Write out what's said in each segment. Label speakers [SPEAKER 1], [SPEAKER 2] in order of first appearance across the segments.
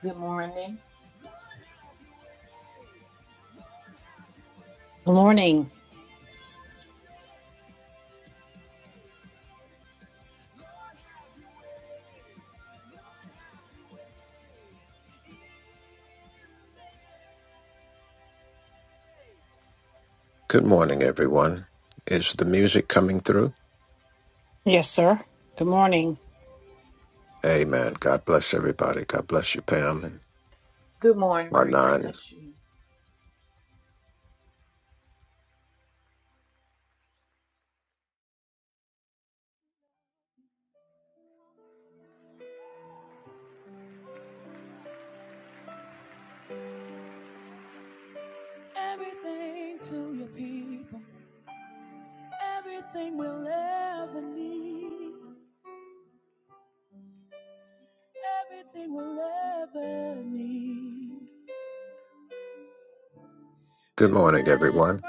[SPEAKER 1] Good morning.
[SPEAKER 2] Good morning.
[SPEAKER 3] Good morning, everyone. Is the music coming through?
[SPEAKER 2] Yes, sir. Good morning.
[SPEAKER 3] Amen. God bless everybody. God bless you, Pam. and
[SPEAKER 1] Good morning, preacher.
[SPEAKER 3] Arnon.
[SPEAKER 1] Bless you.
[SPEAKER 3] Good morning, everyone.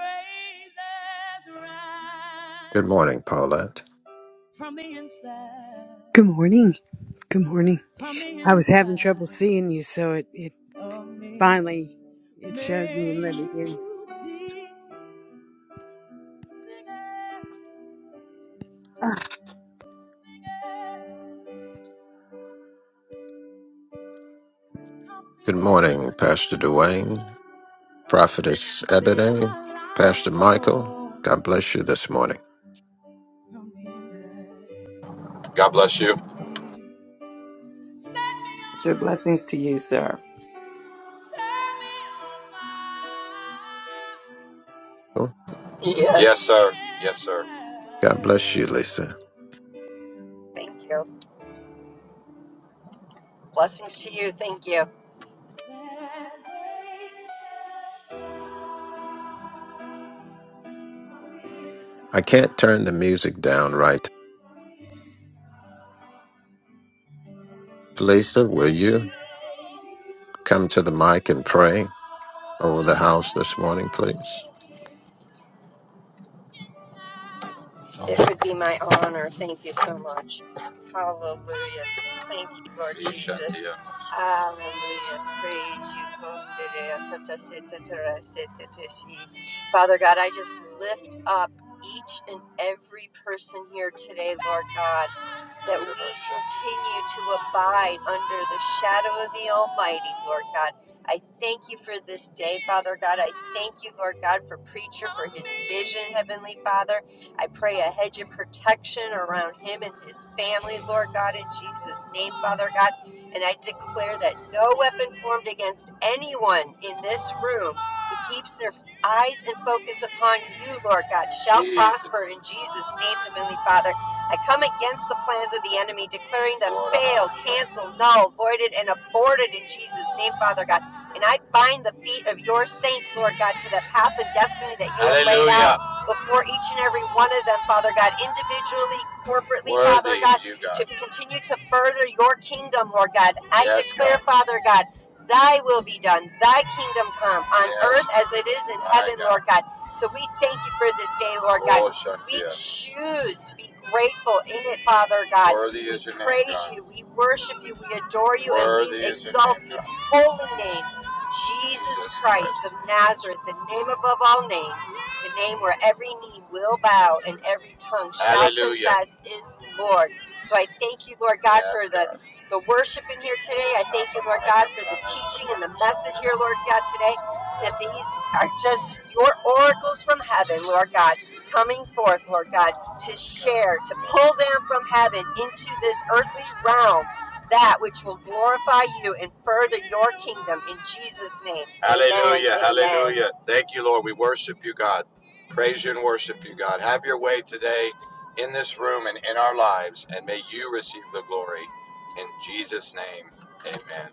[SPEAKER 3] Good morning, Paulette.
[SPEAKER 4] Good morning. Good morning. I was having trouble seeing you, so it, it finally it showed me and let me in.
[SPEAKER 3] Good morning, Pastor Duane, Prophetess Ebony, Pastor Michael. God bless you this morning.
[SPEAKER 5] God bless you.
[SPEAKER 6] It's your blessings to you, sir.
[SPEAKER 3] Oh,
[SPEAKER 5] Yes, Yes. sir. Yes, sir.
[SPEAKER 3] God bless you, Lisa.
[SPEAKER 5] Thank you. Blessings to you. Thank you.
[SPEAKER 3] I can't turn the music down right. Lisa, will you? come to the mic and pray over the house this morning, please?
[SPEAKER 5] It would be my honor. Thank you so much. Hallelujah. Thank you, Lord Jesus. Hallelujah. Praise you. Father God, I just lift up each and every person here today, Lord God, that we continue to abide under the shadow of the Almighty, Lord God. I thank you for this day, Father God. I thank you, Lord God, for preacher, for his vision, Heavenly Father. I pray a hedge of protection around him and his family, Lord God, in Jesus' name, Father God. And I declare that no weapon formed against anyone in this room who keeps their eyes and focus upon you, Lord God, shall Jesus. prosper in Jesus' name, Heavenly Father. I come against the plans of the enemy, declaring them Lord failed, God. canceled, null, voided, and aborted in Jesus' name, Father God. And I bind the feet of your saints, Lord God, to the path and destiny that you have laid out before each and every one of them, Father God, individually, corporately, worthy, Father God, God. to continue to further your kingdom, Lord God. I Yes, declare, God. Father God, thy will be done, thy kingdom come on Yes, earth as it is in my heaven, God. Lord God. So we thank you for this day, Lord God. Oh, Shantia. We choose to be grateful in it, Father God. Worthy is your name, God. We praise you, we worship you, we adore you, Worthy and we Worthy your exalt the holy name, Jesus Jesus Christ Christ. of Nazareth, the name above all names the name where every knee will bow and every tongue shall Hallelujah. confess is Lord. So I thank you, Lord God, yes, for Yes, the, God. the worship in here today. I thank you, Lord God, for the teaching and the message here, Lord God, today, that these are just your oracles from heaven, Lord God, coming forth, Lord God, to share, to pull down from heaven into this earthly realm. That which will glorify you and further your kingdom in Jesus' name. Hallelujah. Amen. Hallelujah. Amen. Thank you, Lord. We worship you, God. Praise you and worship you, God. Have your way today in this room and in our lives, and may you receive the glory. In Jesus' name, amen.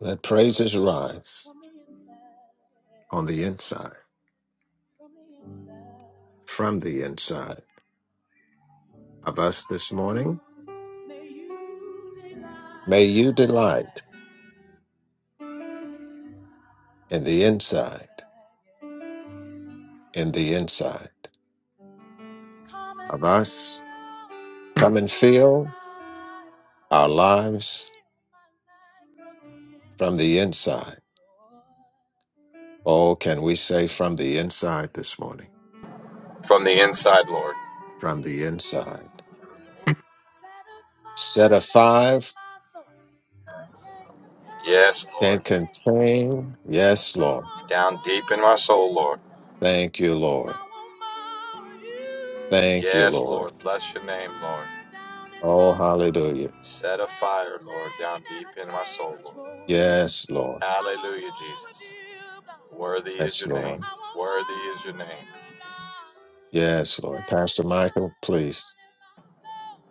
[SPEAKER 3] Let praises rise on the inside, from the inside of us this morning. May you delight in the inside, in the inside of us. Come and feel our lives from the inside. Oh, can we say from the inside this morning?
[SPEAKER 5] From the inside, Lord.
[SPEAKER 3] From the inside. Set of five
[SPEAKER 5] Yes,
[SPEAKER 3] can
[SPEAKER 5] Lord.
[SPEAKER 3] contain, yes, Lord.
[SPEAKER 5] Down deep in my soul, Lord.
[SPEAKER 3] Thank you, Lord. Thank you,
[SPEAKER 5] Yes,
[SPEAKER 3] Lord.
[SPEAKER 5] Lord. Bless your name, Lord.
[SPEAKER 3] Oh, hallelujah.
[SPEAKER 5] Set a fire, Lord, down deep in my soul, Lord.
[SPEAKER 3] Yes, Lord.
[SPEAKER 5] Hallelujah, Jesus. Worthy is
[SPEAKER 3] Yes,
[SPEAKER 5] your name.
[SPEAKER 3] Lord.
[SPEAKER 5] Worthy is your name.
[SPEAKER 3] Yes, Lord. Pastor Michael, please.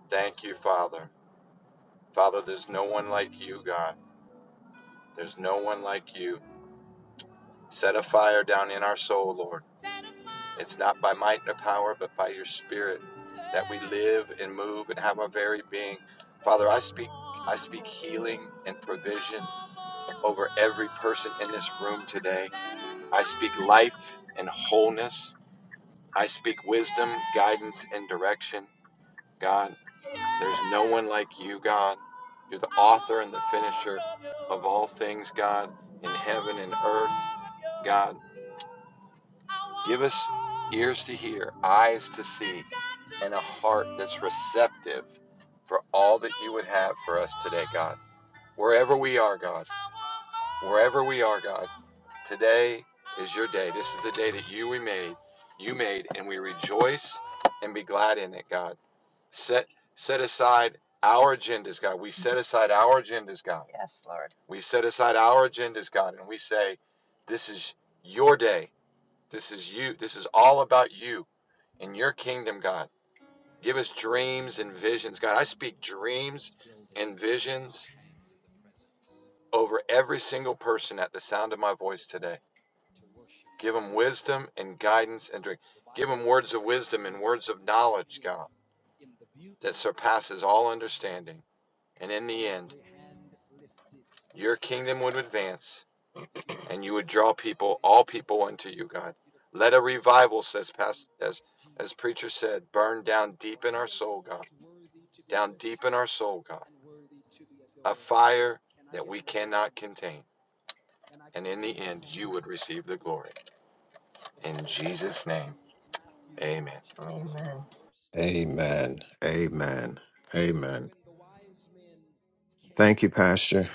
[SPEAKER 5] Thank you, Father. Father, there's no one like you, God. There's no one like you. Set a fire down in our soul, Lord. It's not by might nor power, but by your spirit that we live and move and have our very being. Father, I speak I speak healing and provision over every person in this room today. I speak life and wholeness. I speak wisdom, guidance and direction. God, there's no one like you, God. You're the author and the finisher of all things, God, in heaven and earth. God. Give us ears to hear, eyes to see, and a heart that's receptive for all that you would have for us today, God. Wherever we are, God, wherever we are, God, today is your day. This is the day that you we made, you made, and we rejoice and be glad in it, God. Set set aside our agendas, God. We set aside our agendas, God. Yes, Lord. We set aside our agendas, God, and we say, This is your day. This is you. This is all about you and your kingdom, God. Give us dreams and visions. God, I speak dreams and visions over every single person at the sound of my voice today. Give them wisdom and guidance and drink. Give them words of wisdom and words of knowledge, God, that surpasses all understanding. And in the end, your kingdom would advance and you would draw people, all people unto you, God. Let a revival, says past as as preacher said, burn down deep in our soul, God down deep in our soul, God, a fire that we cannot contain. And in the end, you would receive the glory. In Jesus' name, amen. Amen.
[SPEAKER 3] Amen. Amen. Amen. Thank you, Pastor.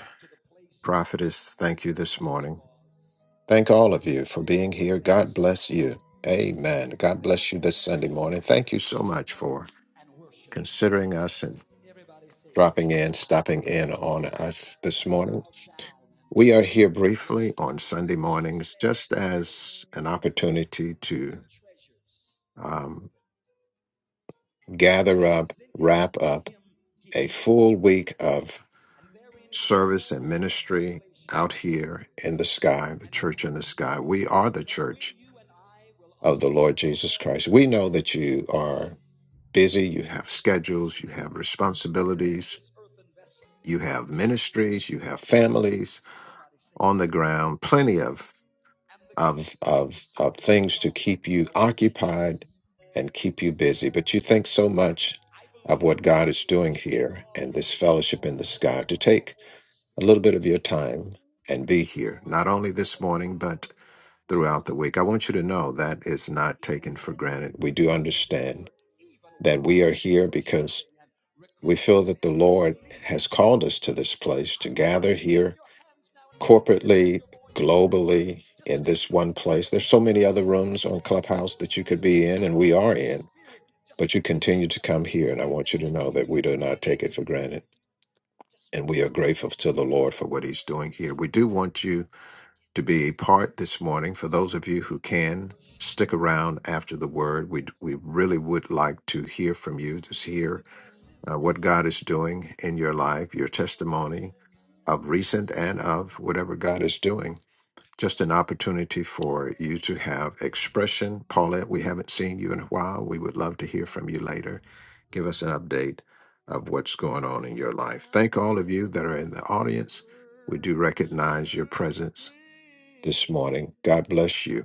[SPEAKER 3] Prophetess, thank you this morning. Thank all of you for being here. God bless you. Amen. God bless you this Sunday morning. Thank you so much for considering us and dropping in, stopping in on us this morning. We are here briefly on Sunday mornings just as an opportunity to. um, gather up, wrap up a full week of service and ministry out here in the sky, the church in the sky. We are the church of the Lord Jesus Christ. We know that you are busy, you have schedules, you have responsibilities, you have ministries, you have families on the ground, plenty of. of, of, of things to keep you occupied and keep you busy. But you think so much of what God is doing here and this fellowship in the sky to take a little bit of your time and be here, not only this morning, but throughout the week. I want you to know that is not taken for granted. We do understand that we are here because we feel that the Lord has called us to this place to gather here corporately, globally, in this one place. There's so many other rooms on Clubhouse that you could be in, and we are in, but you continue to come here. And I want you to know that we do not take it for granted. And we are grateful to the Lord for what He's doing here. We do want you to be a part this morning. For those of you who can stick around after the word, we we really would like to hear from you, to hear uh, what God is doing in your life, your testimony of recent and of whatever God is doing just an opportunity for you to have expression. Paulette, we haven't seen you in a while. We would love to hear from you later. Give us an update of what's going on in your life. Thank all of you that are in the audience. We do recognize your presence this morning. God bless you.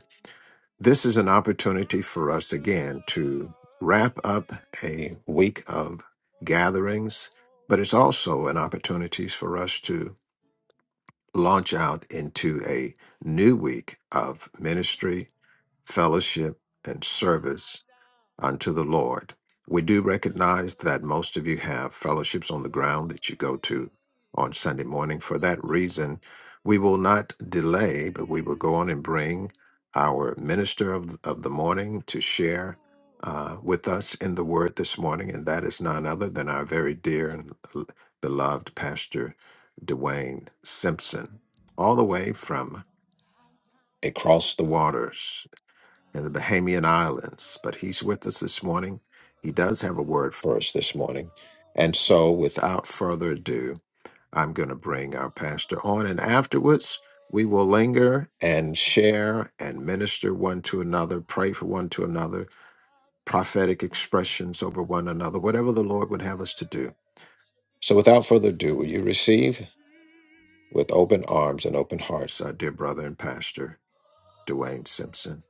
[SPEAKER 3] This is an opportunity for us again to wrap up a week of gatherings, but it's also an opportunity for us to launch out into a new week of ministry, fellowship, and service unto the Lord. We do recognize that most of you have fellowships on the ground that you go to on Sunday morning. For that reason, we will not delay, but we will go on and bring our minister of, of the morning to share uh, with us in the word this morning. And that is none other than our very dear and l- beloved Pastor Dwayne Simpson, all the way from across the waters in the Bahamian Islands, but he's with us this morning. He does have a word for us this morning. And so, without further ado, I'm going to bring our pastor on, and afterwards, we will linger and share and minister one to another, pray for one to another, prophetic expressions over one another, whatever the Lord would have us to do. So, without further ado, will you receive with open arms and open hearts our dear brother and pastor, Dwayne Simpson?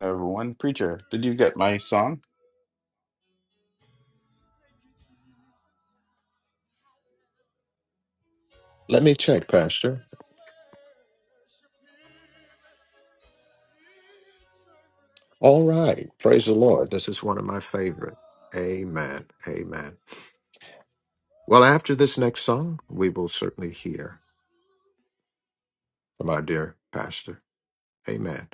[SPEAKER 7] Everyone, preacher, did you get my song?
[SPEAKER 3] Let me check, Pastor. All right. Praise the Lord. This is one of my favorite. Amen. Amen. Well, after this next song, we will certainly hear from our dear pastor. Amen.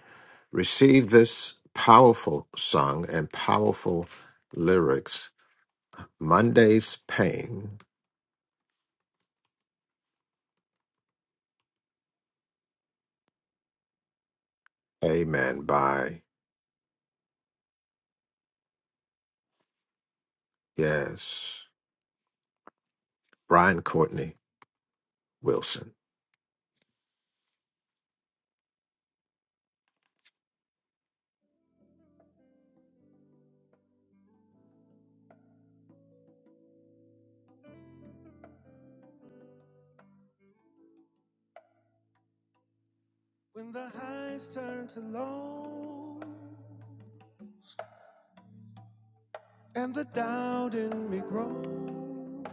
[SPEAKER 3] Receive this powerful song and powerful lyrics. Monday's Pain. Amen. By, yes, Brian Courtney Wilson.
[SPEAKER 8] When the highs turn to low and the doubt in me grows,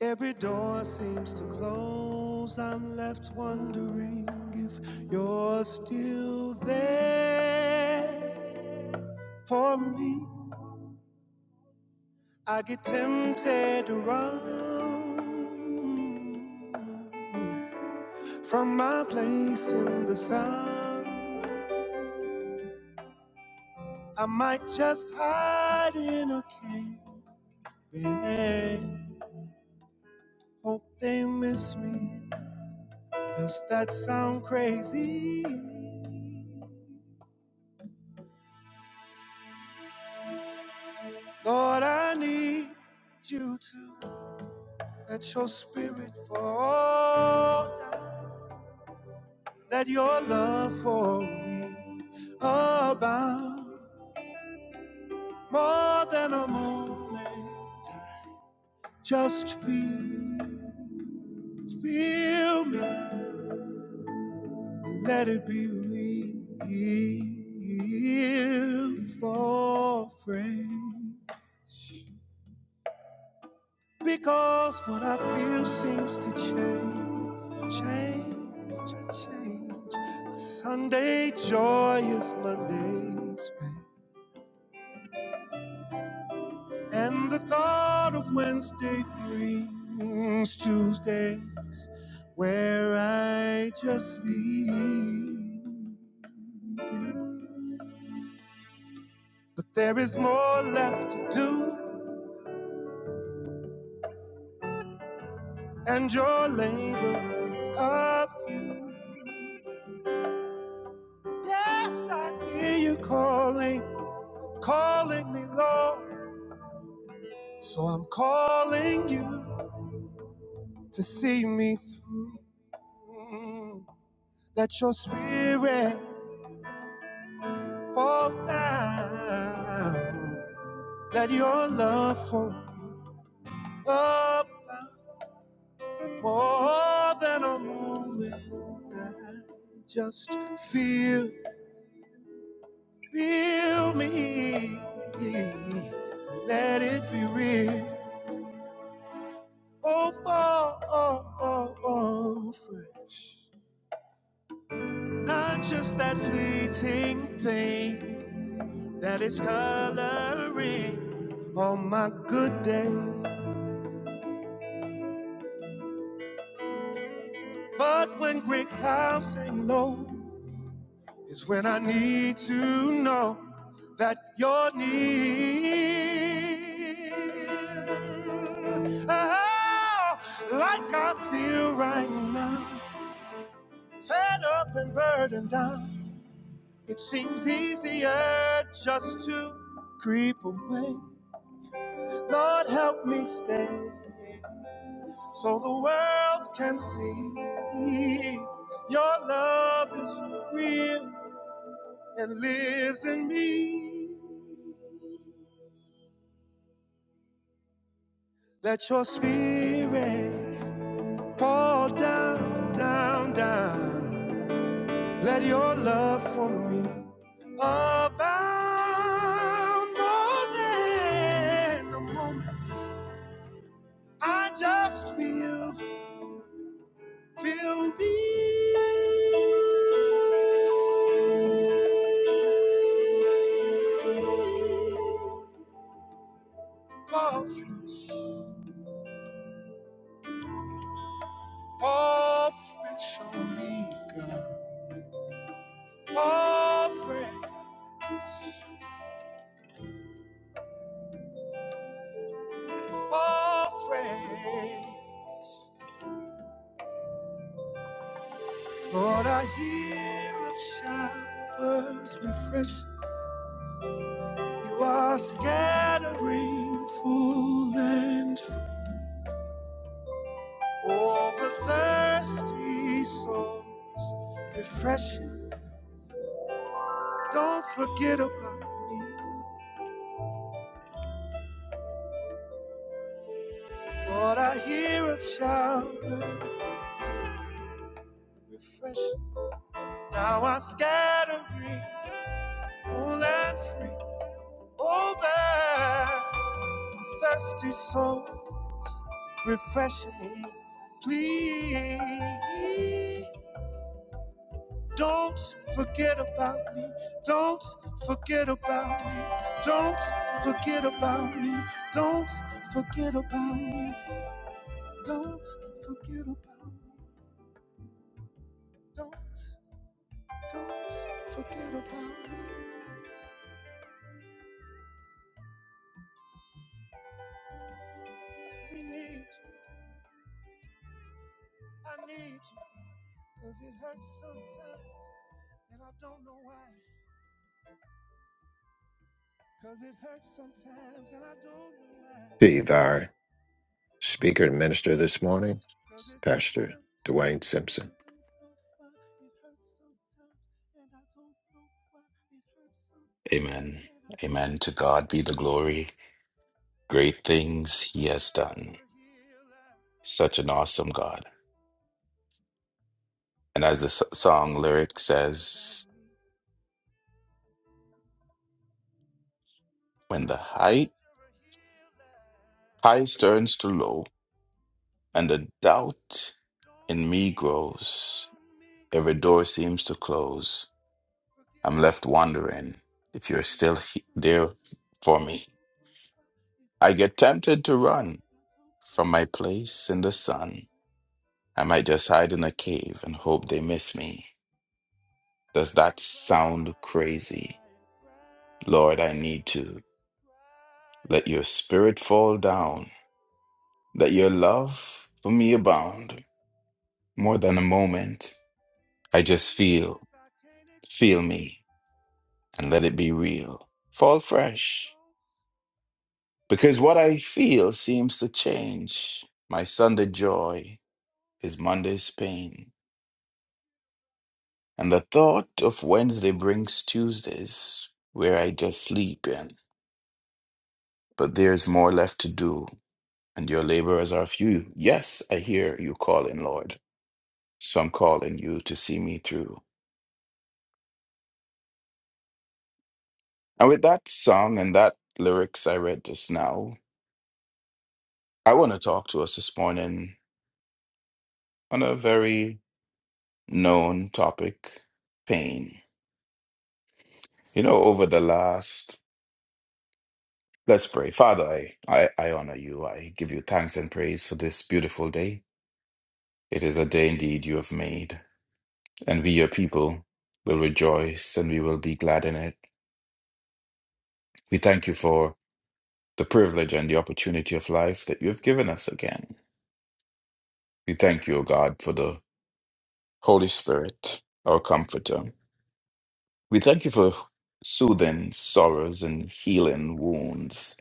[SPEAKER 8] every door seems to close. I'm left wondering if you're still there for me. I get tempted to run from my place in the sun. I might just hide in a cave. Hope they miss me. Does that sound crazy? Lord, I need you to let your spirit fall down. Let your love for me abound more than a moment. Just feel, feel me. Let it be real for friends. Because what I feel seems to change, change, change. My Sunday joy is Monday's pain. And the thought of Wednesday brings Tuesdays where I just leave. But there is more left to do, and your labor is a few. Yes, I hear you calling. calling me Lord. So I'm calling you to see me through. Let your spirit fall down. Let your love for me up more than a moment. I just feel, feel me. Let it be real. Oh, fall oh, oh, oh, fresh. Not just that fleeting thing that is coloring on my good day. But when gray clouds hang low, is when I need to know that you're near. Oh, like I feel right now, fed up and burdened down. It seems easier just to creep away. Lord, help me stand so the world can see your love is real and lives in me. Let your spirit fall down, down, down. Let your love for me abound more than a moment. I just feel. Fill me Fall fresh, fall fresh on me, God. Fall fresh, fall fresh. Lord, I hear of showers refresh. You are scattering full and free. Over thirsty souls, refreshing. Don't forget about me. Lord, I hear a shower, refreshing. Now I'm scattering, full and free. Over thirsty souls, refreshing. Please. Don't forget about me. Don't forget about me. Don't forget about me. Don't forget about me. Don't forget about me. Don't, don't forget about me. We need you. I need you. Cause it hurts sometimes and I don't know why. Cause it hurts sometimes and I don't know why.
[SPEAKER 3] Be our speaker and minister this morning,
[SPEAKER 8] Cause it hurts
[SPEAKER 3] Pastor Dwayne
[SPEAKER 8] sometimes, and
[SPEAKER 3] Simpson.
[SPEAKER 8] I don't know why. It hurts sometimes, and I don't know why. It hurts sometimes,
[SPEAKER 7] Amen.
[SPEAKER 8] and I don't
[SPEAKER 7] Amen. To
[SPEAKER 8] know why.
[SPEAKER 7] God be the
[SPEAKER 8] It
[SPEAKER 7] glory.
[SPEAKER 8] hurts.
[SPEAKER 7] Great
[SPEAKER 8] But
[SPEAKER 7] things
[SPEAKER 8] I
[SPEAKER 7] he has
[SPEAKER 8] heard you're
[SPEAKER 7] done.
[SPEAKER 8] a healer.
[SPEAKER 7] Such an awesome God. And as the s-
[SPEAKER 8] Don't
[SPEAKER 7] song lyric
[SPEAKER 8] forget about
[SPEAKER 7] says,
[SPEAKER 8] me.
[SPEAKER 7] when
[SPEAKER 8] I
[SPEAKER 7] the height
[SPEAKER 8] heard you're a healer.
[SPEAKER 7] high turns to low and the doubt
[SPEAKER 8] Don't
[SPEAKER 7] in me
[SPEAKER 8] forget
[SPEAKER 7] grows,
[SPEAKER 8] about me.
[SPEAKER 7] every door seems to
[SPEAKER 8] Don't
[SPEAKER 7] close.
[SPEAKER 8] forget
[SPEAKER 7] I'm left
[SPEAKER 8] about me.
[SPEAKER 7] wondering if you're
[SPEAKER 8] Cause it
[SPEAKER 7] still
[SPEAKER 8] hurts
[SPEAKER 7] he- there
[SPEAKER 8] sometimes, and I
[SPEAKER 7] for
[SPEAKER 8] don't know
[SPEAKER 7] me.
[SPEAKER 8] why. It hurts
[SPEAKER 7] I
[SPEAKER 8] sometimes,
[SPEAKER 7] get
[SPEAKER 8] and I
[SPEAKER 7] tempted to run
[SPEAKER 8] don't know why. It hurts
[SPEAKER 7] from
[SPEAKER 8] sometimes,
[SPEAKER 7] my place in the sun
[SPEAKER 8] it hurts
[SPEAKER 7] I might just hide in a cave and
[SPEAKER 8] sometimes.
[SPEAKER 7] hope they miss me. Does
[SPEAKER 8] And I
[SPEAKER 7] that sound
[SPEAKER 8] cry and
[SPEAKER 7] crazy?
[SPEAKER 8] cry and cry and
[SPEAKER 7] Lord, I need
[SPEAKER 8] cry and
[SPEAKER 7] to
[SPEAKER 8] cry and cry.
[SPEAKER 7] let your spirit fall down, let your love for me abound more than a moment. I just feel,
[SPEAKER 8] Tears I can't
[SPEAKER 7] feel
[SPEAKER 8] explain,
[SPEAKER 7] me, and let it be real. Fall fresh,
[SPEAKER 8] don't.
[SPEAKER 7] because what I feel seems to change. My Sunday joy is Monday's pain, and the thought of Wednesday brings Tuesdays where I just sleep in. but there's more left to do, and your laborers are few. Yes, I hear you calling, Lord. So I'm calling you to see me through. And with that song and that lyrics I read just now, I want to talk to us this morning on a very known topic pain. You know, over the last, let's pray. Father, I, I, I honor you. I give you thanks and praise for this beautiful day. It is a day indeed you have made, and we, your people, will rejoice and we will be glad in it. We thank you for the privilege and the opportunity of life that you have given us again. We thank you, O God, for the Holy Spirit, our comforter. We thank you for soothing sorrows and healing wounds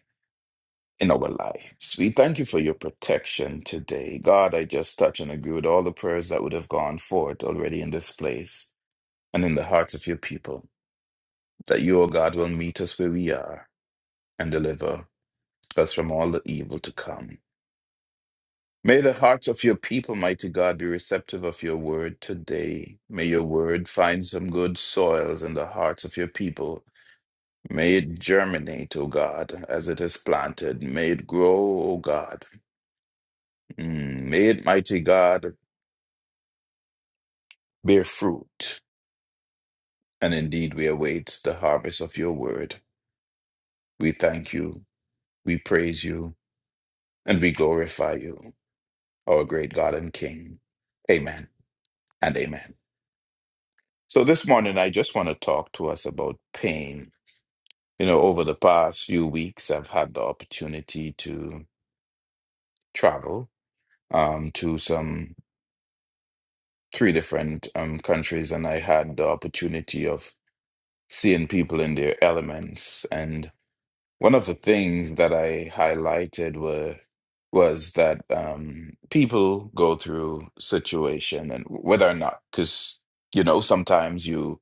[SPEAKER 7] in our lives. We thank you for your protection today. God, I just touch and agree with all the prayers that would have gone forth already in this place and in the hearts of your people, that you, O God, will meet us where we are and deliver us from all the evil to come. May the hearts of your people, mighty God, be receptive of your word today. May your word find some good soils in the hearts of your people. May it germinate, O God, as it is planted. May it grow, O God. Mm, May it, mighty God, bear fruit. And indeed, we await the harvest of your word. We thank you, we praise you, and we glorify you, our great God and King. Amen and amen. So this morning, I just want to talk to us about pain You know, over the past few weeks, I've had the opportunity to travel um, to some three different um, countries, and I had the opportunity of seeing people in their elements. And one of the things that I highlighted were was that um, people go through situation, and whether or not, because you know, sometimes you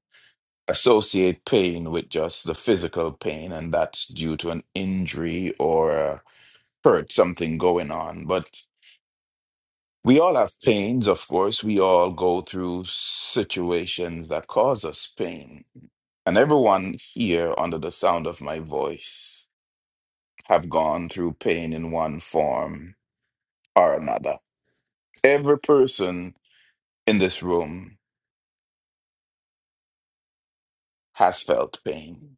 [SPEAKER 7] associate pain with just the physical pain, and that's due to an injury or a hurt, something going on. But we all have pains, of course. We all go through situations that cause us pain. And everyone here under the sound of my voice have gone through pain in one form or another. Every person in this room has felt pain.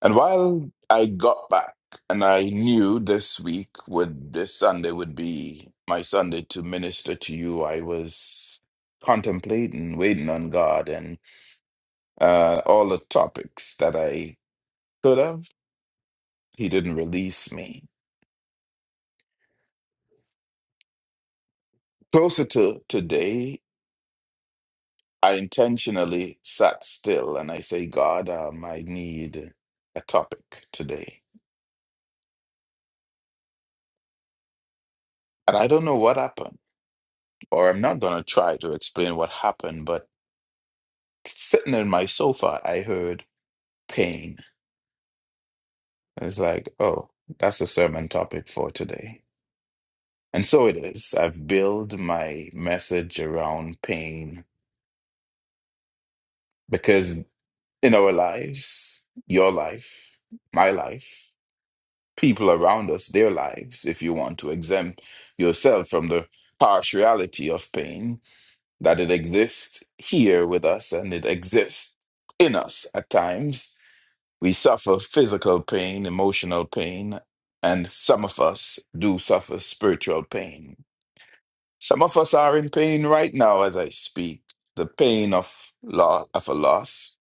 [SPEAKER 7] And while I got back and I knew this week would, this Sunday would be my Sunday to minister to you, I was contemplating, waiting on God and uh, all the topics that I could have. He didn't release me. Closer to today, I intentionally sat still and I say, God, um, I need a topic today. And I don't know what happened, or I'm not going to try to explain what happened, but Sitting in my sofa, I heard pain. It's like, oh, that's a sermon topic for today. And so it is. I've built my message around pain because in our lives, your life, my life, people around us, their lives, if you want to exempt yourself from the harsh reality of pain, that it exists here with us and it exists in us at times We suffer physical pain, emotional pain, and some of us do suffer spiritual pain. Some of us are in pain right now as I speak, the pain of, lo- of a loss,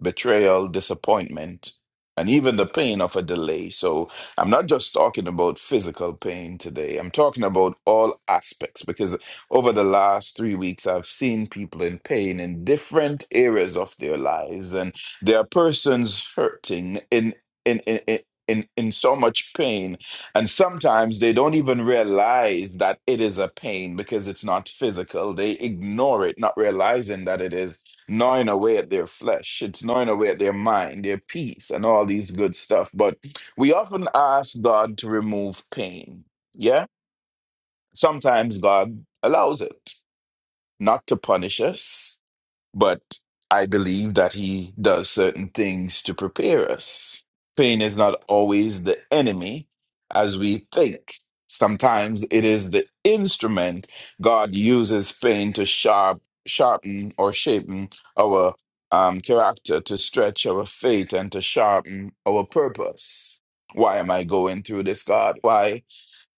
[SPEAKER 7] betrayal, disappointment, and even the pain of a delay. So I'm not just talking about physical pain today. I'm talking about all aspects because over the last three weeks, I've seen people in pain in different areas of their lives, and there are persons hurting in in in. in in, in so much pain and sometimes they don't even realize that it is a pain because it's not physical they ignore it not realizing that it is gnawing away at their flesh, it's gnawing away at their mind, their peace, and all these good stuff. But we often ask God to remove pain. Yeah? Sometimes God allows it, not to punish us, but I believe that he does certain things to prepare us. Pain is not always the enemy as we think. Sometimes it is the instrument God uses pain to sharp, sharpen or shapen our um, character, to stretch our faith, and to sharpen our purpose. Why am I going through this, God? Why?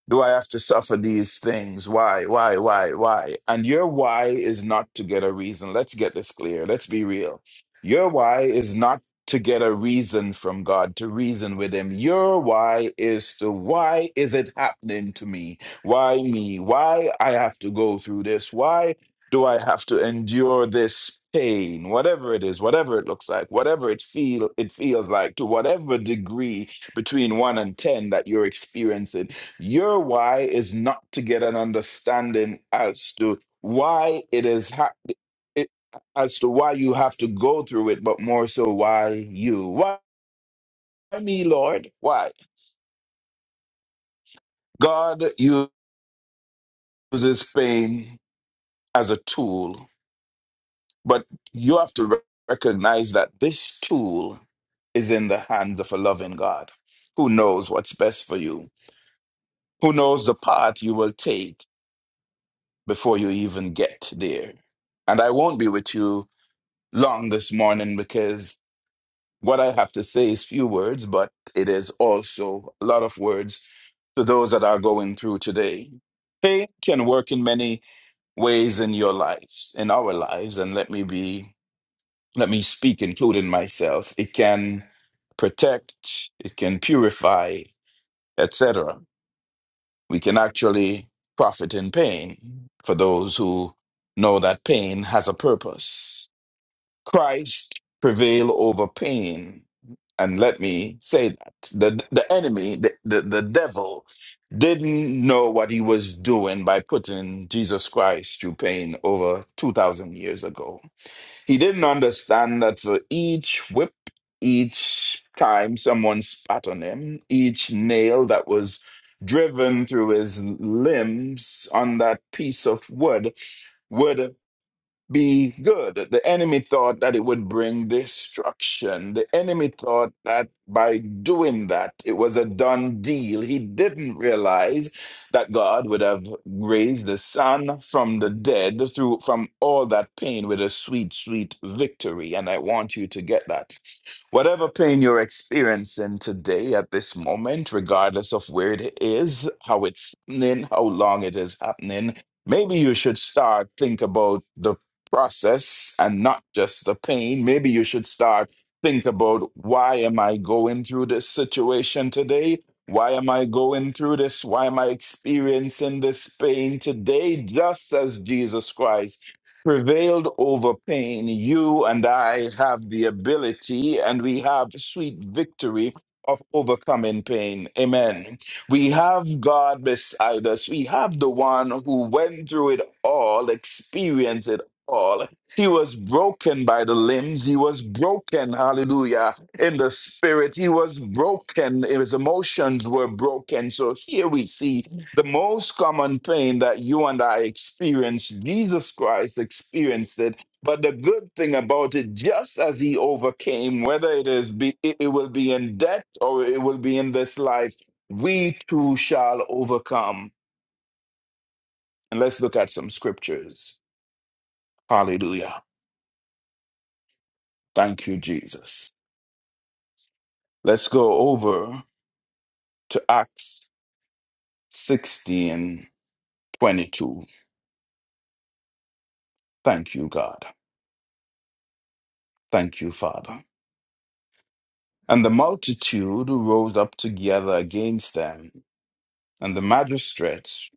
[SPEAKER 7] Do I have to suffer these things? Why, why, why, why? And your why is not to get a reason. Let's get this clear. Let's be real. Your why is not to get a reason from God, to reason with Him. Your why is to why is it happening to me? Why me? Why I have to go through this? Why do I have to endure this pain? Whatever it is, whatever it looks like, whatever it feel it feels like, to whatever degree between one and ten that you're experiencing your why is not to get an understanding as to why it is ha- it, as to why you have to go through it, but more so why you. Why me, Lord? Why? God uses pain as a tool, but you have to re- recognize that this tool is in the hands of a loving God who knows what's best for you, who knows the path you will take before you even get there. And I won't be with you long this morning because what I have to say is few words, but it is also a lot of words to those that are going through today. Pain can work in many ways in your lives, in our lives, and let me be, let me speak, including myself. It can protect, it can purify, etc. We can actually profit in pain for those who know that pain has a purpose. Christ prevail over pain. And let me say that the, the enemy, the, the, the devil, didn't know what he was doing by putting Jesus Christ through pain over 2,000 years ago. He didn't understand that for each whip, each time someone spat on him, each nail that was driven through his limbs on that piece of wood, would be good. The enemy thought that it would bring destruction. The enemy thought that by doing that, it was a done deal. He didn't realize that God would have raised the son from the dead through from all that pain with a sweet, sweet victory. And I want you to get that. Whatever pain you're experiencing today at this moment, regardless of where it is, how it's happening, how long it is happening, maybe you should start think about the process and not just the pain. Maybe you should start think about why am I going through this situation today? Why am I going through this? Why am I experiencing this pain today? Just as Jesus Christ prevailed over pain. You and I have the ability, and we have sweet victory of overcoming pain. Amen. We have God beside us. We have the one who went through it all, experienced it all. He was broken by the limbs. He was broken, hallelujah, in the spirit. He was broken. His emotions were broken. So here we see the most common pain that you and I experience, Jesus Christ experienced it. But the good thing about it, just as he overcame, whether it is be, it it will be in death or it will be in this life, we too shall overcome. And let's look at some scriptures. Hallelujah. Thank you, Jesus. Let's go over to Acts 16 22. Thank you, God. Thank you, Father. And the multitude rose up together against them, and the magistrates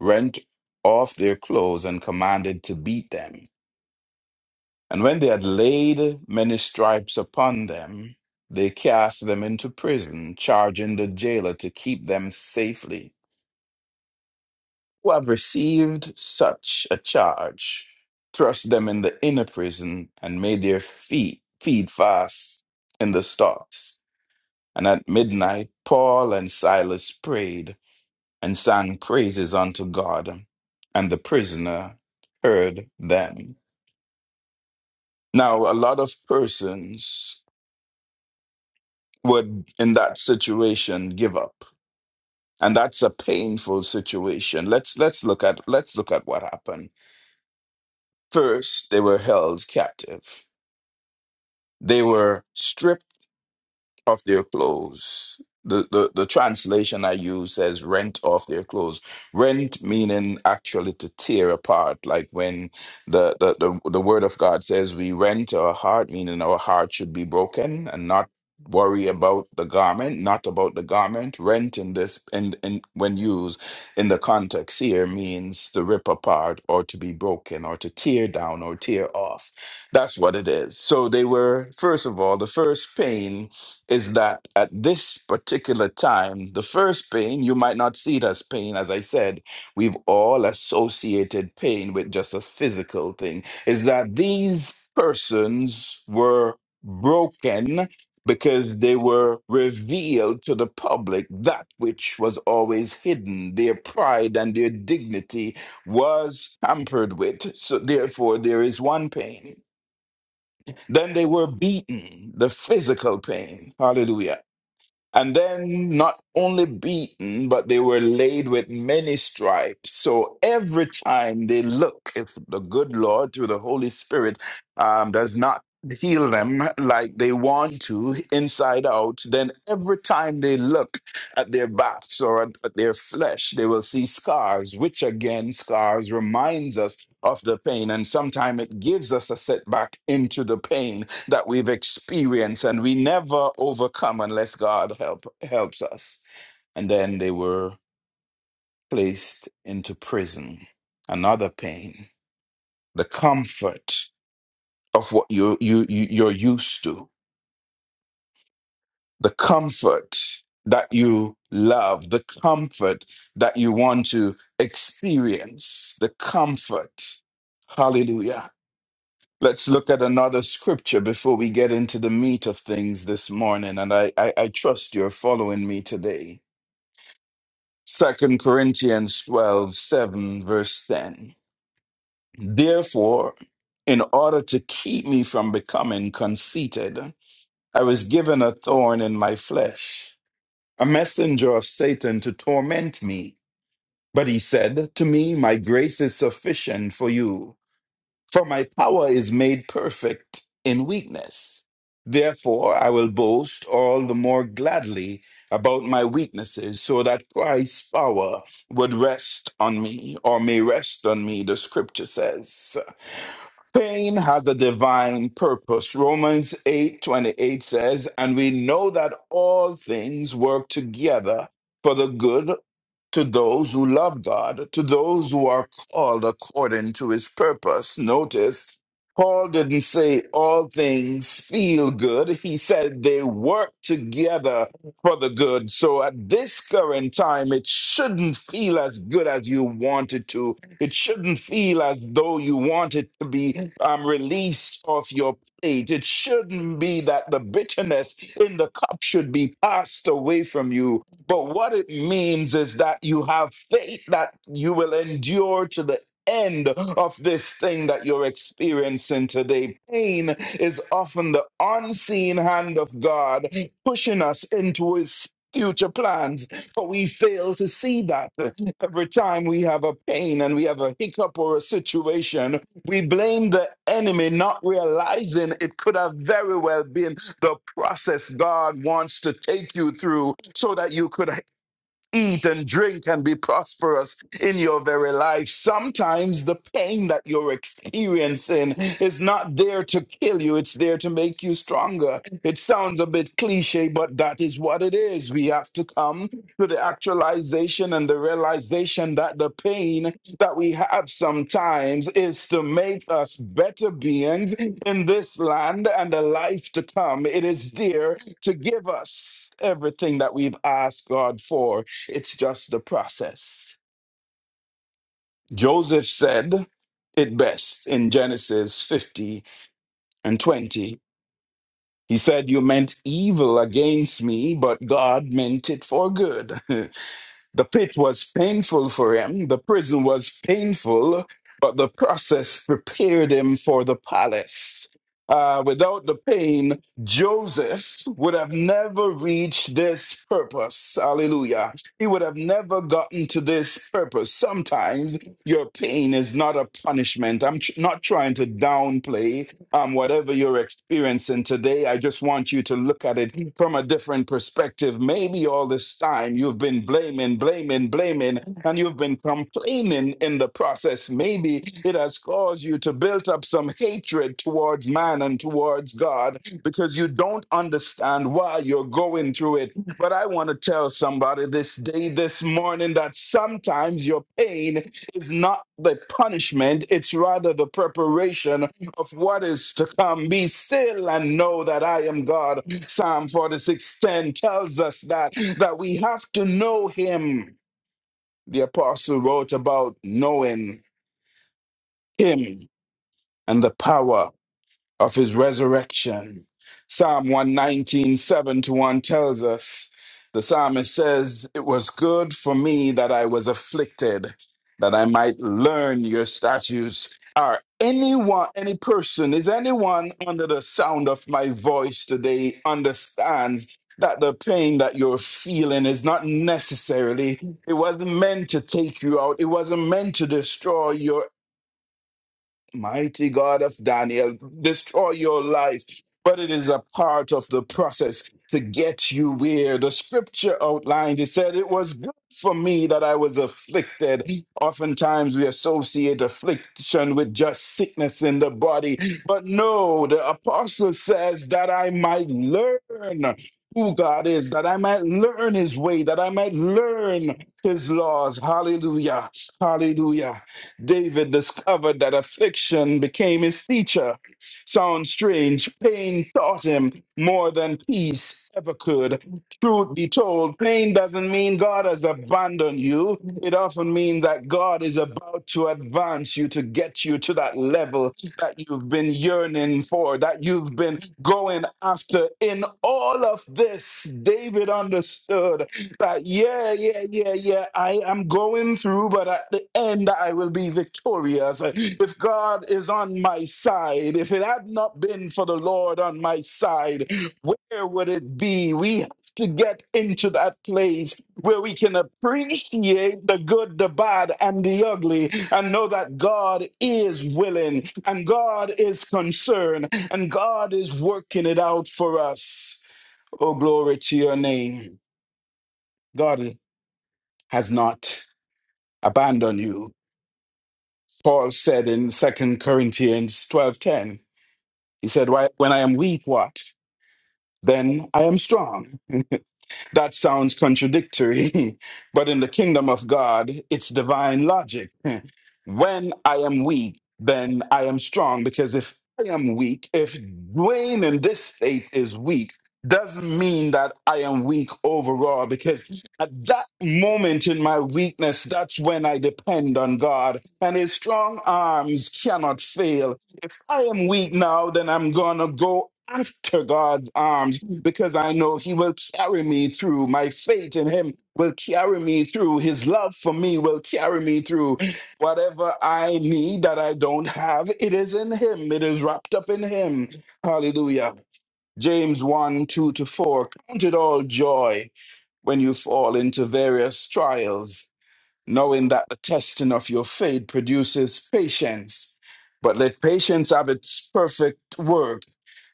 [SPEAKER 7] rent off their clothes and commanded to beat them. And when they had laid many stripes upon them, they cast them into prison, charging the jailer to keep them safely. Who have received such a charge, thrust them in the inner prison, and made their feet feet fast in the stocks. And at midnight, Paul and Silas prayed and sang praises unto God, and the prisoner heard them. Now, a lot of persons would, in that situation, give up, and that's a painful situation. Let's let's look at let's look at what happened. First, they were held captive. They were stripped off their clothes. The, the the translation I use says rent off their clothes. Rent meaning actually to tear apart, like when the, the, the, the word of God says we rent our heart, meaning our heart should be broken and not worry about the garment, not about the garment. Rent in this and in, in- when used in the context here means to rip apart or to be broken or to tear down or tear off. That's what it is. So they were, first of all, the first pain is that at this particular time, the first pain, you might not see it as pain. As I said, we've all associated pain with just a physical thing. Is that these persons were broken because they were revealed to the public that which was always hidden. Their pride and their dignity was tampered with. So, therefore, there is one pain. Then they were beaten, the physical pain. Hallelujah and then not only beaten, but they were laid with many stripes. So every time they look, if the good Lord through the Holy Spirit um, does not heal them like they want to inside out, then every time they look at their backs or at, at their flesh, they will see scars, which again, scars reminds us of the pain. And sometimes it gives us a setback into the pain that we've experienced and we never overcome unless God help helps us. And then they were placed into prison. Another pain. The comfort of what you you you- you're used to. The comfort that you love, the comfort that you want to experience, the comfort. Hallelujah Let's look at another scripture before we get into the meat of things this morning, and I, I, I trust you're following me today. Second Corinthians 12 7 verse 10. Therefore, in order to keep me from becoming conceited, I was given a thorn in my flesh, a messenger of Satan to torment me. But he said to me, My grace is sufficient for you. For my power is made perfect in weakness. Therefore, I will boast all the more gladly about my weaknesses, so that Christ's power would rest on me, or may rest on me, the scripture says. Pain has a divine purpose. Romans eight twenty eight says, And we know that all things work together for the good to those who love God, to those who are called according to his purpose. Notice, Paul didn't say all things feel good. He said they work together for the good. So at this current time, it shouldn't feel as good as you want it to. It shouldn't feel as though you want it to be um, released off your plate. It shouldn't be that the bitterness in the cup should be passed away from you but what it means is that you have faith that you will endure to the end of this thing that you're experiencing today. Pain is often the unseen hand of God pushing us into his future plans, but we fail to see that. Every time we have a pain and we have a hiccup or a situation, we blame the enemy, not realizing it could have very well been the process God wants to take you through so that you could eat and drink and be prosperous in your very life. Sometimes the pain that you're experiencing is not there to kill you, it's there to make you stronger. It sounds a bit cliche, but that is what it is. We have to come to the actualization and the realization that the pain that we have sometimes is to make us better beings in this land and the life to come. It is there to give us everything that we've asked God for. It's just the process. Joseph said it best in Genesis 50 and 20. He said, You meant evil against me, but God meant it for good. The pit was painful for him, the prison was painful, but the process prepared him for the palace. Uh, without the pain, Joseph would have never reached this purpose. Hallelujah. He would have never gotten to this purpose. Sometimes your pain is not a punishment. I'm tr- not trying to downplay um, whatever you're experiencing today, I just want you to look at it from a different perspective. Maybe all this time you've been blaming, blaming, blaming, and you've been complaining in the process. Maybe it has caused you to build up some hatred towards man and towards God because you don't understand why you're going through it. But I want to tell somebody this day, this morning, that sometimes your pain is not the punishment, it's rather the preparation of what is to come. Be still and know that I am God. Psalm 46:10 tells us that that we have to know him. The apostle wrote about knowing him and the power of his resurrection. Psalm one nineteen seven to 1 tells us the psalmist says, It was good for me that I was afflicted, that I might learn your statutes. Are anyone, any person, is anyone under the sound of my voice today understands? That the pain that you're feeling is not necessarily, it wasn't meant to take you out. It wasn't meant to destroy your. Mighty God of Daniel, destroy your life. But it is a part of the process to get you where the scripture outlined. It said, It was good for me that I was afflicted. Oftentimes we associate affliction with just sickness in the body. But no, the apostle says that I might learn who God is, that I might learn his way, that I might learn his laws. Hallelujah. Hallelujah. David discovered that affliction became his teacher. Sounds strange. Pain taught him more than peace ever could. Truth be told, pain doesn't mean God has abandoned you. It often means that God is about to advance you to get you to that level that you've been yearning for, that you've been going after. In all of this, David understood. But yeah, yeah, yeah, yeah. I am going through, but at the end, I will be victorious. If God is on my side, if it had not been for the Lord on my side, where would it be? We have to get into that place where we can appreciate the good, the bad, and the ugly, and know that God is willing, and God is concerned, and God is working it out for us. Oh, glory to your name. God has not abandoned you. Paul said in Second Corinthians 12:10, he said, "Why- When I am weak, what? Then I am strong. That sounds contradictory, but in the kingdom of God, it's divine logic. When I am weak, then I am strong, because if I am weak, if Dwayne in this state is weak, doesn't mean that I am weak overall, because at that moment in my weakness, that's when I depend on God, and His strong arms cannot fail. I am weak now, then I'm gonna go after God's arms because I know He will carry me through. My faith in Him will carry me through. His love for me will carry me through. Whatever I need that I don't have, it is in Him, it is wrapped up in Him. Hallelujah. James 1 2 to 4. Count it all joy when you fall into various trials knowing that the testing of your faith produces patience. But let patience have its perfect work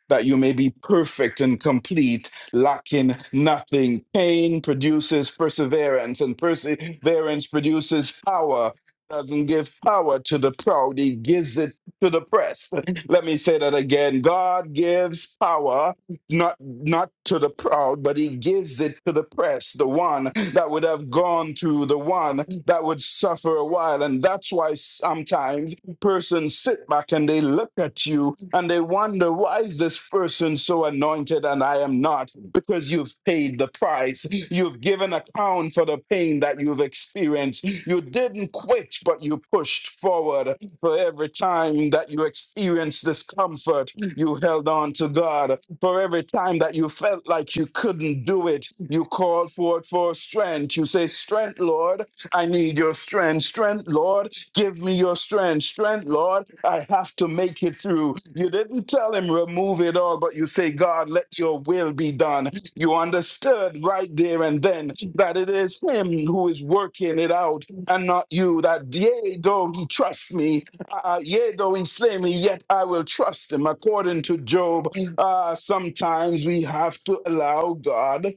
[SPEAKER 7] that you may be perfect and complete, lacking nothing. Pain produces perseverance, and perseverance produces power. Doesn't give power to the proud, he gives it to the press. Let me say that again. God gives power not not to the proud, but he gives it to the press, the one that would have gone through, the one that would suffer a while. And that's why sometimes person sit back and they look at you and they wonder, why is this person so anointed and I am not? Because you've paid the price. You've given account for the pain that you've experienced. You didn't quit, but you pushed forward. For every time that you experienced discomfort, you held on to God. For every time that you felt like you couldn't do it, you called forward for strength. You say, Strength, Lord, I need your strength. Strength, Lord, Give me your strength. Strength, Lord. I have to make it through. You didn't tell him remove it all, but you say, God, let your will be done. You understood right there and then that it is him who is working it out and not you. That yea, though he trusts me, uh, yea, though he slay me, yet I will trust him. According to Job, uh, sometimes we have to allow God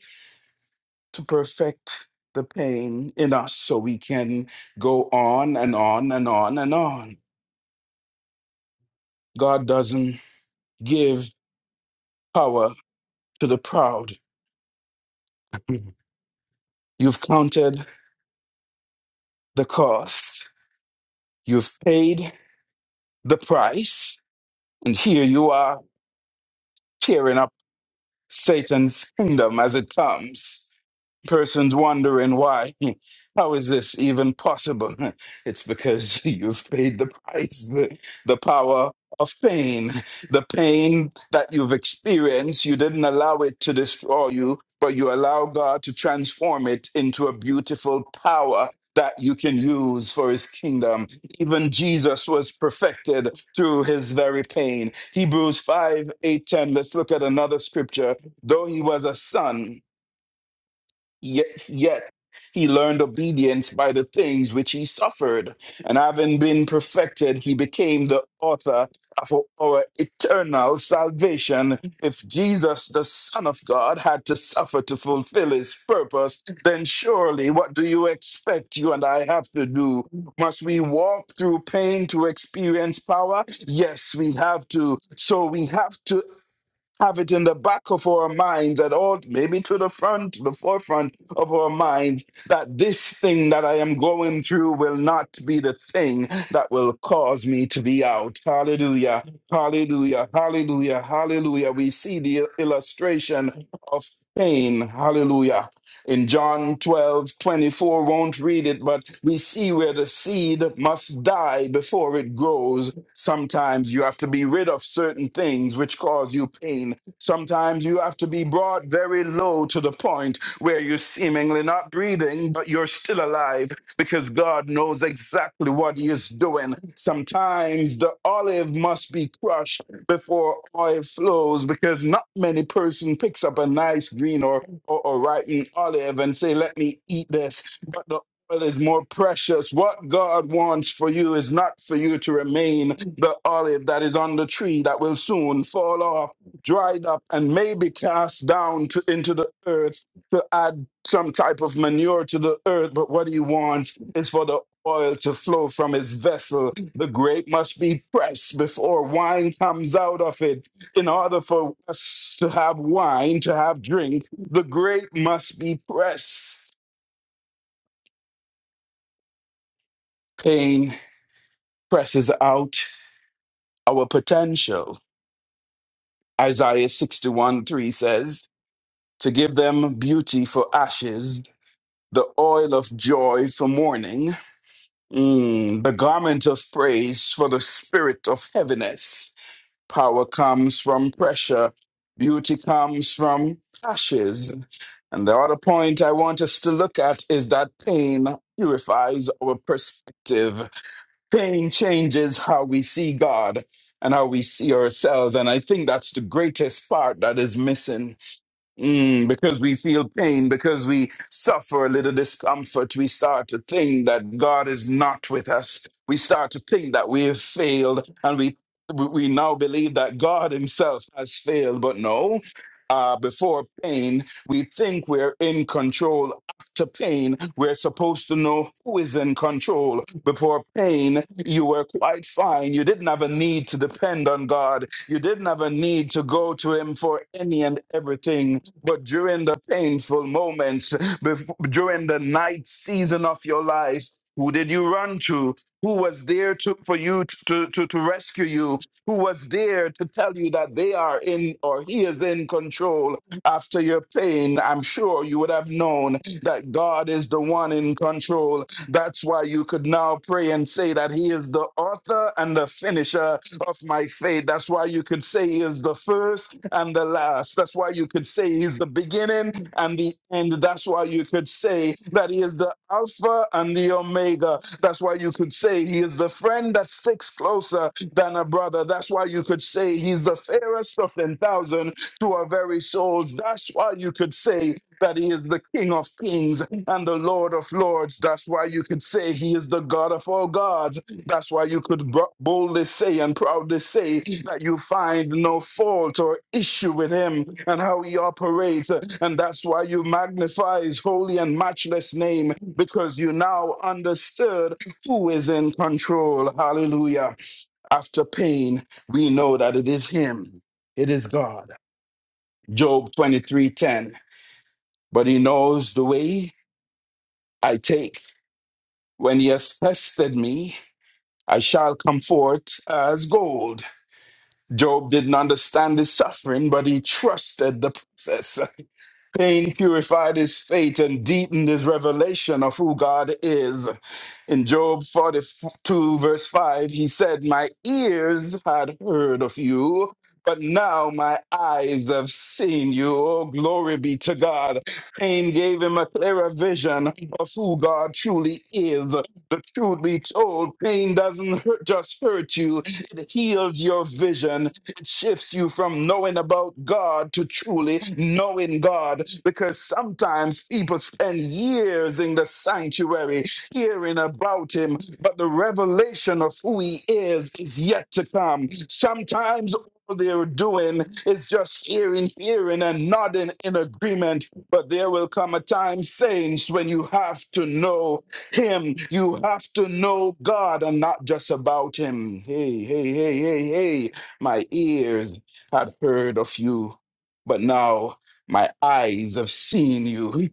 [SPEAKER 7] to perfect the pain in us so we can go on and on and on and on. God doesn't give power to the proud. You've counted the cost, you've paid the price, and here you are tearing up. Satan's kingdom as it comes. Persons wondering why. How is this even possible? It's because you've paid the price, the, the power of pain, the pain that you've experienced. You didn't allow it to destroy you, but you allow God to transform it into a beautiful power that you can use for his kingdom. Even Jesus was perfected through his very pain. Hebrews 5 eight ten. Let's look at another scripture Though he was a son, yet, yet he learned obedience by the things which he suffered. And having been perfected, he became the author of our eternal salvation. If Jesus, the Son of God, had to suffer to fulfill his purpose, then surely what do you expect you and I have to do? Must we walk through pain to experience power? Yes, we have to. So we have to have it in the back of our minds at all, maybe to the front, the forefront of our mind, that this thing that I am going through will not be the thing that will cause me to be out. Hallelujah. Hallelujah. Hallelujah. Hallelujah. We see the illustration of pain. Hallelujah. In John twelve twenty-four, won't read it, but we see where the seed must die before it grows. Sometimes you have to be rid of certain things which cause you pain. Sometimes you have to be brought very low to the point where you're seemingly not breathing, but you're still alive because God knows exactly what He is doing. Sometimes the olive must be crushed before oil flows because not many person picks up a nice green or, or, or ripe olive and say, Let me eat this But the gospel is more precious. What God wants for you is not for you to remain the olive that is on the tree that will soon fall off, dried up, and maybe cast down to, into the earth to add some type of manure to the earth. But what He wants is for the oil to flow from His vessel. The grape must be pressed before wine comes out of it. In order for us to have wine, to have drink, the grape must be pressed. Pain presses out our potential. Isaiah 61 3 says, To give them beauty for ashes, the oil of joy for mourning, mm, the garment of praise for the spirit of heaviness. Power comes from pressure, beauty comes from ashes. And the other point I want us to look at is that pain purifies our perspective. Pain changes how we see God and how we see ourselves. And I think that's the greatest part that is missing Mm, because we feel pain, because we suffer a little discomfort, we start to think that God is not with us. We start to think that we have failed, and we we we now believe that God Himself has failed. But no, uh, before pain, we think we're in control. After pain, we're supposed to know who is in control. Before pain, you were quite fine. You didn't have a need to depend on God. You didn't have a need to go to Him for any and everything but during the painful moments, before, during the night season of your life, who did you run to? Who was there to, for you to, to, to to rescue you? Who was there to tell you that they are in or he is in control after your pain? I'm sure you would have known that God is the one in control that's why you could now pray and say that He is the author and the finisher of my faith. That's why you could say He is the first and the last. That's why you could say He's the beginning and the end. That's why you could say that He is the Alpha and the Omega. That's why you could say He is the friend that sticks closer than a brother. That's why you could say He's the fairest of 10,000 to our very souls. That's why you could say that He is the King of Kings and the Lord of Lords. That's why you could say He is the God of all gods. That's why you could boldly say and proudly say that you find no fault or issue with Him and how He operates. And that's why you magnify His holy and matchless name because you now understood who is in control. Hallelujah. After pain, we know that it is Him, it is God. Job 23, 10. But He knows the way I take. When he has tested me, I shall come forth as gold. Job didn't understand his suffering, but he trusted the process. Pain purified his faith and deepened his revelation of who God is. In Job 42, verse 5, he said, My ears had heard of you, but now my eyes have seen you. Oh, glory be to God. Pain gave him a clearer vision of who God truly is. The truth be told, pain doesn't hurt, just hurt you, it heals your vision it shifts you from knowing about God to truly knowing God because sometimes people spend years in the sanctuary hearing about Him, but the revelation of who He is is yet to come. Sometimes all they're doing is just hearing, hearing, and nodding in agreement. But there will come a time, saints, when you have to know Him. You have to know God and not just about Him. Hey, hey, hey, hey, hey. My ears had heard of you, but now my eyes have seen you.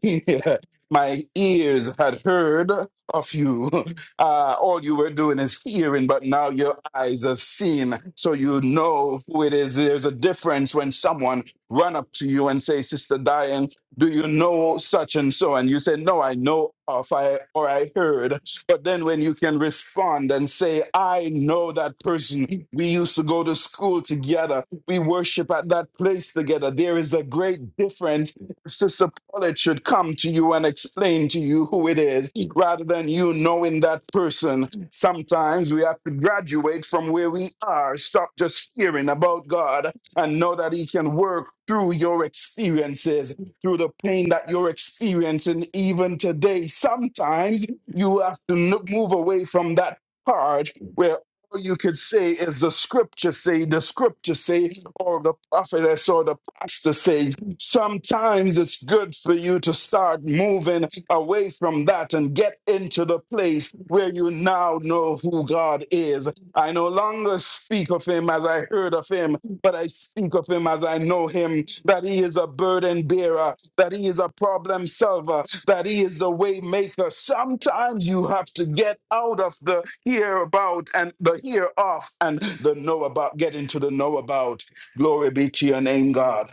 [SPEAKER 7] my ears had heard of you. Uh, all you were doing is hearing, but now your eyes have seen. So you know who it is. There's a difference when someone run up to you and say, Sister Diane, do you know such and so? And you say, No, I know of I or I heard. But then when you can respond and say, I know that person. We used to go to school together. We worship at that place together. There is a great difference. Sister Paulette should come to you and explain to you who it is rather than you knowing that person. Sometimes we have to graduate from where we are, stop just hearing about God and know that He can work through your experiences, through the pain that you're experiencing even today. Sometimes you have to look, move away from that part where all you could say is the scripture say, the scripture say, or the prophetess or the pastor say. Sometimes it's good for you to start moving away from that and get into the place where you now know who God is. I no longer speak of him as I heard of him, but I speak of him as I know him, that he is a burden bearer, that he is a problem solver, that he is the way maker. Sometimes you have to get out of the hear about and the hear of and the know about, get into the know about. Glory be to your name, God.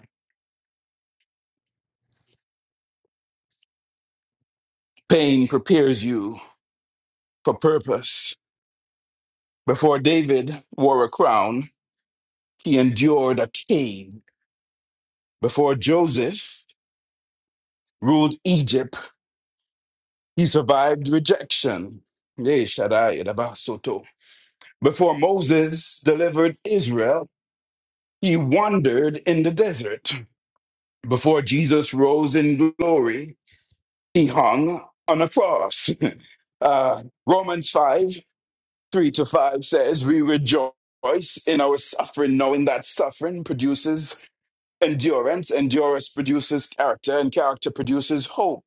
[SPEAKER 7] Pain prepares you for purpose. Before David wore a crown, he endured a cane. Before Joseph ruled Egypt, he survived rejection. Eh, Shaddai, Yadabah, Soto. Before Moses delivered Israel, He wandered in the desert. Before Jesus rose in glory, he hung on a cross. Uh, Romans 5 3 to 5 says, We rejoice in our suffering, knowing that suffering produces Endurance, endurance produces character, and character produces hope.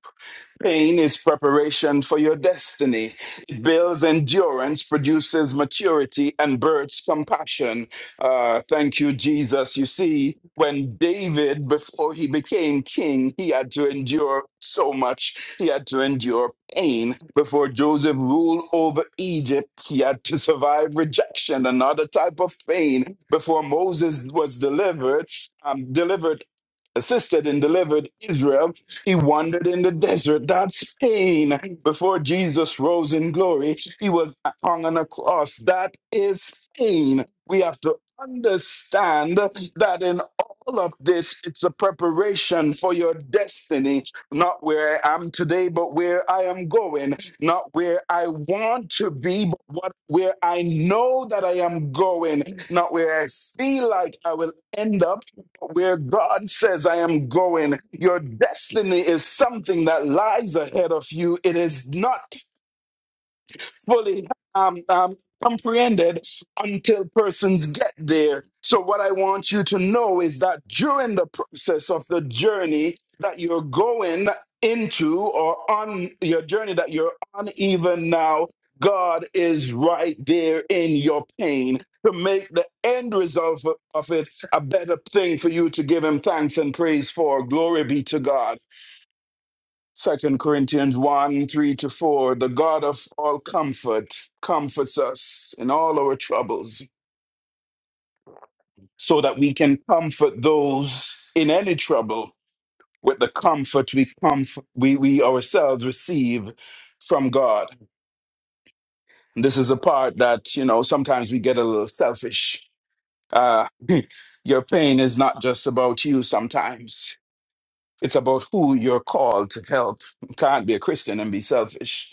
[SPEAKER 7] Pain is preparation for your destiny. It builds endurance, produces maturity, and births compassion. Uh, thank you, Jesus. You see, when David, before he became king, he had to endure so much. He had to endure pain. Before Joseph ruled over Egypt, he had to survive rejection, another type of pain. Before Moses was delivered, um, delivered, assisted and delivered Israel. He wandered in the desert. That's pain. Before Jesus rose in glory, he was hung on a cross. That is pain. We have to understand that in all of this, it's a preparation for your destiny, not where I am today, but where I am going, not where I want to be, but what, where I know that I am going, not where I feel like I will end up where God says, I am going. Your destiny is something that lies ahead of you. It is not fully um, um, comprehended until persons get there. So, what I want you to know is that during the process of the journey that you're going into or on your journey that you're on, even now, God is right there in your pain to make the end result of of it a better thing for you to give Him thanks and praise for. Glory be to God. Second Corinthians 1 3 to 4, the God of all comfort comforts us in all our troubles, so that we can comfort those in any trouble with the comfort we, comf- we, we ourselves receive from God. This is a part that, you know, sometimes we get a little selfish. Uh, your pain is not just about you sometimes. It's about who you're called to help. You can't be a Christian and be selfish.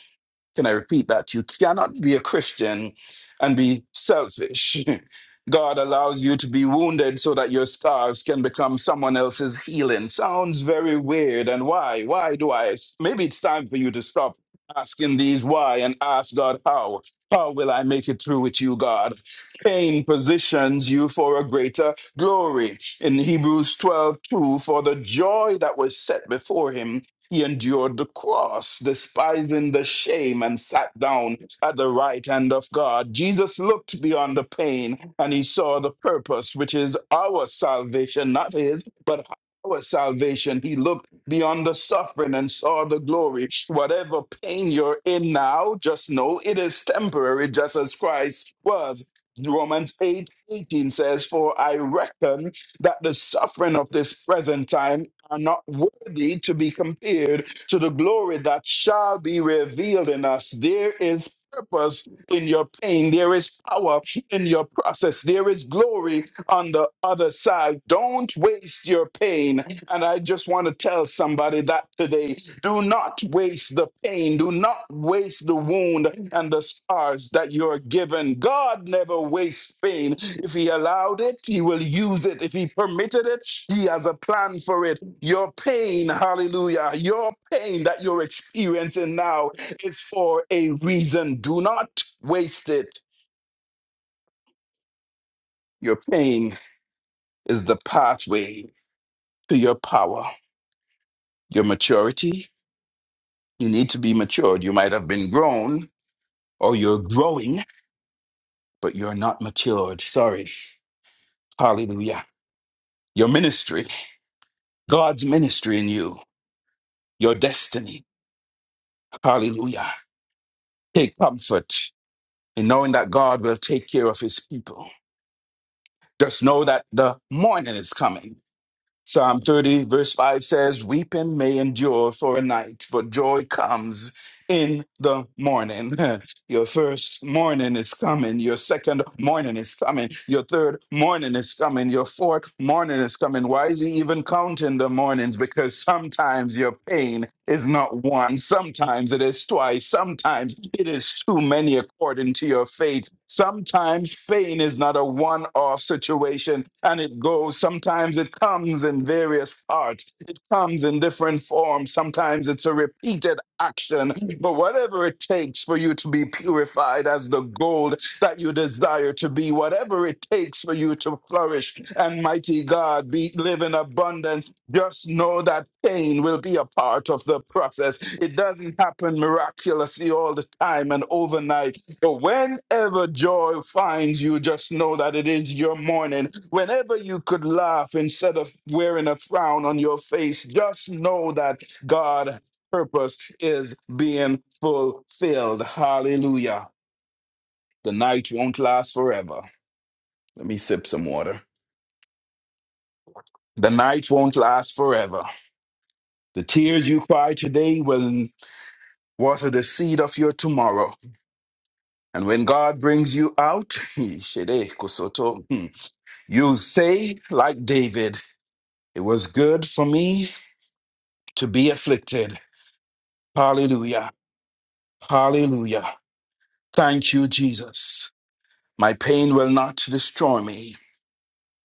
[SPEAKER 7] Can I repeat that? You cannot be a Christian and be selfish. God allows you to be wounded so that your scars can become someone else's healing. Sounds very weird. And why? Why do I? Maybe it's time for you to stop asking these why and ask God how. How will I make it through with you, God? Pain positions you for a greater glory. In Hebrews 12 2, for the joy that was set before him, he endured the cross, despising the shame, and sat down at the right hand of God. Jesus looked beyond the pain and he saw the purpose, which is our salvation, not his, but our salvation. He looked beyond the suffering and saw the glory. Whatever pain you're in now, just know it is temporary, just as Christ was. Romans eight eighteen says, For I reckon that the suffering of this present time are not worthy to be compared to the glory that shall be revealed in us. There is purpose in your pain, there is power in your process, there is glory on the other side. Don't waste your pain. And I just want to tell somebody that today. Do not waste the pain. Do not waste the wound and the scars that you're given. God never wastes pain. If He allowed it, He will use it. If He permitted it, He has a plan for it. Your pain, hallelujah, your pain that you're experiencing now is for a reason. Do not waste it. Your pain is the pathway to your power, your maturity. You need to be matured. You might have been grown or you're growing, but you're not matured. Sorry. Hallelujah. Your ministry, God's ministry in you, your destiny. Hallelujah. Take comfort in knowing that God will take care of his people. Just know that the morning is coming. Psalm 30, verse 5 says, Weeping may endure for a night, but joy comes in the morning. Your first morning is coming. Your second morning is coming. Your third morning is coming. Your fourth morning is coming. Why is he even counting the mornings? Because sometimes your pain is not one. Sometimes it is twice. Sometimes it is too many, according according to your faith. Sometimes pain is not a one off situation and it goes. Sometimes it comes in various parts, it comes in different forms. Sometimes it's a repeated action. But whatever it takes for you to be purified as the gold that you desire to be, whatever it takes for you to flourish and mighty God be live in abundance, just know that pain will be a part of the process. It doesn't happen miraculously all the time and overnight so whenever joy finds you, just know that it is your morning. Whenever you could laugh instead of wearing a frown on your face, just know that God's purpose is being fulfilled. Hallelujah. The night won't last forever. Let me sip some water. The night won't last forever. The tears you cry today will water the seed of your tomorrow. And when God brings you out, he shede kusoto. You say, like David, it was good for me to be afflicted. Hallelujah. Hallelujah. Thank you, Jesus. My pain will not destroy me.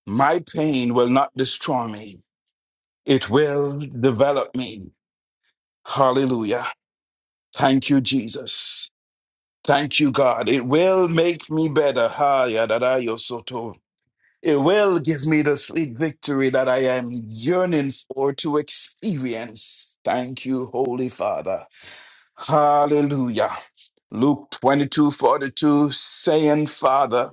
[SPEAKER 7] My pain will not destroy me. It will develop me. Hallelujah. Thank you, Jesus. Thank you, God. It will make me better. Ha, yadada, yosoto. It will give me the sweet victory that I am yearning for to experience. Thank you, Holy Father. Hallelujah. Luke 22 42, saying, Father,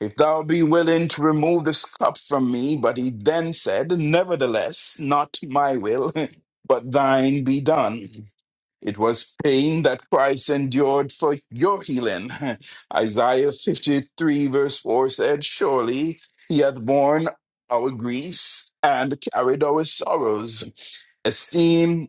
[SPEAKER 7] if thou be willing to remove this cup from me. But he then said, Nevertheless, not my will, but thine be done. It was pain that Christ endured for your healing. Isaiah 53, verse 4 said, Surely he hath borne our griefs and carried our sorrows, esteemed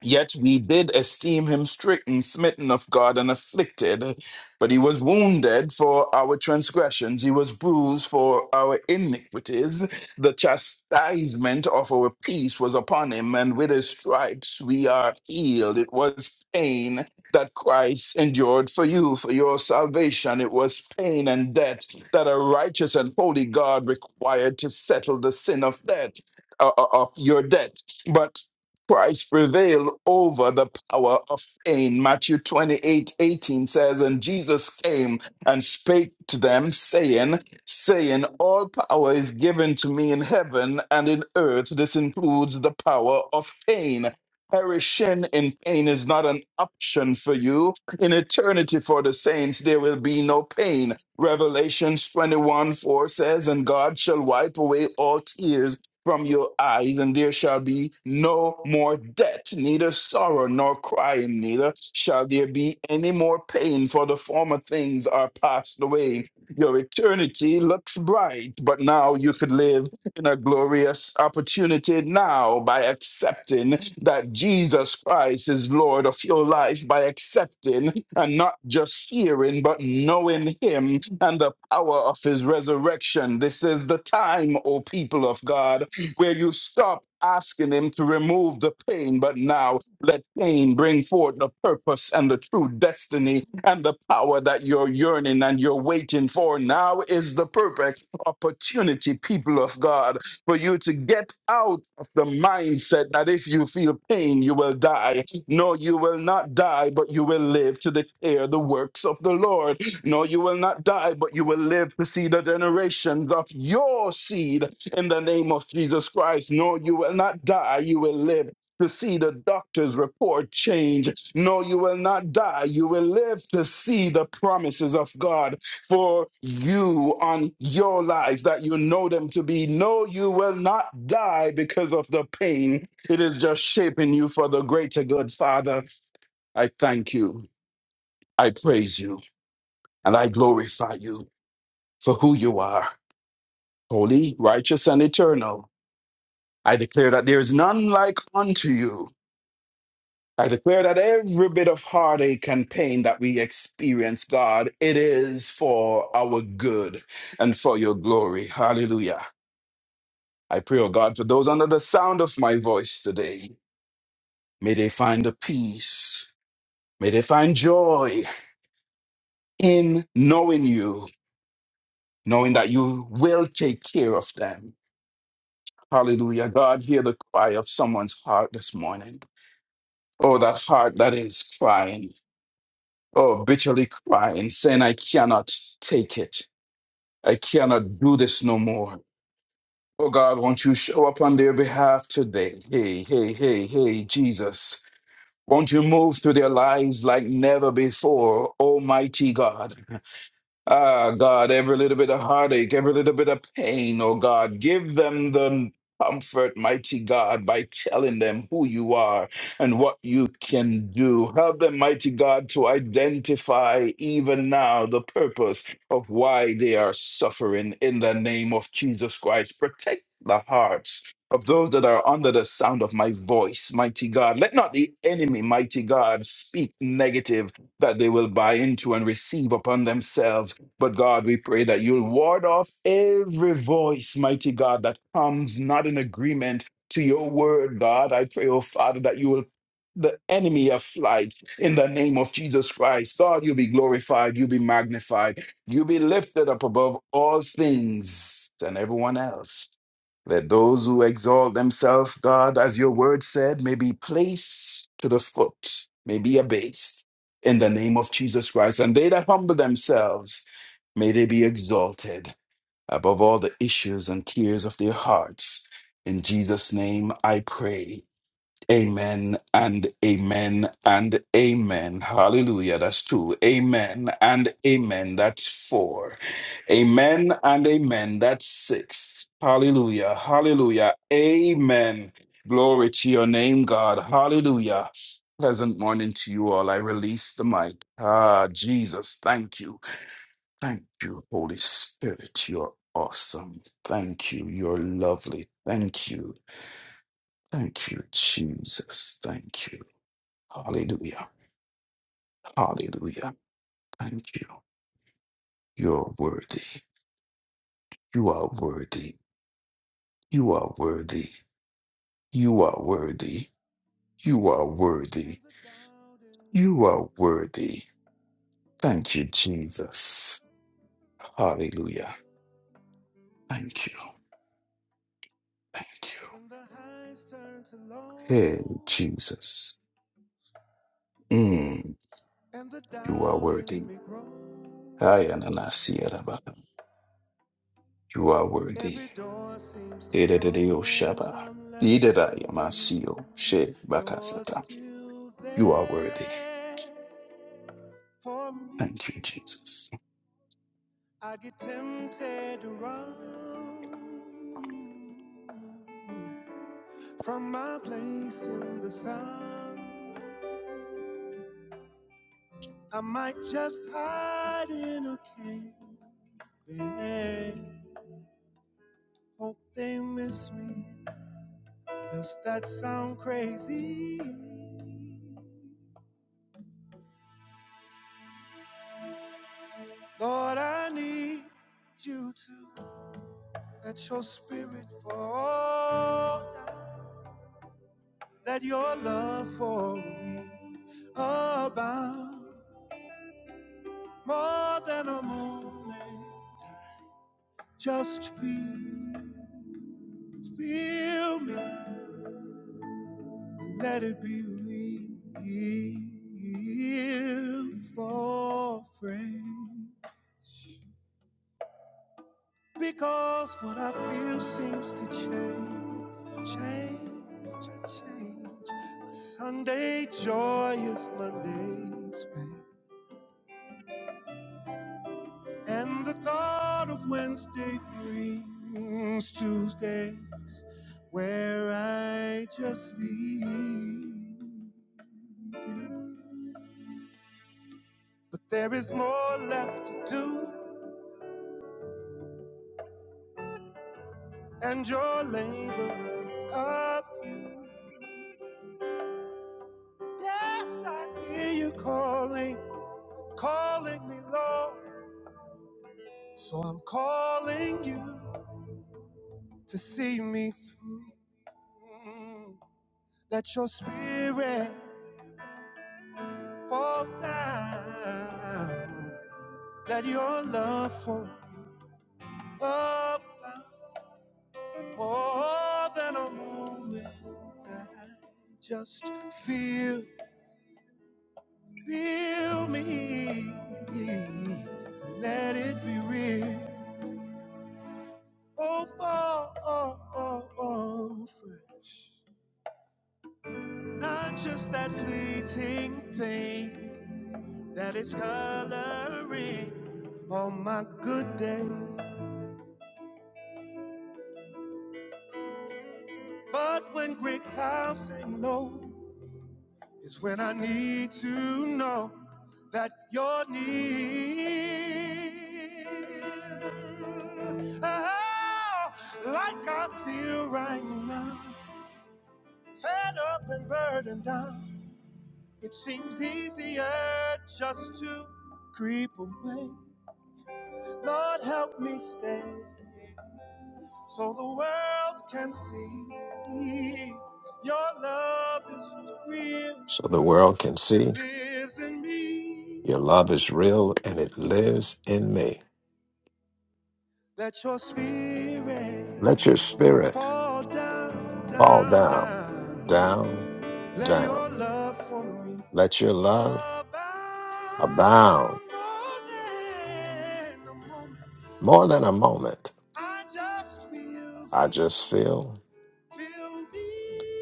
[SPEAKER 7] Yet we did esteem him stricken, smitten of God, and afflicted. But he was wounded for our transgressions, he was bruised for our iniquities. The chastisement of our peace was upon him, and with his stripes we are healed. It was pain that Christ endured for you, for your salvation. It was pain and debt that a righteous and holy God required to settle the sin of debt. uh, uh, Of your debt, but Christ prevailed over the power of pain. Matthew 28 18 says, And Jesus came and spake to them, saying, saying, All power is given to me in heaven and in earth. This includes the power of pain. Perishing in pain is not an option for you. In eternity for the saints, there will be no pain. Revelations 21 4 says, And God shall wipe away all tears from your eyes, and there shall be no more death, neither sorrow nor crying, neither shall there be any more pain, for the former things are passed away. Your eternity looks bright, but now you could live in a glorious opportunity now by accepting that Jesus Christ is Lord of your life, by accepting and not just hearing, but knowing Him and the power of His resurrection. This is the time, O people of God, where you stop asking Him to remove the pain, but now let pain bring forth the purpose and the true destiny and the power that you're yearning and you're waiting for. Now is the perfect opportunity, people of God, for you to get out of the mindset that if you feel pain, you will die. No, you will not die, but you will live to declare the works of the Lord. No, you will not die, but you will live to see the generations of your seed in the name of Jesus Christ. No, you will not die, you will live. To see the doctor's report change. No, you will not die. You will live to see the promises of God for you on your lives that you know them to be. No, you will not die because of the pain. It is just shaping you for the greater good, Father. I thank you. I praise you. And I glorify you for who you are holy, righteous, and eternal. I declare that there is none like unto you. I declare that every bit of heartache and pain that we experience, God, it is for our good and for your glory. Hallelujah. I pray, oh God, for those under the sound of my voice today, may they find a peace. May they find joy in knowing you, knowing that you will take care of them. Hallelujah. God, hear the cry of someone's heart this morning. Oh, that heart that is crying. Oh, bitterly crying, saying, I cannot take it. I cannot do this no more. Oh God, won't you show up on their behalf today? Hey, hey, hey, hey, Jesus. Won't you move through their lives like never before, Almighty God? Ah, God, every little bit of heartache, every little bit of pain, oh God, give them the comfort, mighty God, by telling them who you are and what you can do. Help them, mighty God, to identify even now the purpose of why they are suffering in the name of Jesus Christ. Protect the hearts. Of those that are under the sound of my voice, mighty God. Let not the enemy, mighty God, speak negative that they will buy into and receive upon themselves. But God, we pray that you'll ward off every voice, mighty God, that comes not in agreement to your word, God. I pray, oh Father, that you will the enemy of flight in the name of Jesus Christ. God, you be glorified, you be magnified, you be lifted up above all things and everyone else. Let those who exalt themselves, God, as your word said, may be placed to the foot, may be abased in the name of Jesus Christ. And they that humble themselves, May they be exalted above all the issues and tears of their hearts. In Jesus' name I pray. Amen and amen and amen. Hallelujah. That's two. Amen and amen. That's four. Amen and amen. That's six. Hallelujah. Hallelujah. Amen. Glory to your name, God. Hallelujah. Pleasant morning to you all. I release the mic. Ah, Jesus, thank you. Thank you, Holy Spirit. You're awesome. Thank you. You're lovely. Thank you. Thank you, Jesus. Thank you. Hallelujah. Hallelujah. Thank you. You're worthy. You are worthy. You are worthy. You are worthy. You are
[SPEAKER 8] And
[SPEAKER 7] worthy.
[SPEAKER 8] the doubt in me
[SPEAKER 7] You are
[SPEAKER 8] grows.
[SPEAKER 7] worthy. Thank you, Jesus. Hallelujah. Thank you. Thank you.
[SPEAKER 8] When the highs turn to
[SPEAKER 7] Hey,
[SPEAKER 8] low,
[SPEAKER 7] Jesus. Mm,
[SPEAKER 8] and the
[SPEAKER 7] you are
[SPEAKER 8] doubt
[SPEAKER 7] worthy.
[SPEAKER 8] in me grows.
[SPEAKER 7] Ayananasiyaraba. You are worthy.
[SPEAKER 8] Every door seems to
[SPEAKER 7] Edededeo shaba.
[SPEAKER 8] close. I'm left wondering
[SPEAKER 7] Idedayamasiyo she
[SPEAKER 8] if you're
[SPEAKER 7] bakasata.
[SPEAKER 8] still
[SPEAKER 7] You are worthy.
[SPEAKER 8] there for me.
[SPEAKER 7] Thank you, Jesus.
[SPEAKER 8] I get tempted to run from my place in the sun. I might just hide in a cave. Hope they miss me. Does that sound crazy? Lord, I need you to let your spirit fall down. Let your love for me abound more than a moment. Just feel, feel me. Let it be real for friends. Because what I feel seems to change, change, change. My Sunday joy is Monday's pain. And the thought of Wednesday brings Tuesdays where I just leave. But there is more left to do, and your labor is a few. Yes, I hear you calling. calling me Lord. So I'm calling you to see me through. Let your spirit fall down. Let your love for me up more than a moment. I just feel, feel me. Let it be real. Oh, oh, oh, oh, oh fresh. Not just that fleeting thing that is coloring on my good day. But when gray clouds hang low, is when I need to know that you're near. Oh, like I feel right now, fed up and burdened down. It seems easier just to creep away. Lord, help me stay, so the world can see your love is real
[SPEAKER 3] so the world can
[SPEAKER 8] and
[SPEAKER 3] see
[SPEAKER 8] lives in me.
[SPEAKER 3] your love is real and it lives in me.
[SPEAKER 8] Let your spirit
[SPEAKER 3] Let your spirit
[SPEAKER 8] fall down,
[SPEAKER 3] fall
[SPEAKER 8] down,
[SPEAKER 3] down,
[SPEAKER 8] down.
[SPEAKER 3] down,
[SPEAKER 8] Let your
[SPEAKER 3] down.
[SPEAKER 8] love for me
[SPEAKER 3] Let your love
[SPEAKER 8] abound
[SPEAKER 3] abound
[SPEAKER 8] more than the moments.
[SPEAKER 3] more than a moment.
[SPEAKER 8] I just feel,
[SPEAKER 3] I just feel.
[SPEAKER 8] feel me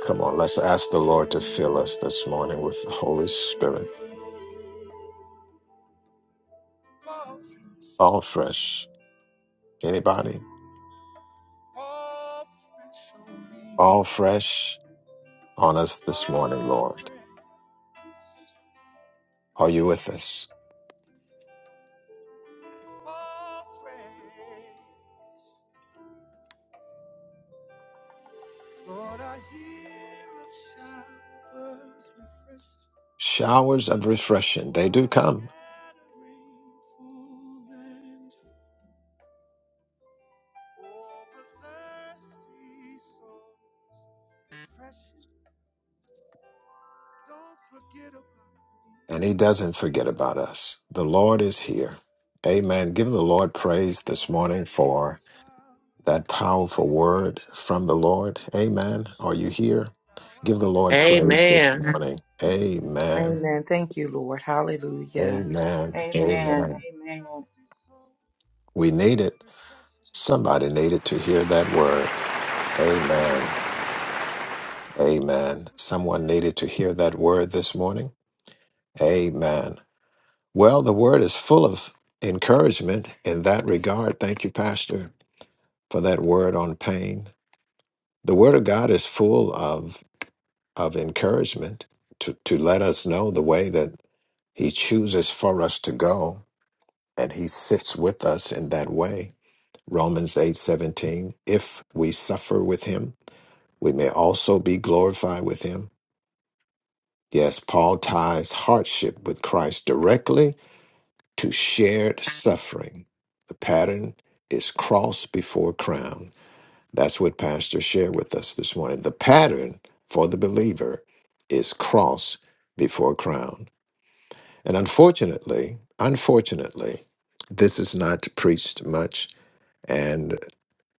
[SPEAKER 3] Come on, let's ask the Lord to fill us this morning with the Holy Spirit.
[SPEAKER 8] fall free.
[SPEAKER 3] All fresh. Anybody?
[SPEAKER 8] Fall fresh on me,
[SPEAKER 3] All
[SPEAKER 8] God.
[SPEAKER 3] fresh on us this morning,
[SPEAKER 8] Fall
[SPEAKER 3] Lord.
[SPEAKER 8] fresh,
[SPEAKER 3] Are you with us?
[SPEAKER 8] fall fresh. Lord, I hear of showers refresh.
[SPEAKER 3] Showers of
[SPEAKER 8] You
[SPEAKER 3] refreshing, they do
[SPEAKER 8] are
[SPEAKER 3] come
[SPEAKER 8] scattering full and free. over thirsty souls. Refreshing, don't forget about me.
[SPEAKER 3] and he doesn't forget about us. The Lord is here. Amen. Give the Lord praise this
[SPEAKER 8] Lord, I
[SPEAKER 3] morning
[SPEAKER 8] hear of
[SPEAKER 3] for
[SPEAKER 8] showers.
[SPEAKER 3] that powerful word
[SPEAKER 8] refresh.
[SPEAKER 3] from the Lord. Amen. Are you here?
[SPEAKER 8] Now I
[SPEAKER 3] Give the Lord
[SPEAKER 8] scatter.
[SPEAKER 3] praise this
[SPEAKER 9] Amen.
[SPEAKER 3] morning.
[SPEAKER 8] Oh,
[SPEAKER 3] Amen.
[SPEAKER 8] let's
[SPEAKER 6] Amen.
[SPEAKER 8] me
[SPEAKER 6] Thank you, Lord.
[SPEAKER 8] over
[SPEAKER 6] Hallelujah.
[SPEAKER 3] Amen.
[SPEAKER 1] Amen.
[SPEAKER 3] Amen.
[SPEAKER 1] Amen.
[SPEAKER 8] thirsty souls,
[SPEAKER 3] We need it.
[SPEAKER 8] refresh me,
[SPEAKER 3] Somebody needed to hear that
[SPEAKER 8] please.
[SPEAKER 3] word. Amen.
[SPEAKER 8] Don't
[SPEAKER 3] Amen.
[SPEAKER 8] forget
[SPEAKER 3] Someone
[SPEAKER 8] about.
[SPEAKER 3] needed to hear that word this morning. Amen. Well, the word is full of encouragement in that regard. Thank you, Pastor. for that word on pain. The word of God is full of of encouragement to, to let us know the way that he chooses for us to go and he sits with us in that way. Romans 8:17 If we suffer with him, we may also be glorified with him. Yes, Paul ties hardship with Christ directly to shared suffering. The pattern is cross before crown. That's what Pastor shared with us this morning. The pattern for the believer is cross before crown. And unfortunately, unfortunately, this is not preached much. And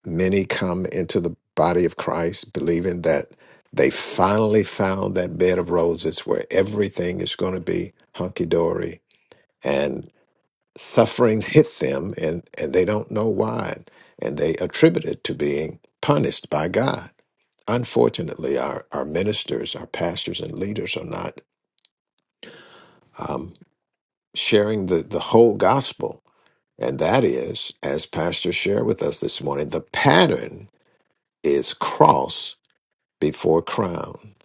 [SPEAKER 3] many come into the body of Christ believing that they finally found that bed of roses where everything is going to be hunky dory. And sufferings hit them, and, and they don't know why. And they attribute it to being punished by God unfortunately, our, our ministers, our pastors, and leaders are not um, sharing the, the whole gospel. And that is, as Pastor shared with us this morning, the pattern is cross before crown.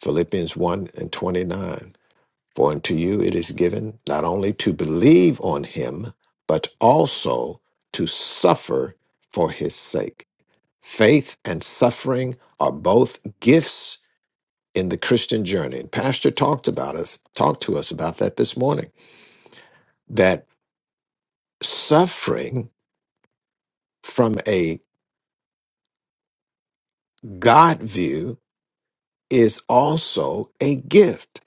[SPEAKER 3] Philippians 1 and 29. For unto you it is given not only to believe on him, but also to suffer for his sake. Faith and suffering are both gifts in the Christian journey. And Pastor talked about us, talked to us about that this morning. That suffering from a God view is also a gift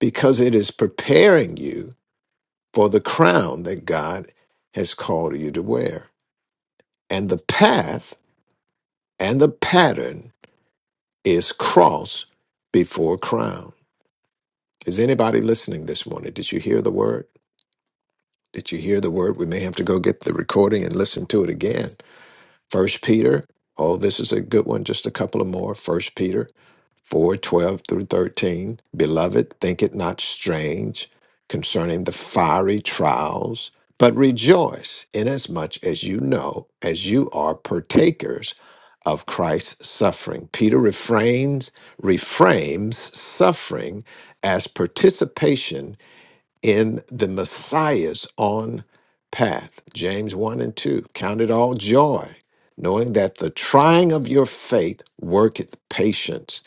[SPEAKER 3] because it is preparing you for the crown that God has called you to wear. And the path and the pattern is cross before crown. Is anybody listening this morning? Did you hear the word? Did you hear the word? We may have to go get the recording and listen to it again First Peter, oh, this is a good one, just a couple of more. First Peter 4 12 through 13. Beloved, think it not strange concerning the fiery trials, but rejoice inasmuch as you know, as you are partakers of Christ's suffering. Peter refrains, reframes suffering as participation in the Messiah's on path. James 1 and 2. Count it all joy, knowing that the trying of your faith worketh patience.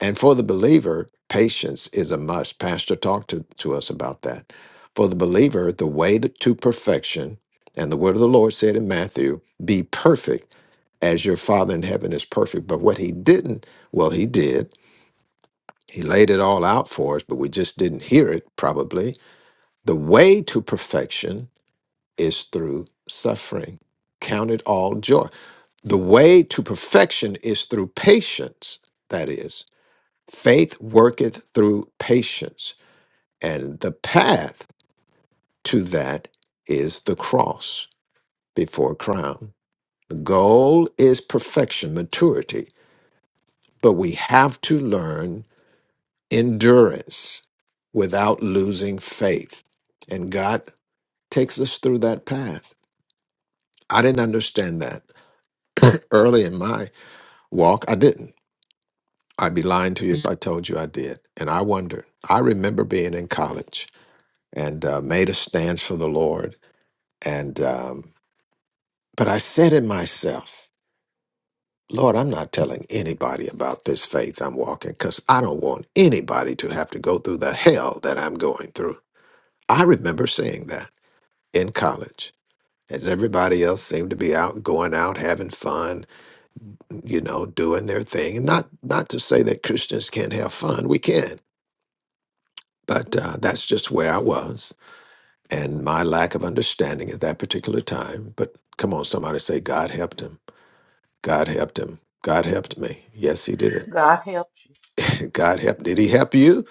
[SPEAKER 3] And for the believer, patience is a must. Pastor talked to, to us about that. For the believer, the way that- to perfection, and the word of the Lord said in Matthew, be perfect as your Father in heaven is perfect. But what he didn't, well, he did. He laid it all out for us, but we just didn't hear it, probably the way to perfection is through suffering. Count it all joy. The way to perfection is through patience. That is, faith worketh through patience. And the path to that is the cross before crown. The goal is perfection, maturity, but we have to learn endurance without losing faith. And God takes us through that path. I didn't understand that early in my walk, I didn't. I'd be lying to you if I told you I did. And I wondered. I remember being in college and uh, made a stance for the Lord. And um, but I said in myself, Lord, I'm not telling anybody about this faith I'm walking because I don't want anybody to have to go through the hell that I'm going through. I remember saying that in college, as everybody else seemed to be out, going out, having fun, you know, doing their thing. And not not to say that Christians can't have fun. We can, but uh, that's just where I was and my lack of understanding at that particular time. But come on, somebody say God helped him. God helped him. God helped me. Yes, he did.
[SPEAKER 1] God help you.
[SPEAKER 3] God helped. Did he help you?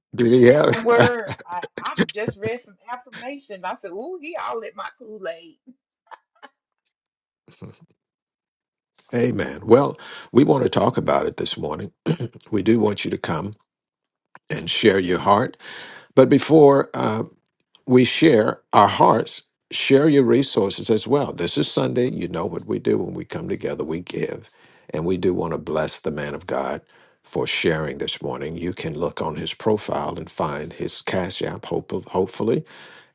[SPEAKER 3] did he help?
[SPEAKER 1] That Word. I, I just read some affirmation. I said, "Ooh, he all in my Kool Aid."
[SPEAKER 3] Amen. Well, we want to talk about it this morning. We do want you to come and share your heart. But before uh, we share our hearts share your resources as well this is sunday you know what we do when we come together we give and we do want to bless the man of god for sharing this morning you can look on his profile and find his cash app hope, hopefully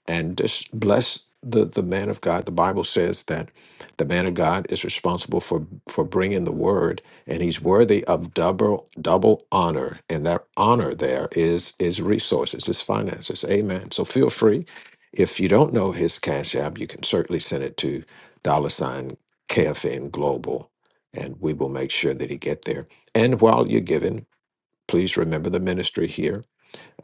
[SPEAKER 3] and just bless the the man of God. The Bible says that the man of God is responsible for for bringing the word, and he's worthy of double double honor. And that honor there is is resources, is finances. Amen. So feel free. If you don't know his cash app, you can certainly send it to dollar sign KFN Global, and we will make sure that he get there. And while you're giving, please remember the ministry here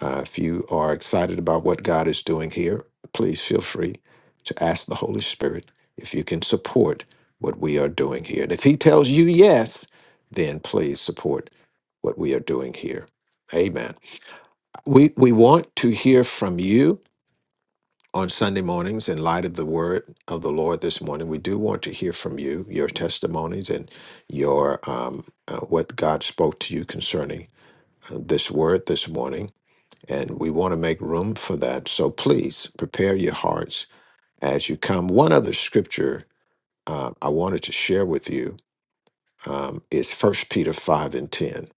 [SPEAKER 3] uh, if you are excited about what God is doing here, please feel free to ask the Holy Spirit if you can support what we are doing here. And if He tells you yes, then please support what we are doing here. Amen. We, we want to hear from you on Sunday mornings in light of the word of the Lord this morning. We do want to hear from you, your testimonies, and your um, uh, what God spoke to you concerning uh, this word this morning. And we want to make room for that. So please prepare your hearts as you come. One other scripture uh, I wanted to share with you um, is First Peter 5 and 10.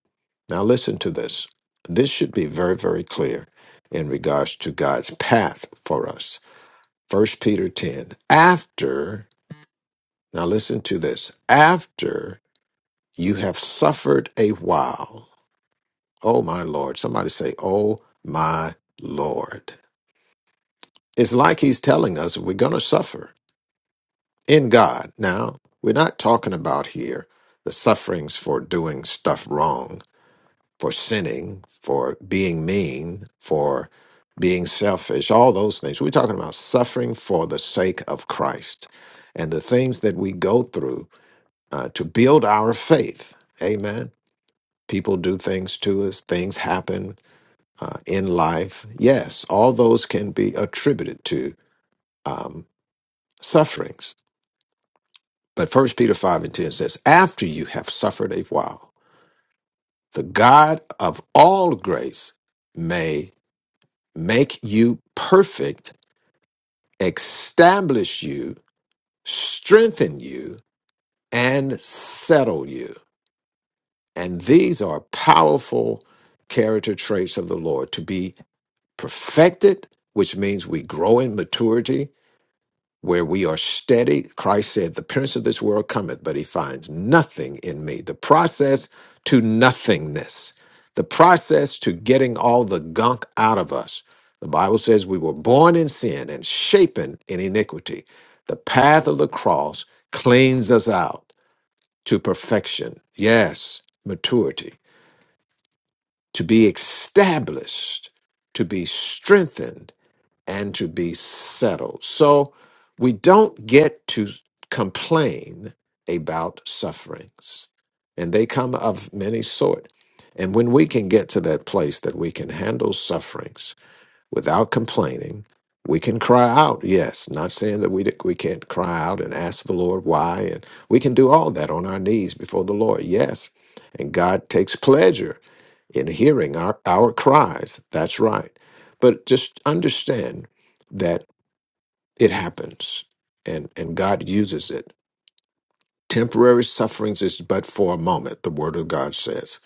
[SPEAKER 3] Now, listen to this. This should be very, very clear in regards to God's path for us. First Peter 10. After, now listen to this, after you have suffered a while. Oh, my Lord. Somebody say, Oh, my Lord. It's like he's telling us we're going to suffer in God. Now, we're not talking about here the sufferings for doing stuff wrong, for sinning, for being mean, for being selfish, all those things. We're talking about suffering for the sake of Christ and the things that we go through uh, to build our faith. Amen. People do things to us, things happen uh, in life. Yes, all those can be attributed to um, sufferings But First Peter 5 and 10 says, After you have suffered a while, the God of all grace may make you perfect, establish you, strengthen you, and settle you. And these are powerful character traits of the Lord to be perfected, which means we grow in maturity where we are steady. Christ said, The prince of this world cometh, but he finds nothing in me. The process to nothingness, the process to getting all the gunk out of us. The Bible says we were born in sin and shapen in iniquity. The path of the cross cleans us out to perfection. Yes, maturity, to be established, to be strengthened and to be settled. So we don't get to complain about sufferings, and they come of many sort. And when we can get to that place that we can handle sufferings without complaining, we can cry out. Yes, not saying that we we can't cry out and ask the Lord why, and we can do all that on our knees before the Lord. Yes, and God takes pleasure in hearing our, our cries. That's right. But just understand that it happens and, and God uses it. Temporary sufferings is but for a moment, the word of God says.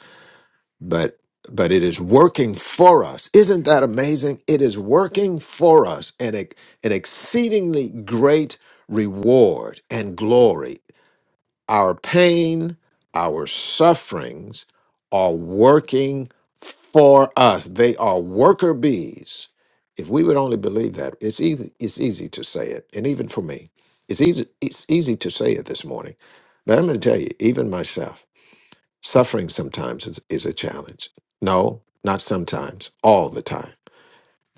[SPEAKER 3] But but it is working for us. Isn't that amazing? It is working for us an, ex- an exceedingly great reward and glory our pain, our sufferings are working for us. They are worker bees. If we would only believe that, it's easy, it's easy to say it. And even for me, it's easy, it's easy to say it this morning. But I'm going to tell you, even myself, suffering sometimes is, is a challenge. No, not sometimes, all the time.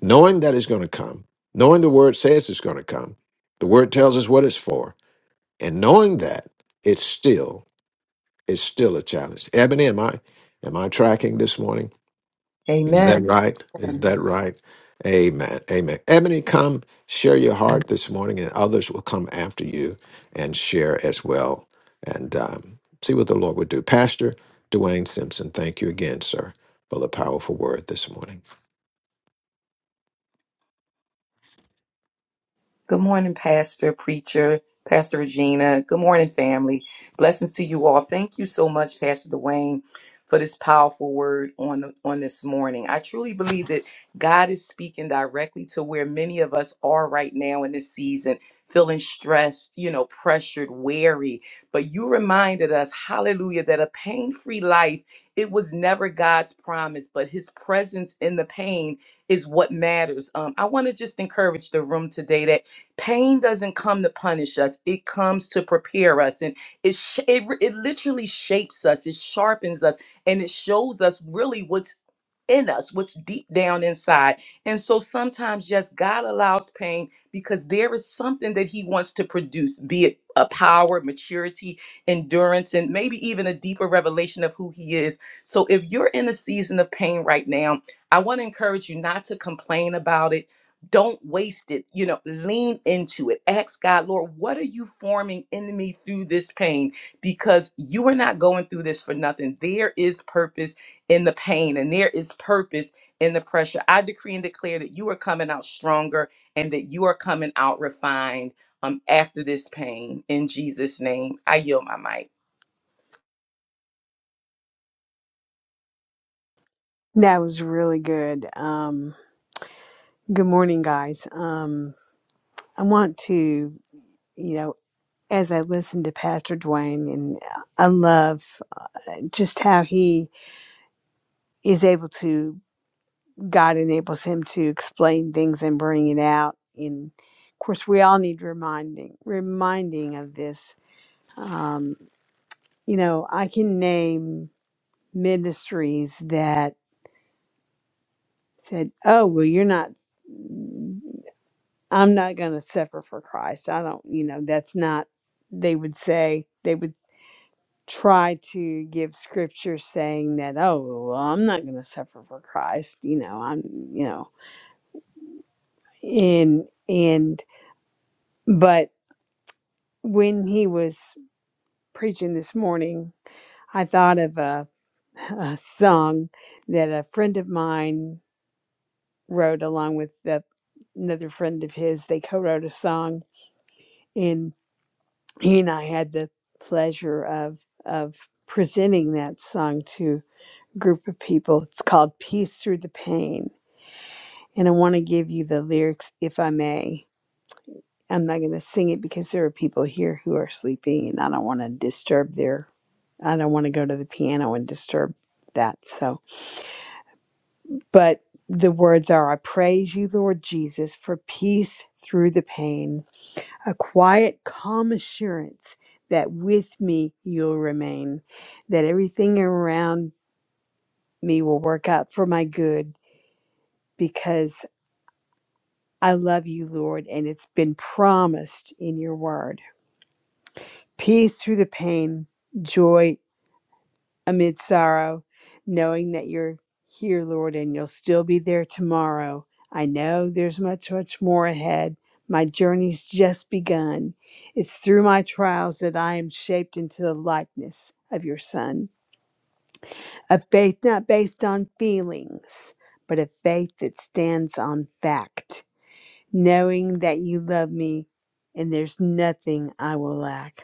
[SPEAKER 3] Knowing that it's going to come, knowing the word says it's going to come, the word tells us what it's for. And knowing that, it's still is still a challenge. Ebony, am I am I tracking this morning? Is
[SPEAKER 6] Amen.
[SPEAKER 3] that right? Is that right? Amen. Amen. Ebony, come share your heart this morning, and others will come after you and share as well, and um, see what the Lord would do. Pastor Dwayne Simpson, thank you again, sir, for the powerful word this morning.
[SPEAKER 6] Good morning, Pastor, Preacher, Pastor Regina. Good morning, family. Blessings to you all. Thank you so much, Pastor Dwayne, for this powerful word on, on this morning. I truly believe that God is speaking directly to where many of us are right now in this season, feeling stressed, you know, pressured, weary. But you reminded us, hallelujah, that a pain free life, it was never God's promise, but his presence in the pain is what matters. Um, I want to just encourage the room today Pain doesn't come to punish us, it comes to prepare us. And it, sh- it, it literally shapes us, it sharpens us, and it shows us really what's in us, what's deep down inside. And so sometimes, yes, God allows pain because there is something that He wants to produce, be it a power, maturity, endurance, and maybe even a deeper revelation of who He is. So if you're in a season of pain right now, I want to encourage you not to complain about it. Don't waste it. You know, lean into it. Ask God, Lord, what are you forming in me through this pain? Because you are not going through this for nothing. There is purpose in the pain and there is purpose in the pressure. I decree and declare that you are coming out stronger and that you are coming out refined um, after this pain. In Jesus' name, I yield my mic.
[SPEAKER 4] That was really good. Um, good morning, guys. Um, I want to, you know, as I listen to Pastor Dwayne, and I love just how he is able to, God enables him to explain things and bring it out. And of course, we all need reminding, reminding of this. Um, you know, I can name ministries that said, "Oh, well, you're not. I'm not going to suffer for Christ. I don't. You know, that's not." They would say they would try to give scripture saying that, "Oh, well, I'm not going to suffer for Christ." You know, I'm. You know, and and but when he was preaching this morning, I thought of a, a song that a friend of mine. wrote along with the, another friend of his. They co-wrote a song, and he and I had the pleasure of of presenting that song to a group of people. It's called "Peace Through the Pain," and I want to give you the lyrics, if I may. I'm not going to sing it because there are people here who are sleeping, and I don't want to disturb their. I don't want to go to the piano and disturb that. So, but the words are I praise you, Lord Jesus, for peace through the pain. a quiet, calm assurance that with me you'll remain, that everything around me will work out for my good because I love you, Lord, and it's been promised in your word. Peace through the pain, joy amid sorrow, knowing that you're here, Lord, and you'll still be there tomorrow. I know there's much, much more ahead. My journey's just begun. It's through my trials that I am shaped into the likeness of your Son, a faith not based on feelings, but a faith that stands on fact, knowing that you love me and there's nothing I will lack.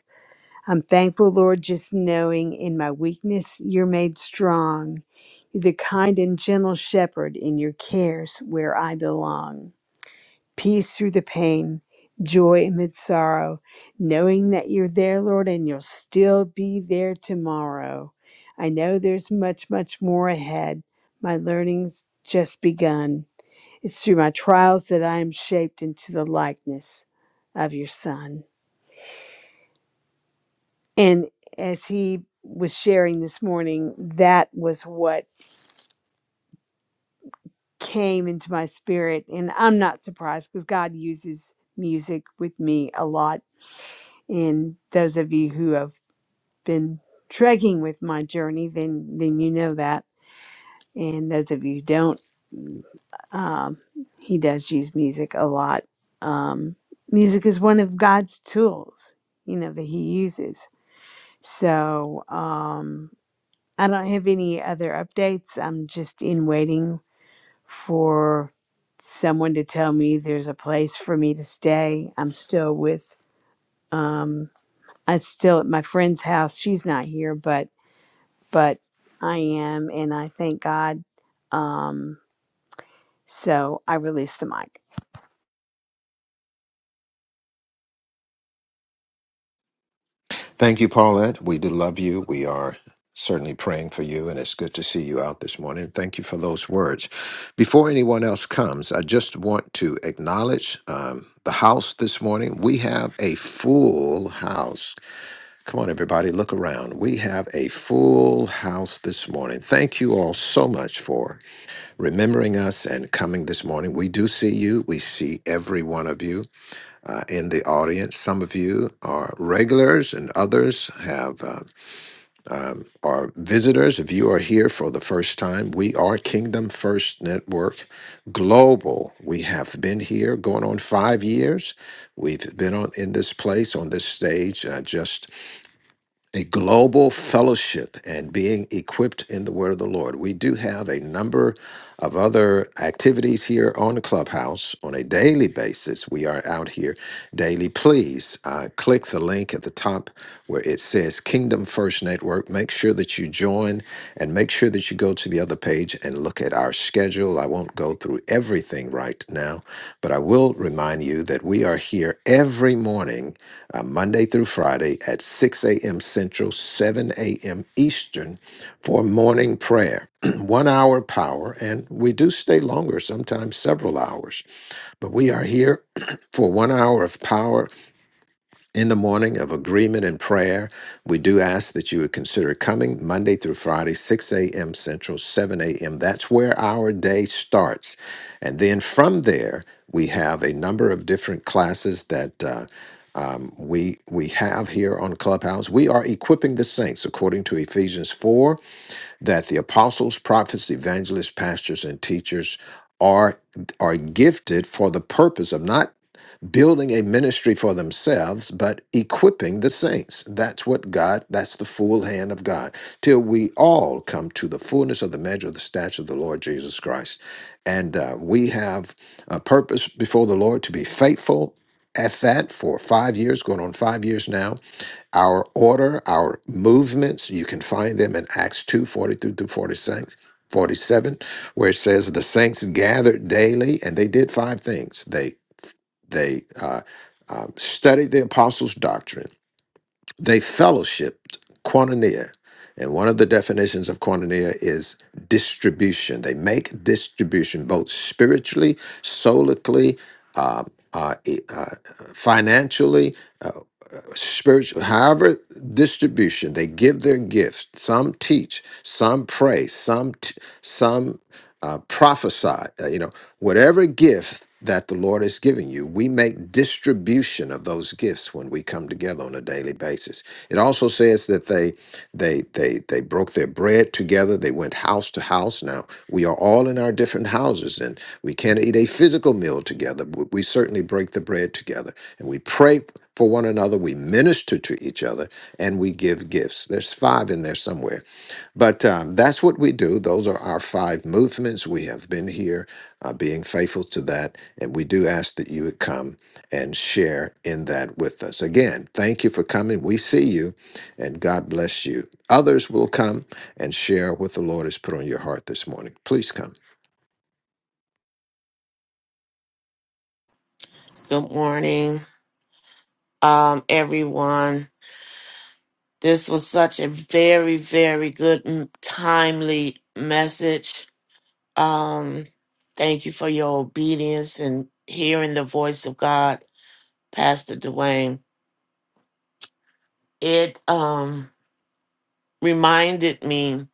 [SPEAKER 4] I'm thankful, Lord, just knowing in my weakness you're made strong. You're the kind and gentle shepherd in your cares where I belong. Peace through the pain, joy amid sorrow, knowing that you're there, Lord, and you'll still be there tomorrow. I know there's much, much more ahead. My learning's just begun. It's through my trials that I am shaped into the likeness of your Son. And as he was sharing this morning, that was what came into my spirit. And I'm not surprised because God uses music with me a lot. And those of you who have been trekking with my journey, then then you know that. And those of you who don't, mm, um, he does use music a lot. Um, music is one of God's tools, you know, that he uses. So, um, I don't have any other updates. I'm just in waiting for someone to tell me there's a place for me to stay. I'm still with um I'm still at my friend's house. She's not here, but but I am and I thank God. Um so I release the mic.
[SPEAKER 3] Thank you, Paulette. We do love you. We are certainly praying for you, and it's good to see you out this morning. Thank you for those words. Before anyone else comes, I just want to acknowledge um, the house this morning. We have a full house. Come on, everybody, look around. We have a full house this morning. Thank you all so much for remembering us and coming this morning. We do see you, we see every one of you uh, in the audience. Some of you are regulars, and others have uh, are visitors. If you are here for the first time, we are Kingdom First Network Global. We have been here going on five years. We've been on in this place on this stage, uh, just a global fellowship and being equipped in the Word of the Lord. We do have a number of other activities here on the clubhouse on a daily basis we are out here daily please uh, click the link at the top where it says kingdom first network make sure that you join and make sure that you go to the other page and look at our schedule i won't go through everything right now but i will remind you that we are here every morning uh, monday through friday at 6 a.m central 7 a.m eastern for morning prayer. One hour power, and we do stay longer, sometimes several hours, but we are here for one hour of power in the morning of agreement and prayer. We do ask that you would consider coming Monday through Friday, 6 a.m. Central, 7 a.m. That's where our day starts. And then from there, we have a number of different classes that uh, um, we we have here on Clubhouse. We are equipping the saints according to Ephesians 4 that the apostles, prophets, evangelists, pastors, and teachers are are gifted for the purpose of not building a ministry for themselves, but equipping the saints. That's what God, that's the full hand of God, till we all come to the fullness of the measure of the stature of the Lord Jesus Christ. And uh, we have a purpose before the Lord to be faithful at that for five years, going on five years now our order, our movements, you can find them in Acts 2 forty-two through 46, 47, where it says the saints gathered daily and they did five things. They, they uh, um, studied the apostles' doctrine, they fellowshipped, koinonia. And one of the definitions of koinonia is distribution. They make distribution both spiritually, solically, um, uh, e- uh, financially, spiritual, however distribution they give their gifts. Some teach, some pray, some t- some uh, prophesy. uh, you know, whatever gift that the Lord has given you, we make distribution of those gifts when we come together on a daily basis. It also says says that they they they they broke their bread together. They went house to house. Now we are all in our different houses, and we can't eat a physical meal together. But we certainly break the bread together, and we pray for one another. We minister to each other, and we give gifts. There's five in there somewhere but um, that's what we do. Those are our five movements. We have been here uh, being faithful to that. And we do ask that you would come and share in that with us. Again, thank you for coming. We see you and God bless you. Others will come and share what the Lord has put on your heart this morning. Please come.
[SPEAKER 9] Good morning, um, everyone. This was such a very, very good, and timely message. Um, thank you for your obedience and hearing the voice of God, Pastor Dwayne. It um, reminded me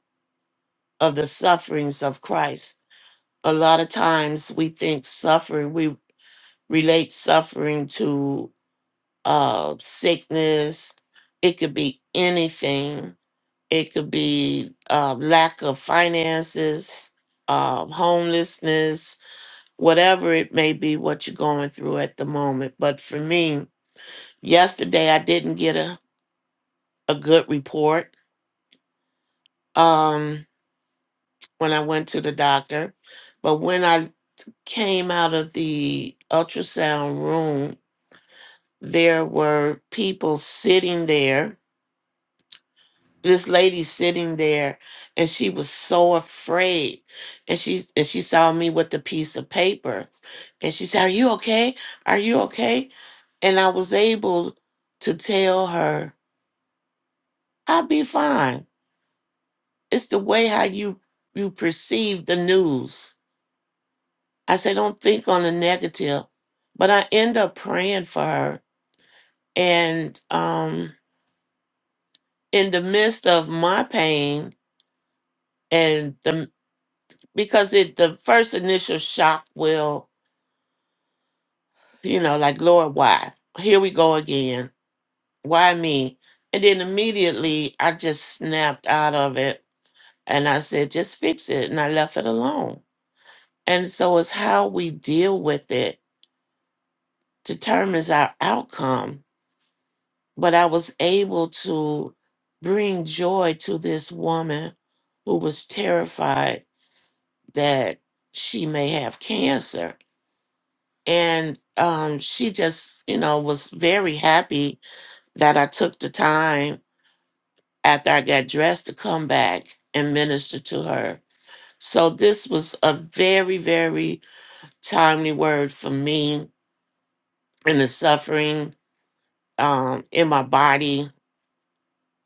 [SPEAKER 9] of the sufferings of Christ. A lot of times we think suffering, we relate suffering to uh, sickness. It could be anything It could be uh, lack of finances, uh, homelessness, whatever it may be, what you're going through at the moment. But for me, yesterday I didn't get a, a good report um, when I went to the doctor. But when I came out of the ultrasound room, there were people sitting there this lady sitting there and she was so afraid and she and she saw me with the piece of paper and she said are you okay are you okay and i was able to tell her i'll be fine it's the way how you you perceive the news i said don't think on the negative but i end up praying for her and um in the midst of my pain and the because it the first initial shock will You know, like, Lord, why? Here we go again. Why me? And then immediately I just snapped out of it and I said, just fix it. And I left it alone. And so it's how we deal with it determines our outcome. But I was able to bring joy to this woman who was terrified that she may have cancer. And um, she just, you know, was very happy that I took the time after I got dressed to come back and minister to her. So this was a very, very timely word for me and the suffering um, in my body,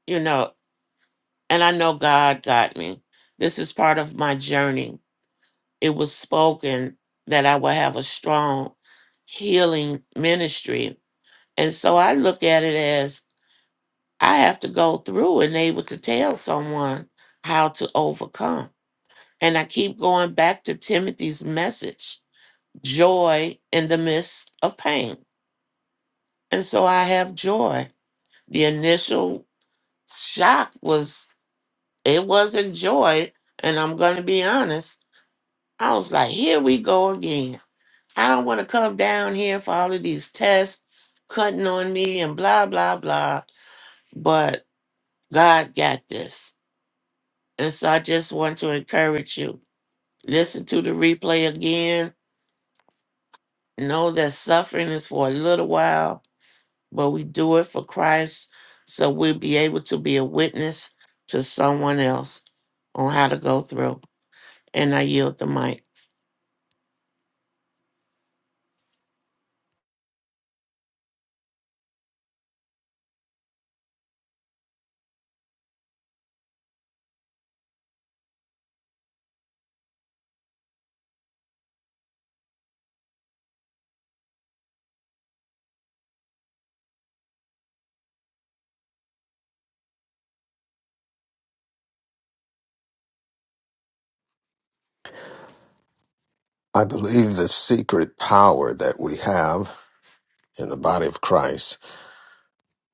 [SPEAKER 9] you know. And I know God got me. This is part of my journey. It was spoken that I would have a strong healing ministry. And so I look at it as I have to go through and able to tell someone how to overcome And I keep going back to Timothy's message joy in the midst of pain. And so I have joy. The initial shock was, it wasn't joy. And I'm going to be honest, I was like, here we go again. I don't want to come down here for all of these tests cutting on me and blah, blah, blah. But God got this. And so I just want to encourage you listen to the replay again know that suffering is for a little while, but we do it for Christ so we'll be able to be a witness to someone else on how to go through. And I yield the mic.
[SPEAKER 3] I believe the secret power that we have in the body of Christ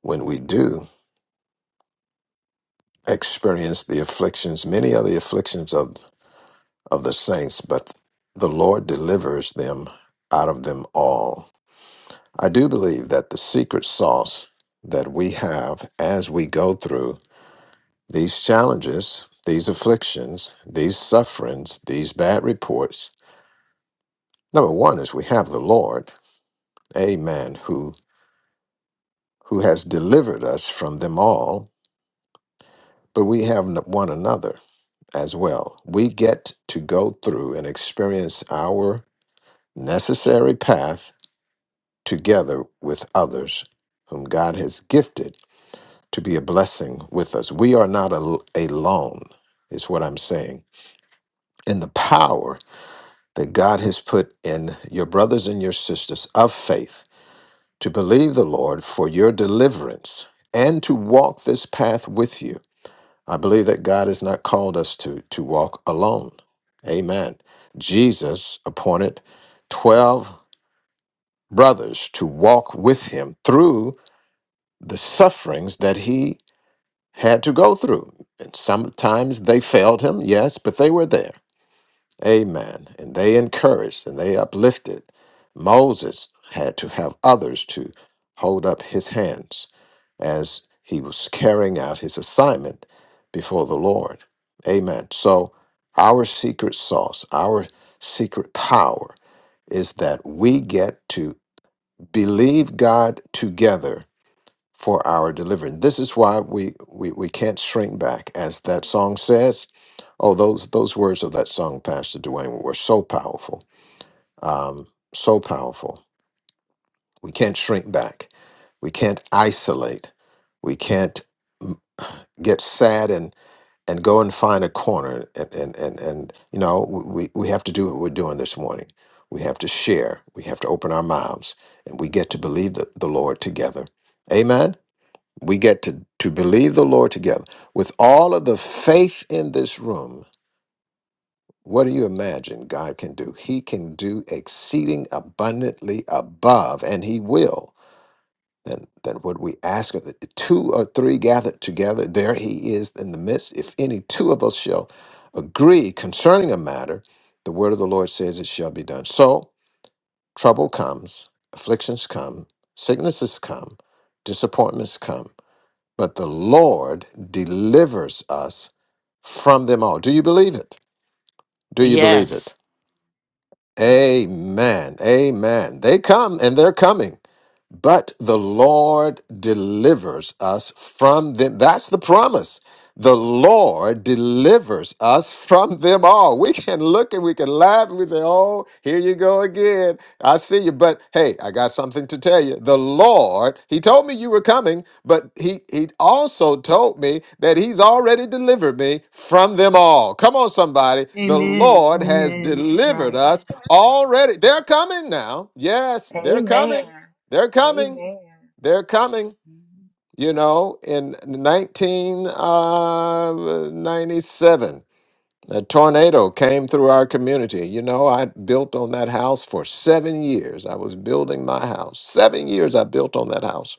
[SPEAKER 3] when we do experience the afflictions, many of the afflictions of of the saints, but the Lord delivers them out of them all. I do believe that the secret sauce that we have as we go through these challenges, these afflictions, these sufferings, these bad reports, number one is we have the Lord, amen, who who has delivered us from them all, but we have n- one another as well. We get to go through and experience our necessary path together with others whom God has gifted to be a blessing with us. We are not al- alone, is what I'm saying. And the power that God has put in your brothers and your sisters of faith to believe the Lord for your deliverance and to walk this path with you. I believe that God has not called us to, to walk alone. Amen. Jesus appointed 12 brothers to walk with him through the sufferings that he had to go through. And sometimes they failed him, yes, but they were there. Amen. And they encouraged and they uplifted. Moses had to have others to hold up his hands as he was carrying out his assignment before the Lord. Amen. So, our secret sauce, our secret power is that we get to believe God together for our deliverance. This is why we, we, we can't shrink back. As that song says, oh, those, those words of that song, Pastor Dwayne, were so powerful, um, so powerful. We can't shrink back. We can't isolate. We can't get sad and, and go and find a corner. And, and, and, and you know, we, we have to do what we're doing this morning. We have to share. We have to open our mouths. And we get to believe the, the Lord together. Amen. We get to, to believe the Lord together. With all of the faith in this room, what do you imagine God can do? He can do exceeding abundantly above, and He will. Than, then, what we ask of the two or three gathered together, there he is in the midst. If any two of us shall agree concerning a matter, the word of the Lord says it shall be done. So trouble comes, afflictions come, sicknesses come, disappointments come but the Lord delivers us from them all. Do you believe it? Do you believe it?
[SPEAKER 9] Yes.
[SPEAKER 3] Amen. Amen. They come and they're coming. But the Lord delivers us from them. That's the promise. The Lord delivers us from them all. We can look and we can laugh and we say, Oh, here you go again. I see you. But hey, I got something to tell you. The Lord, He told me you were coming, but He He also told me that He's already delivered me from them all. Come on, somebody. The
[SPEAKER 4] Amen.
[SPEAKER 3] Lord has
[SPEAKER 4] Amen. That's
[SPEAKER 3] delivered
[SPEAKER 4] right.
[SPEAKER 3] us already. They're coming now. Yes, they're
[SPEAKER 1] Amen.
[SPEAKER 3] coming. They're coming.
[SPEAKER 1] Amen.
[SPEAKER 3] They're coming.
[SPEAKER 1] Mhm.
[SPEAKER 3] You know, in 1997, a tornado came through our community. You know, I built on that house for seven years. I was building my house. Seven years I built on that house.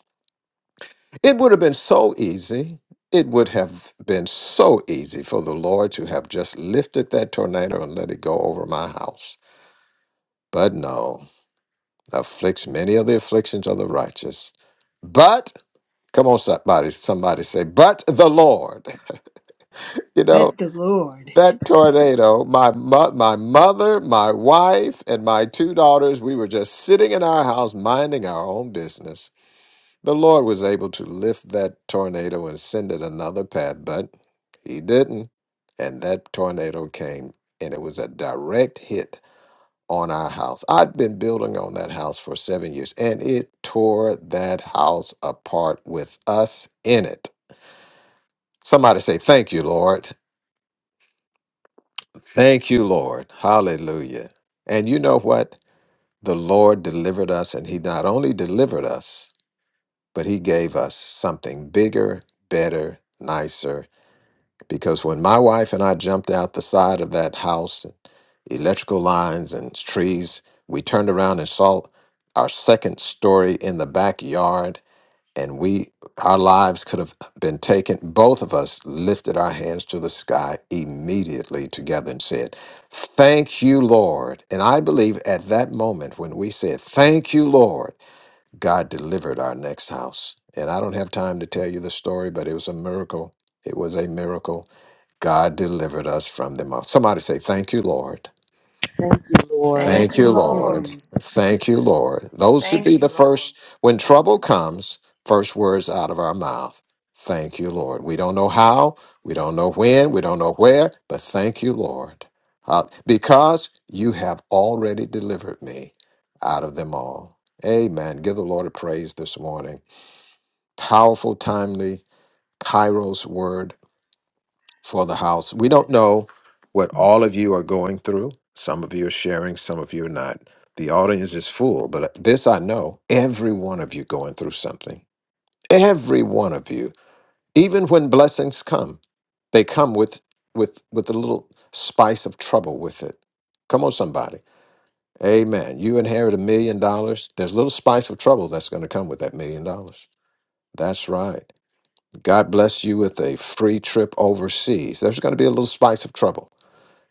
[SPEAKER 3] It would have been so easy. It would have been so easy for the Lord to have just lifted that tornado and let it go over my house. But no, afflicts many of the afflictions of the righteous. but. Come on, somebody, somebody say, but the Lord. You know,
[SPEAKER 4] But the Lord.
[SPEAKER 3] that tornado, my, mo- my mother, my wife, and my two daughters, we were just sitting in our house minding our own business. The Lord was able to lift that tornado and send it another path, but He didn't. And that tornado came and it was a direct hit on our house. I'd been building on that house for seven years and it tore that house apart with us in it. Somebody say, Thank you, Lord. Thank you, Lord. Hallelujah. And you know what? The Lord delivered us, and He not only delivered us, but He gave us something bigger, better, nicer. Because when my wife and I jumped out the side of that house, and electrical lines and trees, we turned around and saw our second story in the backyard. and we our lives could have been taken both of us lifted our hands to the sky immediately together and said thank you lord and i believe at that moment when we said thank you lord god delivered our next house and i don't have time to tell you the story but it was a miracle it was a miracle god delivered us from them all somebody say thank you lord
[SPEAKER 6] Thank you, Lord.
[SPEAKER 1] Thank
[SPEAKER 3] Thank
[SPEAKER 1] you,
[SPEAKER 3] you,
[SPEAKER 4] Thank you,
[SPEAKER 1] Lord.
[SPEAKER 3] Lord.
[SPEAKER 4] Lord.
[SPEAKER 3] Thank you, Lord. Those should
[SPEAKER 1] Thank
[SPEAKER 3] be the
[SPEAKER 1] you, Lord.
[SPEAKER 3] first, when trouble comes, first words out of our mouth. Thank you, Lord. We don't know how, we don't know when, we don't know where, but thank you, Lord. Uh, because you have already delivered me out of them all. Amen. Give the Lord a praise this morning. Powerful, timely, Kairos word for the house. We don't know what all of you are going through. Some of you are sharing, some of you are not. The audience is full, but uh, this I know every one of you going through something. Every one of you. Even when blessings come, they come with with with a little spice of trouble with it. Come on, somebody. Amen. You inherit a million dollars. There's a little spice of trouble that's going to come with that million dollars. That's right. God bless you with a free trip overseas. There's going to be a little spice of trouble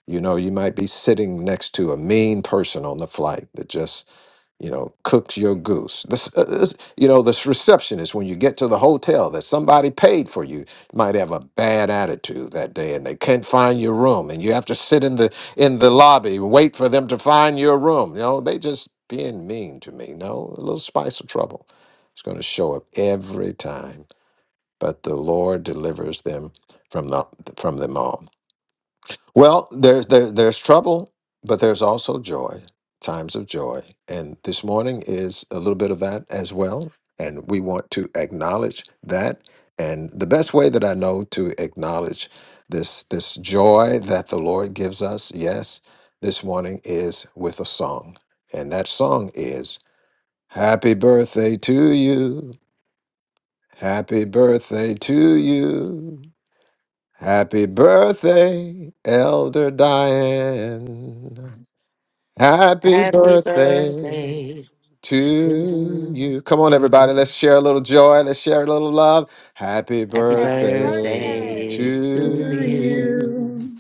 [SPEAKER 3] you know, you might be sitting next to a mean person on the flight that just, you know, cooks your goose. This, uh, this, you know, this receptionist when you get to the hotel that somebody paid for you might have a bad attitude that day, and they can't find your room, and you have to sit in the in the lobby and wait for them to find your room. You know, they just being mean to me. No, a little spice of trouble is going to show up every time, but the Lord delivers them from the from them all. Well, there's there, there's trouble, but there's also joy, times of joy, and this morning is a little bit of that as well. And we want to acknowledge that. And the best way that I know to acknowledge this this joy that the Lord gives us, yes, this morning is with a song, and that song is "Happy Birthday to You." Happy birthday to you. Happy birthday, Elder Diane. Happy
[SPEAKER 9] Happy
[SPEAKER 3] birthday
[SPEAKER 9] birthday
[SPEAKER 3] to
[SPEAKER 9] to
[SPEAKER 3] you. Come on, everybody.
[SPEAKER 9] you.
[SPEAKER 3] Let's share a little joy. Let's share a little love. Happy
[SPEAKER 9] Happy
[SPEAKER 1] Happy
[SPEAKER 3] birthday
[SPEAKER 9] birthday
[SPEAKER 1] birthday.
[SPEAKER 6] To
[SPEAKER 9] to
[SPEAKER 3] to
[SPEAKER 9] you.
[SPEAKER 3] you.
[SPEAKER 6] you,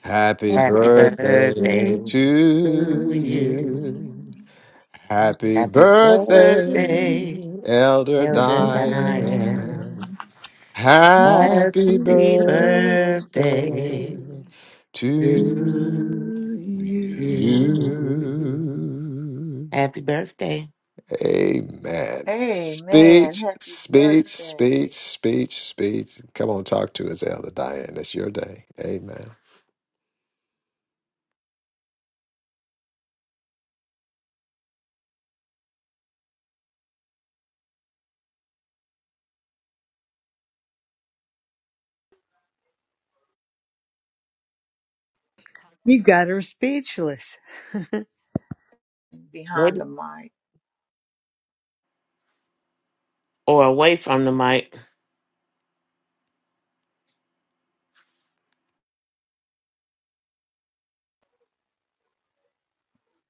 [SPEAKER 3] Happy
[SPEAKER 6] Happy
[SPEAKER 9] Happy birthday
[SPEAKER 6] birthday
[SPEAKER 3] birthday
[SPEAKER 6] to
[SPEAKER 9] to
[SPEAKER 3] to
[SPEAKER 9] you.
[SPEAKER 3] you.
[SPEAKER 6] you.
[SPEAKER 3] Happy
[SPEAKER 9] Happy
[SPEAKER 3] birthday,
[SPEAKER 6] Please,
[SPEAKER 9] birthday,
[SPEAKER 3] Elder
[SPEAKER 6] to
[SPEAKER 9] Elder Diane.
[SPEAKER 3] Diane.
[SPEAKER 6] Diane.
[SPEAKER 3] Happy
[SPEAKER 6] Happy
[SPEAKER 9] Happy
[SPEAKER 6] birthday
[SPEAKER 3] birthday
[SPEAKER 9] birthday
[SPEAKER 3] to
[SPEAKER 9] to
[SPEAKER 6] to you.
[SPEAKER 9] you.
[SPEAKER 3] you.
[SPEAKER 9] Happy birthday.
[SPEAKER 3] Amen.
[SPEAKER 1] Amen.
[SPEAKER 3] Speech,
[SPEAKER 1] Happy
[SPEAKER 3] speech, speech,
[SPEAKER 1] birthday.
[SPEAKER 3] speech, speech. Come on, talk to us, Elder Diane. It's your day. Amen.
[SPEAKER 4] You got her speechless.
[SPEAKER 1] Behind
[SPEAKER 9] Maybe.
[SPEAKER 1] the mic.
[SPEAKER 9] Or away from the mic.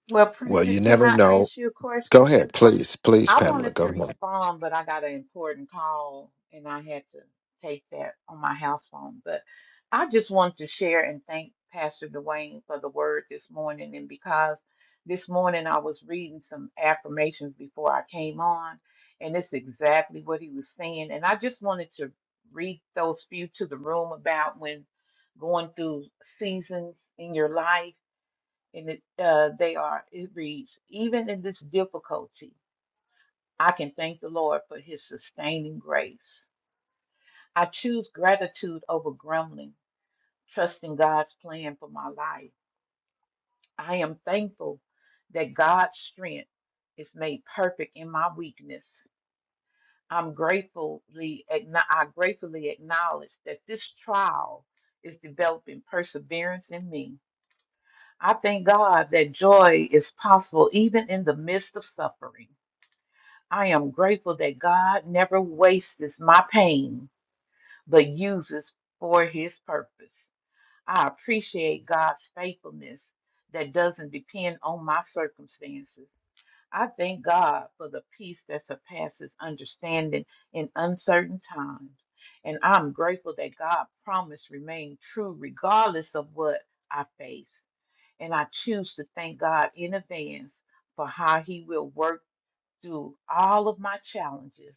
[SPEAKER 1] Well,
[SPEAKER 3] Well,
[SPEAKER 1] preacher,
[SPEAKER 3] you
[SPEAKER 1] can
[SPEAKER 3] never
[SPEAKER 1] I
[SPEAKER 3] know.
[SPEAKER 1] ask you a question?
[SPEAKER 3] Go ahead, please, please,
[SPEAKER 1] I
[SPEAKER 3] Pamela.
[SPEAKER 1] wanted
[SPEAKER 3] Go
[SPEAKER 1] to
[SPEAKER 3] ahead.
[SPEAKER 1] respond, but I got an important call and I had to take that on my house phone. But I just wanted to share and thank Pastor Dwayne for the word this morning. And because this morning I was reading some affirmations before I came on, and it's exactly what he was saying. And I just wanted to read those few to the room about when going through seasons in your life. And it, uh, they are, it reads, even in this difficulty. I can thank the Lord for his sustaining grace. I choose gratitude over grumbling, trusting God's plan for my life. I am thankful that God's strength is made perfect in my weakness. I'm gratefully acknow- I gratefully acknowledge that this trial is developing perseverance in me. I thank God that joy is possible even in the midst of suffering. I am grateful that God never wastes my pain but uses for his purpose. I appreciate God's faithfulness that doesn't depend on my circumstances. I thank God for the peace that surpasses understanding in uncertain times. And I'm grateful that God promised remain true regardless of what I face. And I choose to thank God in advance for how he will work through all of my challenges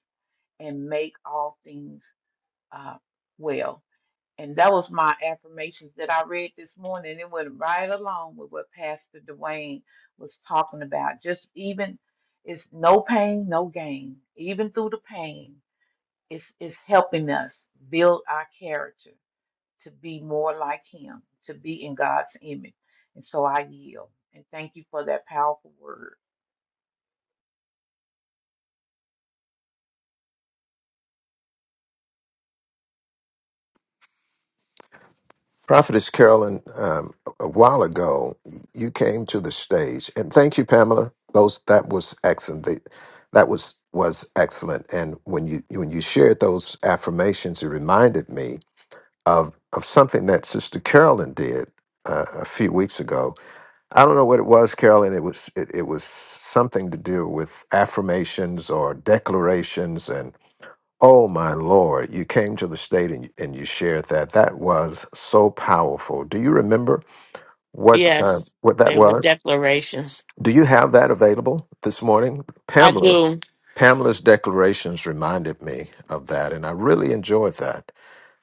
[SPEAKER 1] and make all things uh, well. And that was my affirmations that I read this morning. It went right along with what Pastor Dwayne was talking about. Just even it's no pain, no gain. Even through the pain, it's it's helping us build our character to be more like him, to be in God's image. And so I yield. And thank you for that powerful word.
[SPEAKER 3] Prophetess Carolyn, um, a while ago, you came to the stage, and thank you, Pamela. Those that was excellent. They, that was was excellent. And when you when you shared those affirmations, it reminded me of of something that Sister Carolyn did uh, a few weeks ago. I don't know what it was, Carolyn. It was it, it was something to do with affirmations or declarations, Oh my Lord, you came to the state and, and you shared that. That was so powerful. Do you remember what uh,
[SPEAKER 9] Yes,
[SPEAKER 3] what that
[SPEAKER 9] they were
[SPEAKER 3] was?
[SPEAKER 9] declarations.
[SPEAKER 3] Do you have that available this morning?
[SPEAKER 9] I
[SPEAKER 3] Pamela,
[SPEAKER 9] do.
[SPEAKER 3] Pamela's declarations reminded me of that, and I really enjoyed that.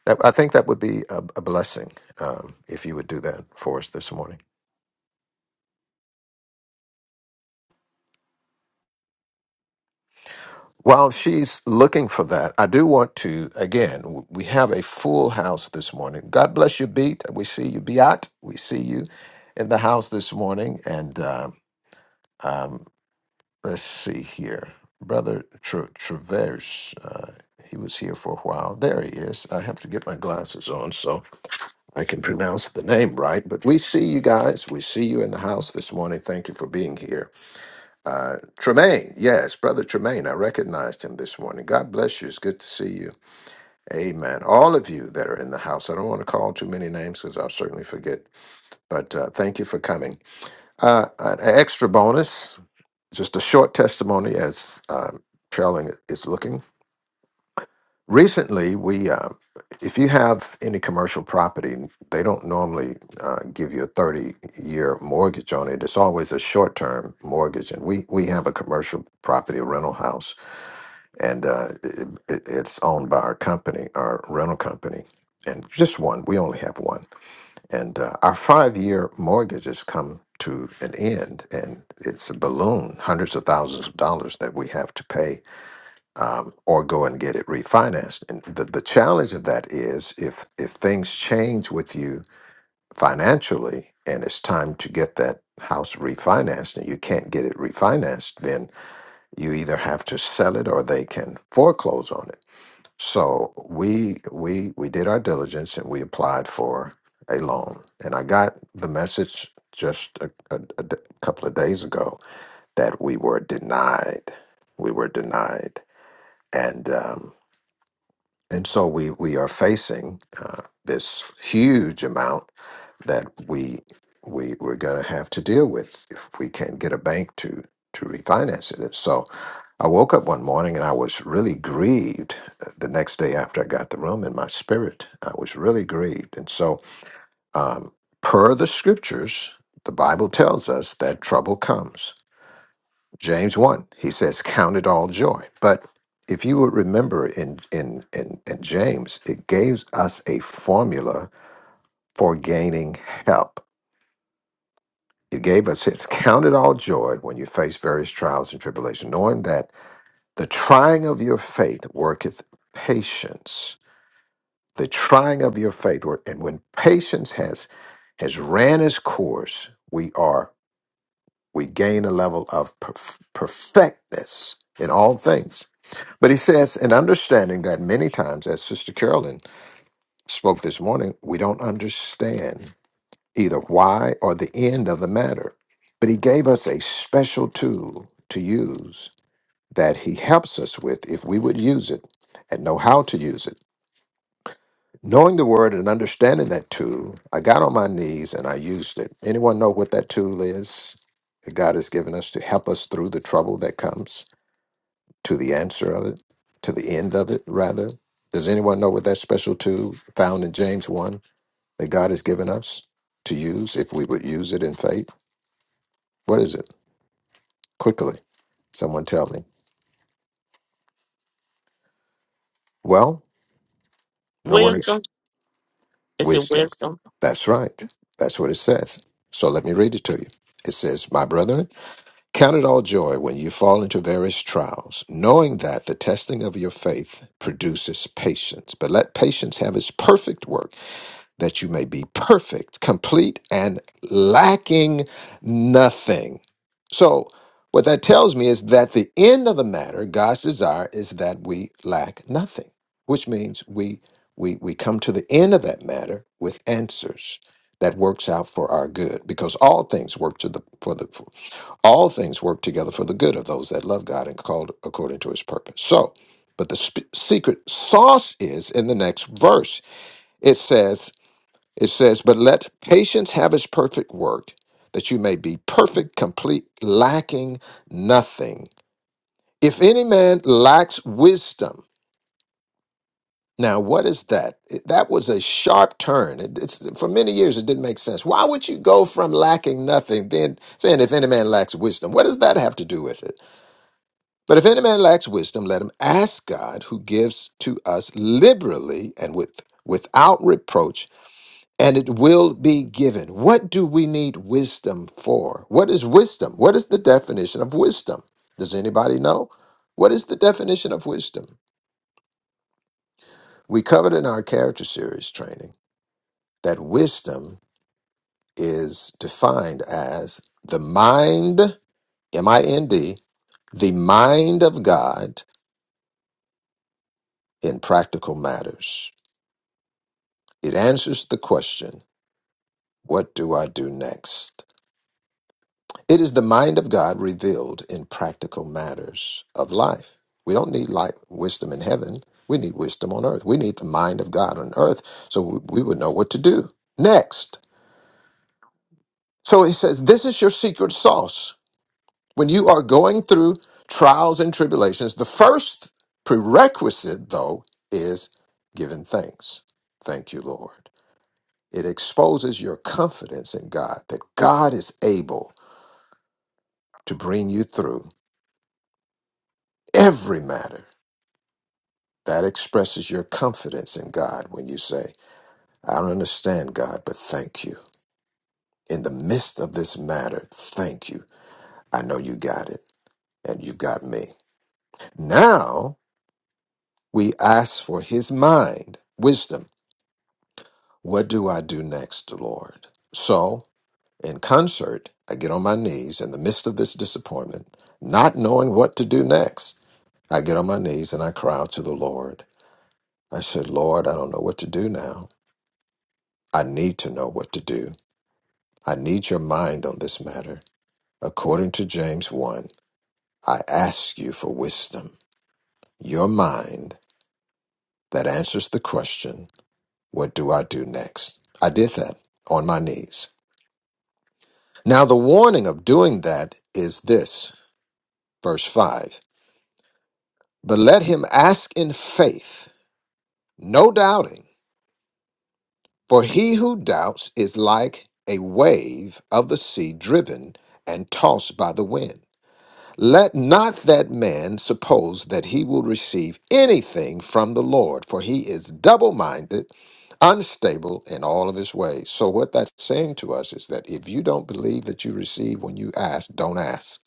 [SPEAKER 3] that I think that would be a, a blessing um, if you would do that for us this morning. While she's looking for that, I do want to, again, w- we have a full house this morning. God bless you, Beat. We see you, Beat. We see you in the house this morning. And um, um, let's see here. Brother Tra- Traverse, uh, he was here for a while. There he is. I have to get my glasses on so I can pronounce the name right. But we see you guys. We see you in the house this morning. Thank you for being here. Uh, Tremaine, yes, Brother Tremaine, I recognized him this morning. God bless you. It's good to see you. Amen. All of you that are in the house, I don't want to call too many names because I'll certainly forget, but uh, thank you for coming. Uh, an extra bonus, just a short testimony as um, trailing is looking. Recently, we, uh, if you have any commercial property, they don't normally uh, give you a 30 year mortgage on it. It's always a short term mortgage. And we, we have a commercial property, a rental house and uh, it, it, it's owned by our company, our rental company, and just one. We only have one, and uh, our five-year mortgage has come to an end, and it's a balloon, hundreds of thousands of dollars that we have to pay, um, or go and get it refinanced. And the, the challenge of that is if if things change with you financially, and it's time to get that house refinanced, and you can't get it refinanced, then you either have to sell it or they can foreclose on it so we we we did our diligence and we applied for a loan. And I got the message just a, a, a d- couple of days ago that we were denied. We were denied, and um, and so we we are facing uh, this huge amount that we we we're going to have to deal with if we can't get a bank to to refinance it. And so I woke up one morning and I was really grieved. uh, The next day after I got the room in my spirit, I was really grieved. And so, um, per the scriptures, the Bible tells us that trouble comes. James one, he says, "Count it all joy." But if you would remember in in in, in James, it gives us a formula for gaining help It gave us, it's counted all joy when you face various trials and tribulation, knowing that the trying of your faith worketh patience. The trying of your faith, work, and when patience has has ran its course, we are we gain a level of perf- perfectness in all things. But he says, in understanding that many times, as Sister Carolyn spoke this morning, we don't understand either why or the end of the matter. But he gave us a special tool to use that he helps us with if we would use it and know how to use it. Knowing the word and understanding that tool, I got on my knees and I used it. Anyone know what that tool is that God has given us to help us through the trouble that comes, to the answer of it, to the end of it, rather? Does anyone know what that special tool found in James 1 that God has given us to use if we would use it in faith? What is it? quickly. Someone tell me. Well, no one is
[SPEAKER 9] Wisdom. Is it
[SPEAKER 3] wisdom.
[SPEAKER 9] wisdom?
[SPEAKER 3] That's right. That's what it says. So let me read it to you. It says, My brethren, count it all joy when you fall into various trials, knowing that the testing of your faith produces patience. But let patience have its perfect work that you may be perfect, complete, and lacking nothing. So, what that tells me is that the end of the matter, God's desire is that we lack nothing, which means we we we come to the end of that matter with answers that works out for our good because all things work to the for the for, all things work together for the good of those that love God and called according to his purpose. So, but the sp- secret sauce is in the next verse. It says it says, But let patience have its perfect work, that you may be perfect, complete, lacking nothing. If any man lacks wisdom, now what is that? It- That was a sharp turn. It- It's, for many years, it didn't make sense. Why would you go from lacking nothing, then saying, If any man lacks wisdom, what does that have to do with it? But if any man lacks wisdom, let him ask God, who gives to us liberally and with, without reproach and it will be given. What do we need wisdom for? What is wisdom? What is the definition of wisdom? Does anybody know? What is the definition of wisdom? We covered in our character series training that wisdom is defined as the mind, M I N D, the mind of God in practical matters. It answers the question, What do I do next? It is the mind of God revealed in practical matters of life. We don't need light, wisdom in heaven. We need wisdom on earth. We need the mind of God on earth so we we would know what to do. Next. So he says, This is your secret sauce. When you are going through trials and tribulations, the first prerequisite, though, is giving thanks. Thank you, Lord. It exposes your confidence in God that God is able to bring you through every matter That expresses your confidence in God when you say, I don't understand God, but thank you. In the midst of this matter, thank you. I know you got it and you've got me. Now we ask for his mind, wisdom. What do I do next, Lord? So, in concert, I get on my knees in the midst of this disappointment, not knowing what to do next. I get on my knees and I cry out to the Lord. I said, Lord, I don't know what to do now. I need to know what to do. I need your mind on this matter. According to James 1, I ask you for wisdom, your mind that answers the question, What do I do next? I did that on my knees. Now, the warning of doing that is this verse 5 But let him ask in faith, no doubting, for he who doubts is like a wave of the sea driven and tossed by the wind. Let not that man suppose that he will receive anything from the Lord, for he is double minded, unstable in all of his ways. So, what that's saying to us is that if you don't believe that you receive when you ask, don't ask,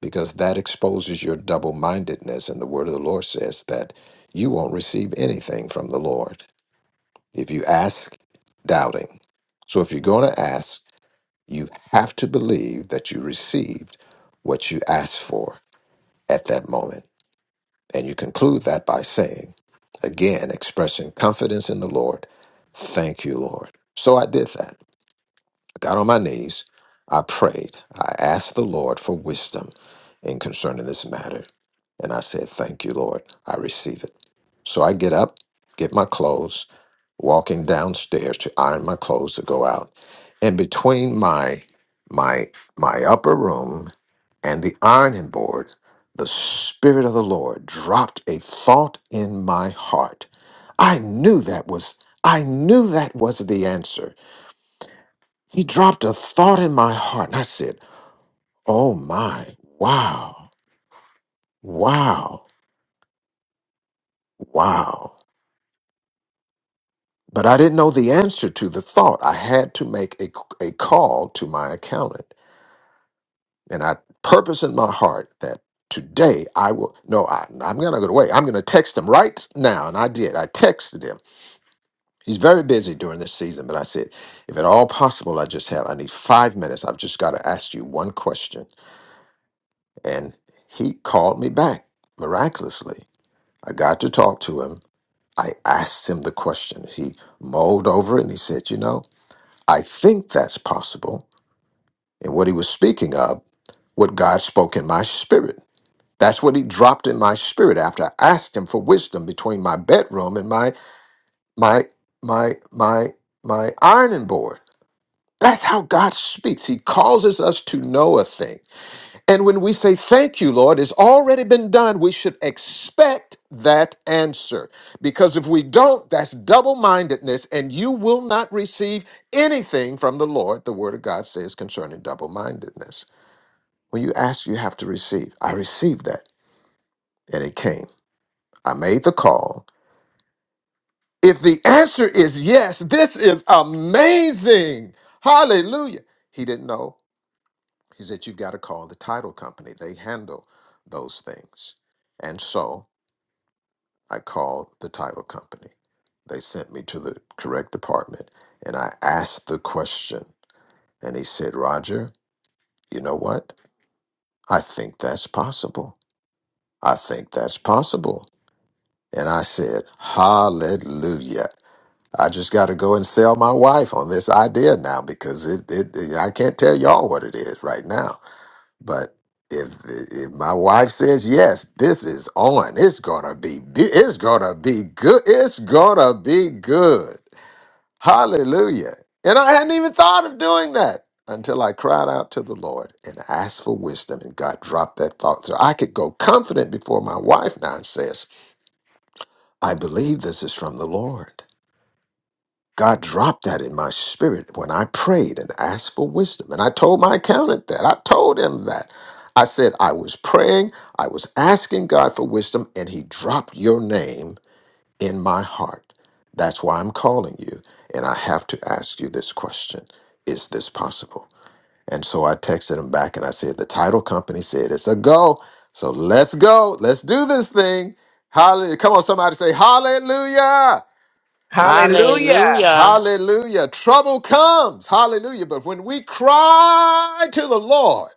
[SPEAKER 3] because that exposes your double mindedness. And the word of the Lord says that you won't receive anything from the Lord if you ask doubting. So, if you're going to ask, you have to believe that you received what you asked for at that moment. And you conclude that by saying, again, expressing confidence in the Lord, thank you, Lord. So I did that. I got on my knees. I prayed. I asked the Lord for wisdom in concerning this matter. And I said, Thank you, Lord. I receive it. So I get up, get my clothes, walking downstairs to iron my clothes to go out. And between my my my upper room and the ironing board, the Spirit of the Lord dropped a thought in my heart. I knew that was, I knew that was the answer. He dropped a thought in my heart, and I said, Oh my, wow, wow, wow. But I didn't know the answer to the thought. I had to make a, a call to my accountant. And I purpose in my heart that today I will, no, I, I'm going to go away. I'm going to text him right now. And I did. I texted him. He's very busy during this season, but I said, if at all possible, I just have, I need five minutes. I've just got to ask you one question. And he called me back miraculously. I got to talk to him. I asked him the question. He mulled over it and he said, You know, I think that's possible. And what he was speaking of, what God spoke in my spirit. That's what he dropped in my spirit after I asked him for wisdom between my bedroom and my my my my my ironing board. That's how God speaks. He causes us to know a thing. And when we say, Thank you, Lord, it's already been done, we should expect that answer. Because if we don't, that's double mindedness, and you will not receive anything from the Lord, the Word of God says concerning double mindedness. When you ask, you have to receive. I received that, and it came. I made the call. If the answer is yes, this is amazing. Hallelujah. He didn't know He said, You've got to call the title company. They handle those things. And so I called the title company. They sent me to the correct department and I asked the question. And he said, Roger, you know what? I think that's possible. I think that's possible. And I said, Hallelujah. I just got to go and sell my wife on this idea now because it, it, it- I can't tell y'all what it is right now But if if my wife says yes, this is on. It's gonna be be- it's gonna be good. It's gonna be good. Hallelujah. And I hadn't even thought of doing that until I cried out to the Lord and asked for wisdom and God dropped that thought. So I could go confident before my wife now and says, I believe this is from the Lord. God dropped that in my spirit when I prayed and asked for wisdom. And I told my accountant that. I told him that. I said, I was praying, I was asking God for wisdom, and he dropped your name in my heart. That's why I'm calling you. And I have to ask you this question Is this possible? And so I texted him back and I said, The title company said it's a go. So let's go. Let's do this thing. Hallelujah. Come on, somebody say, Hallelujah.
[SPEAKER 6] Hallelujah.
[SPEAKER 9] Hallelujah.
[SPEAKER 3] Hallelujah. Trouble comes. Hallelujah. But when we cry to the Lord,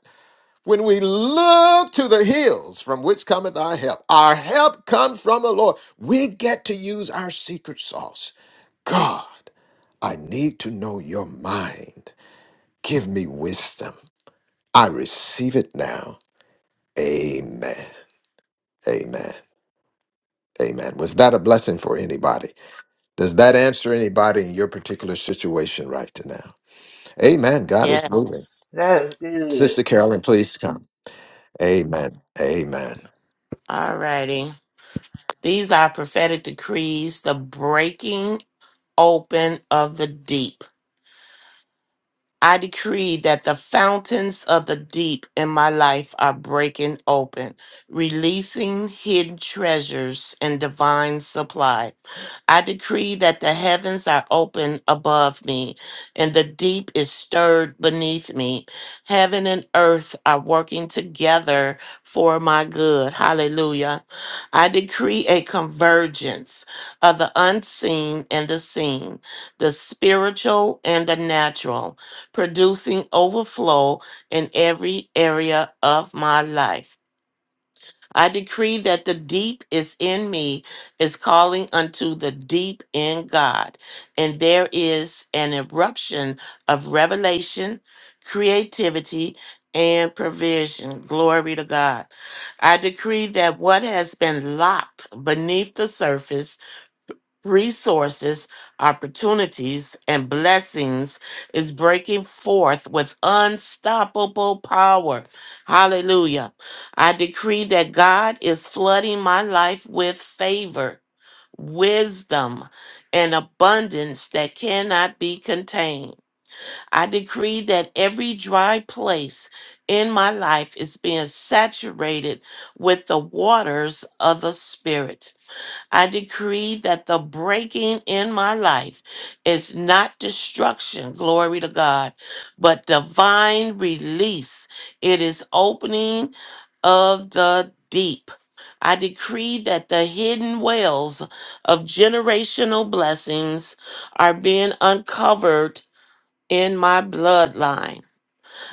[SPEAKER 3] when we look to the hills from which cometh our help, our help comes from the Lord. We get to use our secret sauce. God, I need to know your mind. Give me wisdom. I receive it now. Amen. Amen. Amen. Was that a blessing for anybody? Does that answer anybody in your particular situation right now? Amen. God is moving.
[SPEAKER 9] Yes.
[SPEAKER 1] That is good.
[SPEAKER 3] Sister Carolyn, please come. Amen. Amen.
[SPEAKER 9] All righty. These are prophetic decrees, the breaking open of the deep. I decree that the fountains of the deep in my life are breaking open, releasing hidden treasures and divine supply. I decree that the heavens are open above me and the deep is stirred beneath me. Heaven and earth are working together for my good. Hallelujah. I decree a convergence of the unseen and the seen, the spiritual and the natural producing overflow in every area of my life. I decree that the deep is in me is calling unto the deep in God, and there is an eruption of revelation, creativity, and provision. Glory to God. I decree that what has been locked beneath the surface resources, opportunities, and blessings is breaking forth with unstoppable power. Hallelujah. I decree that God is flooding my life with favor, wisdom, and abundance that cannot be contained. I decree that every dry place in my life is being saturated with the waters of the Spirit. I decree that the breaking in my life is not destruction, glory to God, but divine release. It is opening of the deep. I decree that the hidden wells of generational blessings are being uncovered in my bloodline.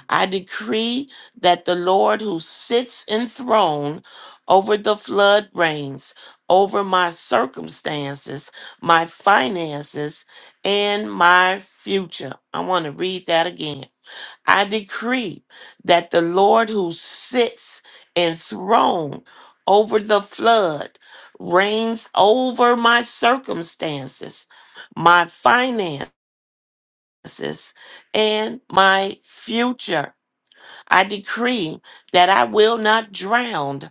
[SPEAKER 9] I decree that the Lord who sits enthroned over the flood reigns over my circumstances, my finances, and my future. I want to read that again. I decree that the Lord who sits enthroned over the flood reigns over my circumstances, my finances, and my future. I decree that I will not drown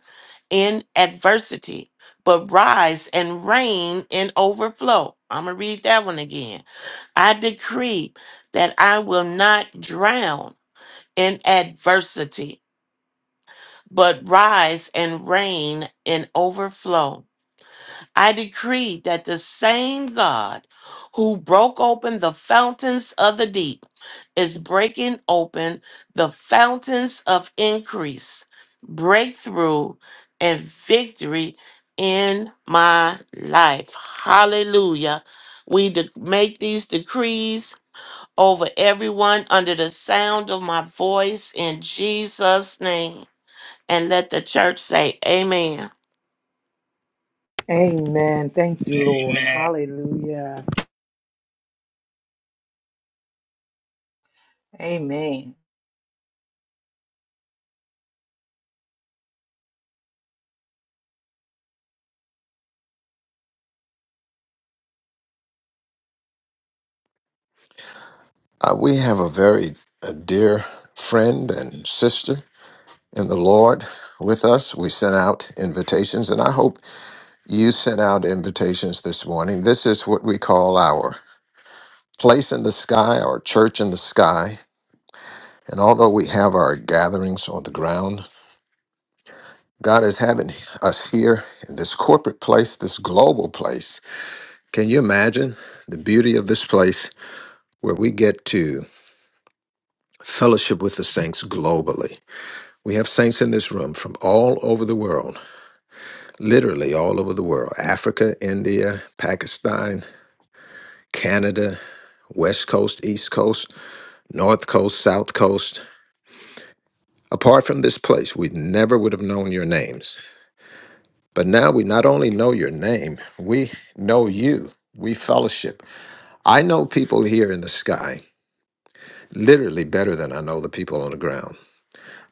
[SPEAKER 9] in adversity, but rise and reign in overflow. I'm going to read that one again. I decree that I will not drown in adversity, but rise and reign in overflow. I decree that the same God who broke open the fountains of the deep is breaking open the fountains of increase, breakthrough, and victory in my life. Hallelujah. We de- make these decrees over everyone under the sound of my voice in Jesus' name. And let the church say, Amen.
[SPEAKER 6] Lord.
[SPEAKER 10] Amen.
[SPEAKER 1] Amen.
[SPEAKER 3] Uh, we have a very uh dear friend and sister in the Lord with us. We sent out invitations, and I hope you sent out invitations this morning. This is what we call our place in the sky, our church in the sky. And although we have our gatherings on the ground, God is having us here in this corporate place, this global place. Can you imagine the beauty of this place where we get to? fellowship with the saints globally. We have saints in this room from all over the world, literally all over the world Africa, India, Pakistan, Canada, West Coast, East Coast, North Coast, South Coast. Apart from this place, we never would have known your names. But now we not only know your name, we know you. We fellowship. I know people here in the sky literally better than I know the people on the ground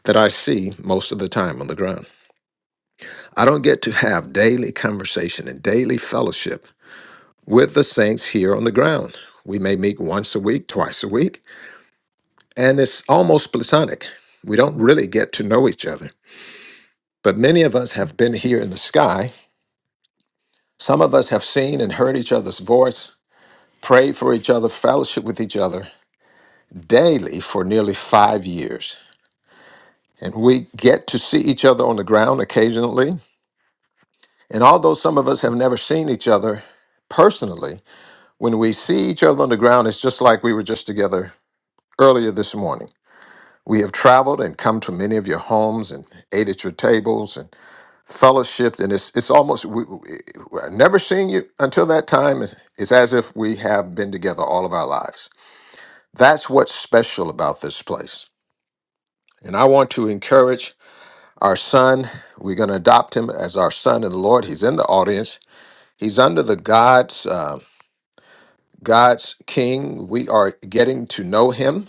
[SPEAKER 3] that I see most of the time on the ground. I don't get to have daily conversation and daily fellowship with the saints here on the ground. We may meet once a week, twice a week, and it's almost platonic. We don't really get to know each other. But many of us have been here in the sky. Some of us have seen and heard each other's voice, prayed for each other, fellowship with each other daily for nearly five years. And we get to see each other on the ground occasionally. And although some of us have never seen each other personally, When we see each other on the ground, it's just like we were just together earlier this morning. We have traveled and come to many of your homes and ate at your tables and fellowshipped, and it's it's almost we, we, I've never seen you until that time. It's as if we have been together all of our lives. That's what's special about this place. And I want to encourage our son. We're going to adopt him as our son in the Lord. He's in the audience. He's under the God's uh, God's King. We are getting to know him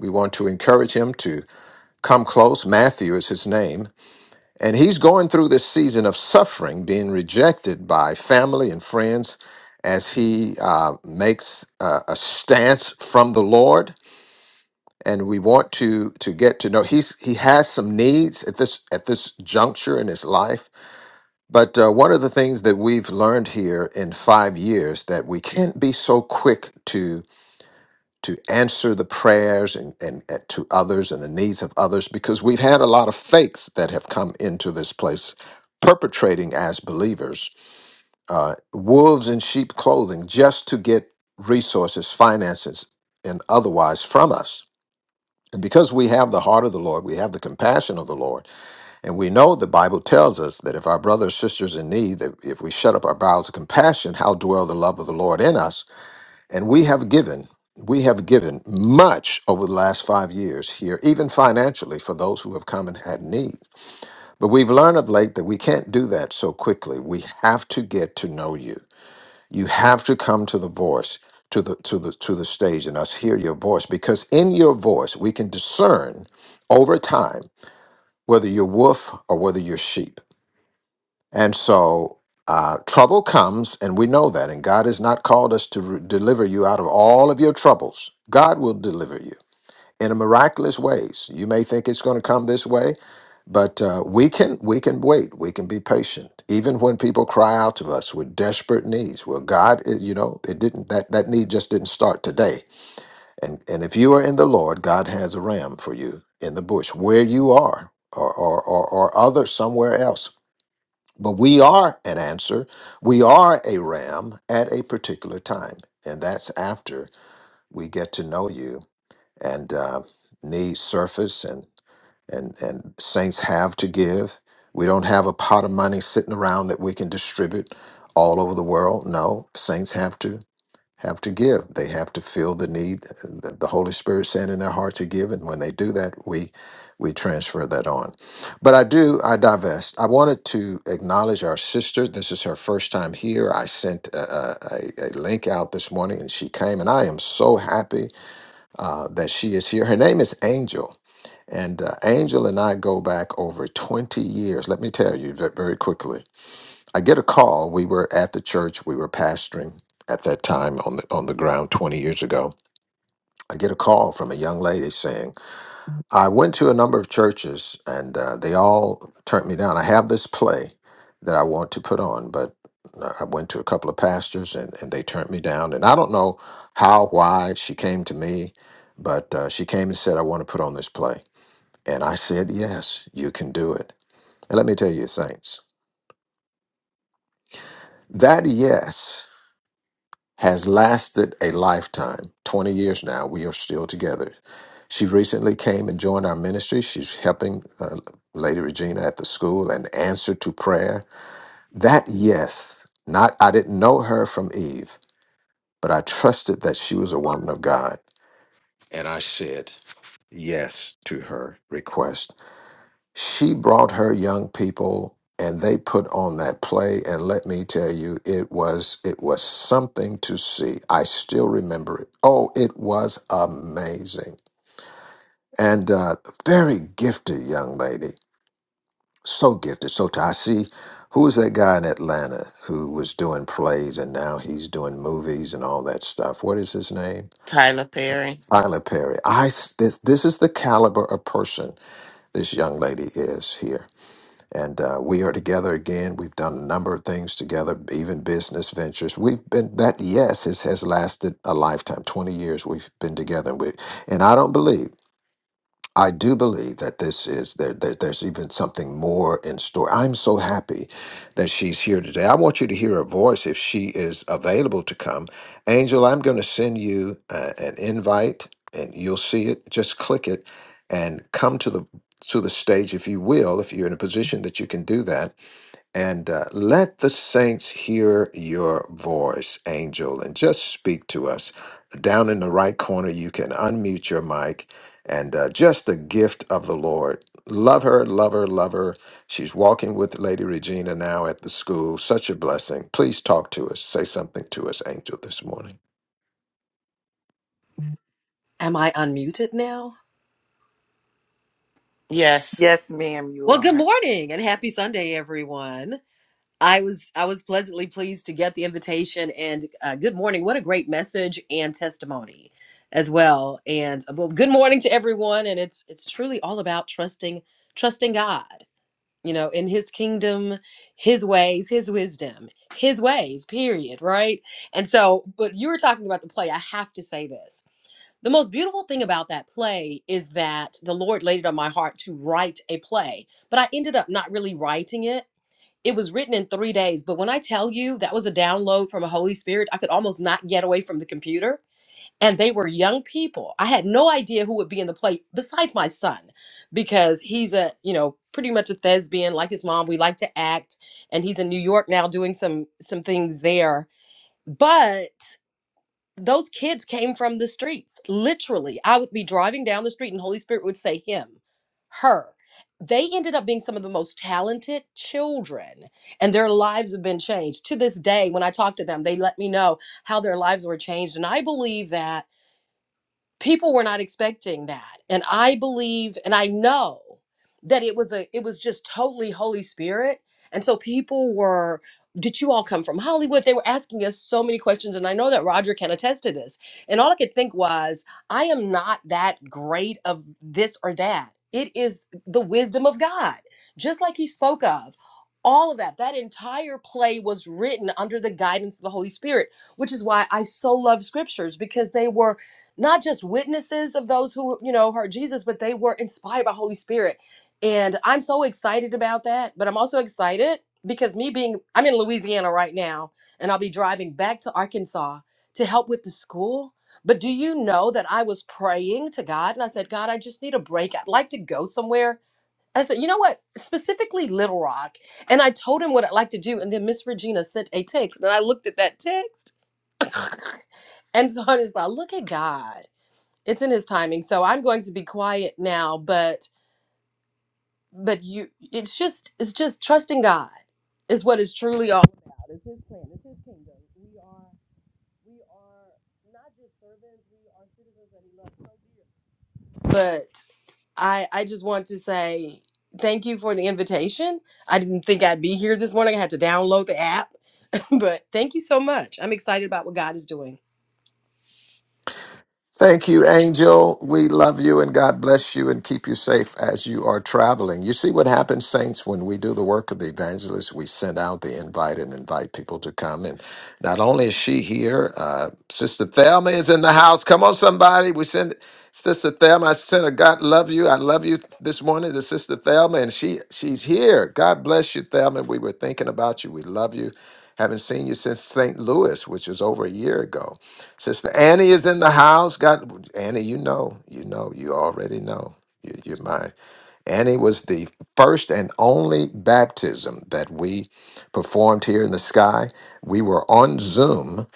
[SPEAKER 3] We want to encourage him to come close. Matthew is his name. And he's going through this season of suffering, being rejected by family and friends as he uh, makes uh, a stance from the Lord. And we want to to get to know he's he has some needs at this at this juncture in his life. But uh, one of the things that we've learned here in five years that we can't be so quick to. to answer the prayers and, and, and to others and the needs of others because we've had a lot of fakes that have come into this place perpetrating as believers uh, wolves in sheep clothing just to get resources finances and otherwise from us and because we have the heart of the lord we have the compassion of the lord and we know the bible tells us that if our brothers sisters in need that if we shut up our bowels of compassion how dwell the love of the lord in us and we have given, we have given much over the last five years here, even financially for those who have come and had need. But we've learned of late that we can't do that so quickly. We have to get to know you. You have to come to the voice, to the to the to the stage and us hear your voice because in your voice we can discern over time whether you're wolf or whether you're sheep. And so uh, trouble comes, and we know that. And God has not called us to re- deliver you out of all of your troubles. God will deliver you in a miraculous ways. You may think it's going to come this way, but uh, we can we can wait. We can be patient, even when people cry out to us with desperate needs. Well, God, it, you know, it didn't that that need just didn't start today. And and if you are in the Lord, God has a ram for you in the bush where you are, or or or, or other somewhere else but we are an answer. We are a ram at a particular time. And that's after we get to know you and uh, needs surface and, and, and saints have to give. We don't have a pot of money sitting around that we can distribute all over the world. No, saints have to have to give. They have to feel the need, the the Holy Spirit saying in their heart to give. And when they do that, we we transfer that on. But I do, I divest. I wanted to acknowledge our sister. This is her first time here. I sent a, a, a link out this morning and she came, and I am so happy uh, that she is here. Her name is Angel. And uh, Angel and I go back over 20 years. Let me tell you ve- very quickly. I get a call. We were at the church. We were pastoring at that time on the on the ground 20 years ago. I get a call from a young lady saying, "I went to a number of churches and uh, they all turned me down. I have this play that I want to put on, but uh, I went to a couple of pastors and, and they turned me down. And I don't know how, why she came to me, but uh, she came and said, I want to put on this play. And I said, Yes, you can do it. And let me tell you, saints, that yes has lasted a lifetime. 20 years now, we are still together. She recently came and joined our ministry. She's helping uh, Lady Regina at the school and answer to prayer. That yes, not I didn't know her from Eve, but I trusted that she was a woman of God. And I said yes to her request. She brought her young people and they put on that play and let me tell you it was it was something to see. I still remember it. Oh, it was amazing. And uh very gifted young lady. So gifted. So t- I see who was that guy in Atlanta who was doing plays and now he's doing movies and all that stuff. What is his name?
[SPEAKER 9] Tyler Perry.
[SPEAKER 3] Tyler Perry. I s- this, this is the caliber of person this young lady is here. And uh, we are together again. We've done a number of things together, even business ventures. We've been that yes has, has lasted a lifetime, twenty years. We've been together, and we and I don't believe. I do believe that this is there, there. There's even something more in store. I'm so happy that she's here today. I want you to hear her voice if she is available to come. Angel, I'm going to send you uh, an invite, and you'll see it. Just click it and come to the to the stage if you will, if you're in a position that you can do that and uh, let the saints hear your voice, angel, and just speak to us. Down in the right corner, you can unmute your mic and uh, just the gift of the Lord. Love her, love her, love her. She's walking with Lady Regina now at the school. Such a blessing. Please talk to us. Say something to us, angel, this morning.
[SPEAKER 11] Am I unmuted now?
[SPEAKER 9] Yes.
[SPEAKER 6] Yes, ma'am, you
[SPEAKER 11] Well, good
[SPEAKER 6] are.
[SPEAKER 11] morning and happy Sunday, everyone. I was I was pleasantly pleased to get the invitation and uh, good morning. What a great message and testimony as well. And uh, well, good morning to everyone. And it's it's truly all about trusting trusting God. You know, in His kingdom, His ways, His wisdom, His ways. Period. Right. And so, but you were talking about the play. I have to say this. The most beautiful thing about that play is that the Lord laid it on my heart to write a play, but I ended up not really writing it. It was written in three days, but when I tell you that was a download from a Holy Spirit, I could almost not get away from the computer. And they were young people. I had no idea who would be in the play besides my son, because he's a, you know, pretty much a thespian like his mom. We like to act, and he's in New York now doing some some things there. But those kids came from the streets. Literally, I would be driving down the street and Holy Spirit would say, Him, her. They ended up being some of the most talented children, and their lives have been changed. To this day, when I talk to them, they let me know how their lives were changed. And I believe that people were not expecting that and i believe and i know that it was a it was just totally holy spirit and so people were did you all come from hollywood they were asking us so many questions and i know that roger can attest to this and all i could think was i am not that great of this or that it is the wisdom of god just like he spoke of all of that that entire play was written under the guidance of the holy spirit which is why i so love scriptures because they were not just witnesses of those who you know heard jesus but they were inspired by holy spirit and i'm so excited about that but i'm also excited because me being i'm in louisiana right now and i'll be driving back to arkansas to help with the school but do you know that i was praying to god and i said god i just need a break i'd like to go somewhere i said you know what specifically little rock and i told him what i'd like to do and then miss regina sent a text and i looked at that text and so i was like look at god it's in his timing so i'm going to be quiet now but but you it's just it's just trusting god is what it's truly all about it's his plan it's his kingdom we are we are not just servants we are citizens that he loves so dear but i i just want to say thank you for the invitation i didn't think i'd be here this morning i had to download the app but thank you so much i'm excited about what god is doing
[SPEAKER 3] Thank you, Angel. We love you and God bless you and keep you safe as you are traveling. You see what happens, saints, when we do the work of the evangelist, we send out the invite and invite people to come. And not only is she here, uh, Sister Thelma is in the house. Come on, somebody. We send Sister Thelma. I sent a God love you. I love you this morning to Sister Thelma, and she she's here. God bless you, Thelma. We were thinking about you. We love you. Haven't seen you since St. Louis, which was over a year ago. Sister Annie is in the house. God, Annie, you know, you know, you already know. You- You're mine. Annie was the first and only baptism that we performed here in the sky. We were on Zoom.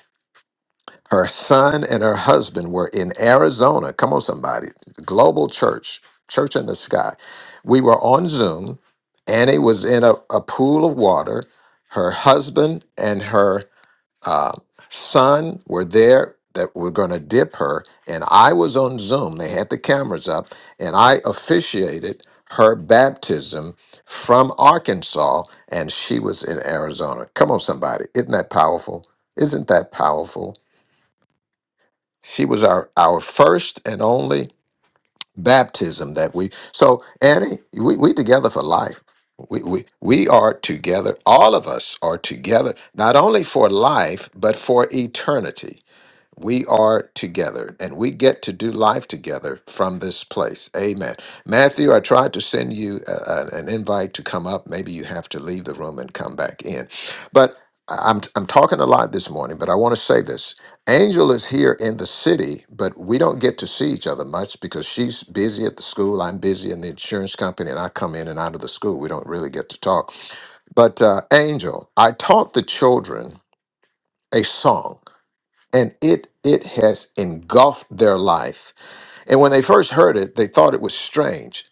[SPEAKER 3] Her son and her husband were in Arizona. Come on, somebody. Global church, church in the sky. We were on Zoom. Annie was in a, a pool of water. Her husband and her uh, son were there that were going to dip her, and I was on Zoom. They had the cameras up, and I officiated her baptism from Arkansas, and she was in Arizona. Come on, somebody. Isn't that powerful? Isn't that powerful? She was our, our first and only baptism that we. So, Annie, we, we together for life. We, we, we are together. All of us are together, not only for life, but for eternity we are together and we get to do life together from this place. Amen. Matthew, I tried to send you uh, uh, an invite to come up. Maybe you have to leave the room and come back in. But I- I'm, I'm talking a lot this morning, but I want to say this. Angel is here in the city, but we don't get to see each other much because she's busy at the school. I'm busy in the insurance company, and I come in and out of the school. We don't really get to talk. But uh, Angel, I taught the children a song and it it has engulfed their life. And when they first heard it, they thought it was strange.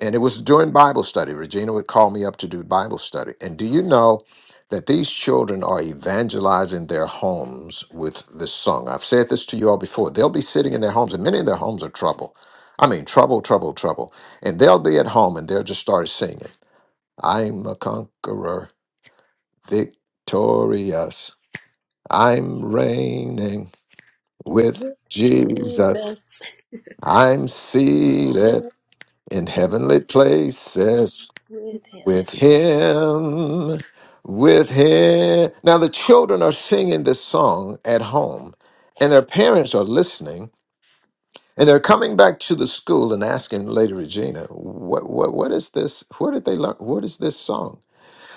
[SPEAKER 3] And it was during Bible study. Regina would call me up to do Bible study. And do you know that these children are evangelizing their homes with this song? I've said this to you all before. They'll be sitting in their homes, and many of their homes are trouble. I mean, trouble, trouble, trouble. And they'll be at home and they'll just start singing, I'm a conqueror, victorious, I'm reigning with Jesus. I'm seated in heavenly
[SPEAKER 11] Him,
[SPEAKER 3] places with him. With him. Now, the children are singing this song at home, and their parents are listening, and they're coming back to the school and asking Lady Regina, what, what, what is this? Where did they learn? What is this song?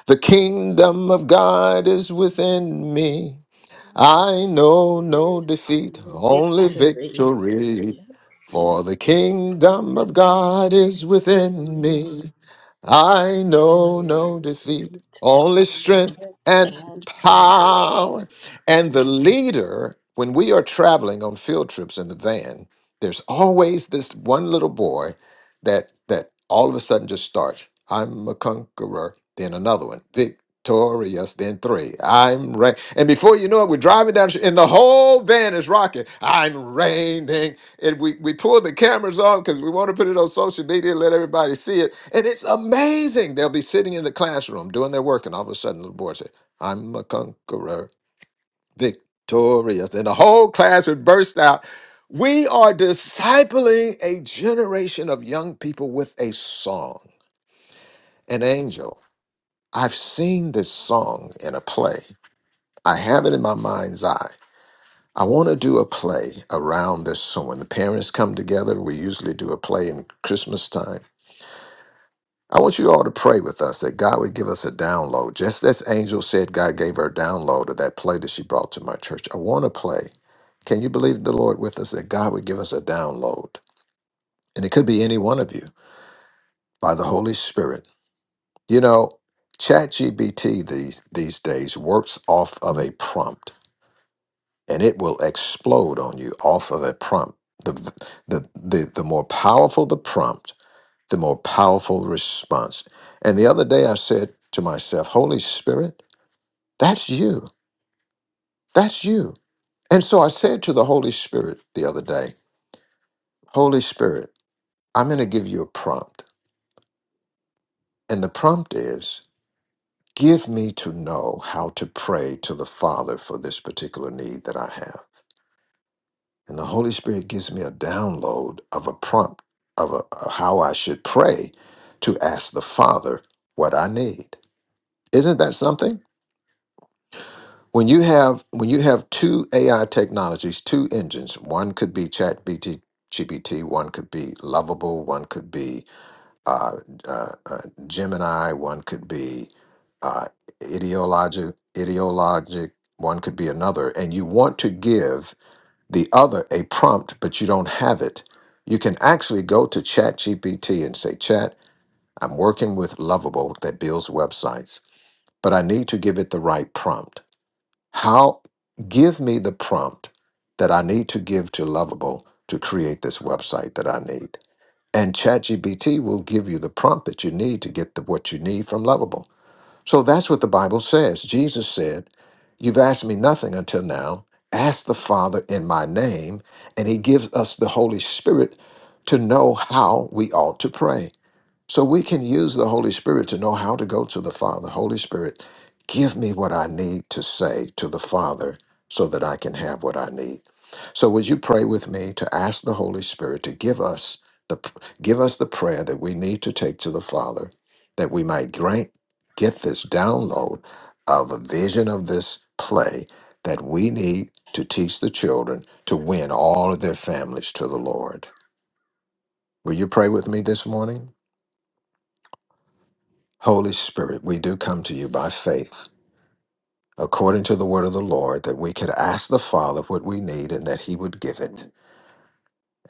[SPEAKER 3] The kingdom of God is within me. I know no
[SPEAKER 11] our
[SPEAKER 3] defeat, only
[SPEAKER 11] victory.
[SPEAKER 3] victory.
[SPEAKER 11] Yeah.
[SPEAKER 3] For the kingdom of God is within
[SPEAKER 11] Knowing
[SPEAKER 3] me. I know
[SPEAKER 11] that
[SPEAKER 3] no defeat,
[SPEAKER 11] defeat,
[SPEAKER 3] only strength
[SPEAKER 11] arrogant
[SPEAKER 3] and
[SPEAKER 11] and power.
[SPEAKER 3] power.
[SPEAKER 11] That's
[SPEAKER 3] And the leader, when we are traveling on field trips in the van, there's always this one little boy that that all of a sudden just starts. I'm a conqueror. Then another one victorious than three. I'm reigning. And before you know it, we're driving down the street and the whole van is rocking. I'm reigning. And we, we pull the cameras on because we want to put it on social media and let everybody see it. And it's amazing. They'll be sitting in the classroom doing their work and all of a sudden the boy said, I'm a conqueror, victorious. And the whole class would burst out. We are discipling a generation of young people with a song, an angel. I've seen this song in a play. I have it in my mind's eye. I want to do a play around this. So when the parents come together, we usually do a play in Christmas time. I want you all to pray with us that God would give us a download. Just as Angel said, God gave her a download of that play that she brought to my church. I want to play. Can you believe the Lord with us that God would give us a download? And it could be any one of you by the Holy Spirit. You know, ChatGPT these, these days works off of a prompt. and it will explode on you off of a prompt. The, v- the, the, the more powerful the prompt, the more powerful response. And the other day I said to myself, Holy Spirit, that's you. That's you. And so I said to the Holy Spirit the other day, Holy Spirit, I'm going to give you a prompt. And the prompt is, give me to know how to pray to the Father for this particular need that I have. And the Holy Spirit gives me a download of a prompt of, a, of how I should pray to ask the Father what I need. Isn't that something? When you have when you have two AI technologies, two engines, one could be Chat BT, GPT, one could be Lovable, one could be uh, uh, uh, Gemini, one could be uh, Ideologic, Ideologic, one could be another, and you want to give the other a prompt, but you don't have it. You can actually go to ChatGPT and say, Chat, I'm working with Lovable that builds websites, but I need to give it the right prompt. How give me the prompt that I need to give to Lovable to create this website that I need? And ChatGPT will give you the prompt that you need to get the, what you need from Lovable. So that's what the Bible says. Jesus said, You've asked me nothing until now. Ask the Father in my name. And he gives us the Holy Spirit to know how we ought to pray. So we can use the Holy Spirit to know how to go to the Father. Holy Spirit, give me what I need to say to the Father so that I can have what I need. So would you pray with me to ask the Holy Spirit to give us the give us the prayer that we need to take to the Father that we might grant, get this download of a vision of this play that we need to teach the children to win all of their families to the Lord. Will you pray with me this morning? Holy Spirit, we do come to you by faith, according to the word of the Lord, that we could ask the Father what we need and that he would give it.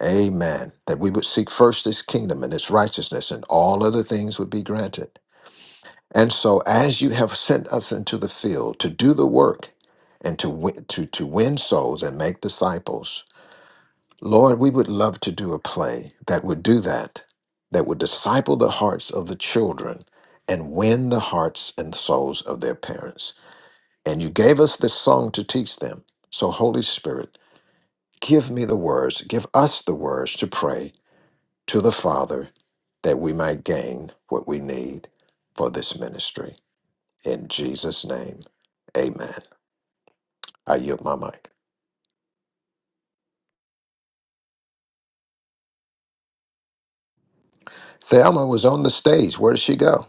[SPEAKER 3] Amen. That we would seek first his kingdom and his righteousness, and all other things would be granted. And so, as you have sent us into the field to do the work and to win, to, to win souls and make disciples, Lord, we would love to do a play that would do that, that would disciple the hearts of the children and win the hearts and souls of their parents. And you gave us this song to teach them. So, Holy Spirit, give me the words, give us the words to pray to the Father that we might gain what we need for this ministry. In Jesus' name, amen. I yield my mic. Thelma was on the stage. Where did she go?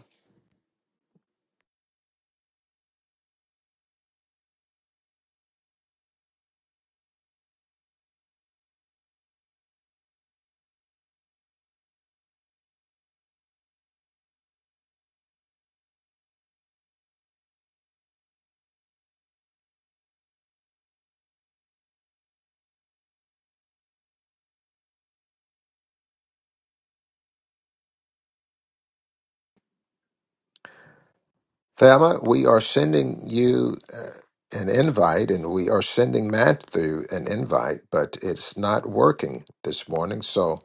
[SPEAKER 3] Thelma, we are sending you uh, an invite and we are sending Matthew an invite, but it's not working this morning. So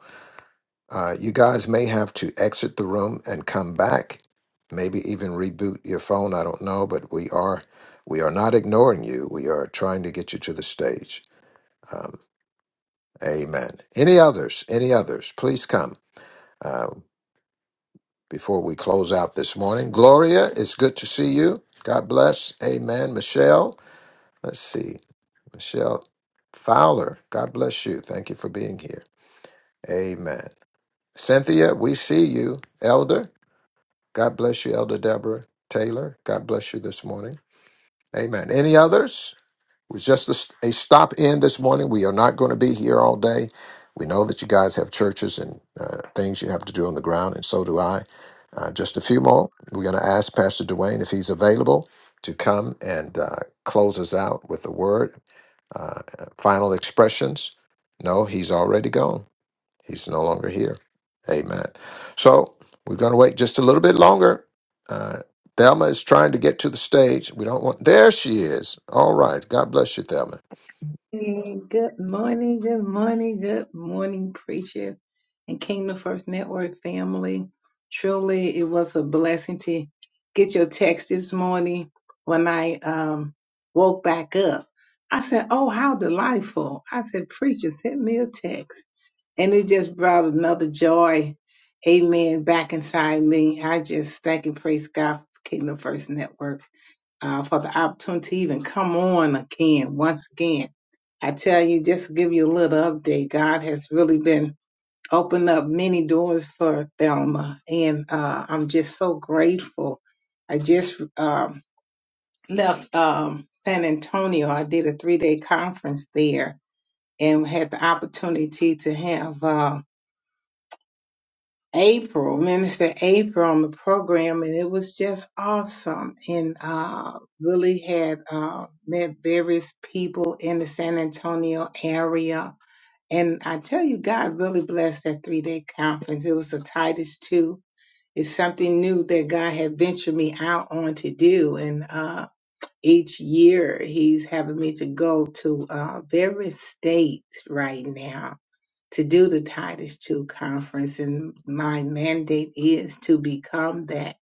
[SPEAKER 3] Uh, you guys may have to exit the room and come back, maybe even reboot your phone. I don't know, but we are we are not ignoring you. We are trying to get you to the stage. Um, amen. Any others? Any others? Please come uh, before we close out this morning. Gloria, it's good to see you. God bless. Amen. Michelle, let's see. Michelle Fowler, God bless you. Thank you for being here. Amen. Cynthia, we see you. Elder. God bless you, Elder Deborah Taylor. God bless you this morning. Amen. Any others? It was just a, st- a stop in this morning. We are not going to be here all day. We know that you guys have churches and uh, things you have to do on the ground, and so do I. Uh, just a few more. We're going to ask Pastor Dwayne if he's available to come and uh, close us out with a word, uh, final expressions. No, he's already gone. He's no longer here. Amen. So we're going to wait just a little bit longer. Uh, Thelma is trying to get to the stage. We don't want. There she is. All right. God bless you, Thelma.
[SPEAKER 12] Good morning, good morning, good morning, preacher and Kingdom First Network family. Truly, it was a blessing to get your text this morning. When I um, woke back up, I said, "Oh, how delightful!" I said, "Preacher, send me a text," and it just brought another joy, Amen, back inside me. I just thank and praise God, for Kingdom First Network uh, for the opportunity to even come on again, once again. I tell you, just to give you a little update, God has really been opening up many doors for Thelma, and uh, I'm just so grateful. I just um, left um, San Antonio. I did a three day conference there and had the opportunity to have. Uh, April, Minister April on the program, and it was just awesome. And uh, really had uh, met various people in the San Antonio area. And I tell you, God really blessed that three day conference. It was a Titus 2. It's something new that God had ventured me out on to do. And uh, each year, He's having me to go to uh, various states right now to do the Titus Two conference, and my mandate is to become that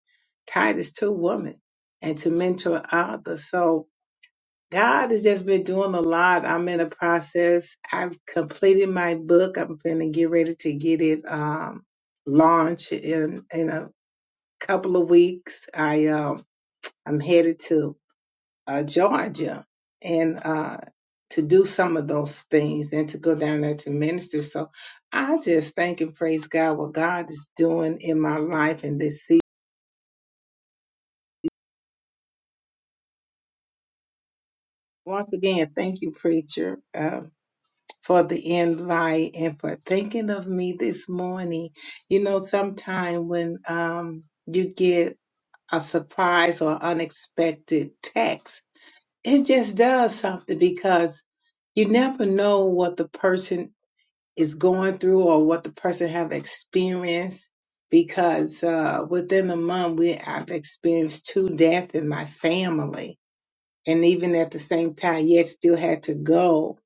[SPEAKER 12] Titus Two woman and to mentor others. So God has just been doing a lot. I'm in a process. I've completed my book. I'm going to get ready to get it um, launched in in a couple of weeks. I um, I'm headed to uh, Georgia and uh, to do some of those things and to go down there to minister. So I just thank and praise God what God is doing in my life in this season. Once again, thank you, preacher, uh, for the invite and for thinking of me this morning. You know, sometime when um, you get a surprise or unexpected text, it just does something because you never know what the person is going through or what the person have experienced because uh, within a month we I've experienced two deaths in my family and even at the same time yet still had to go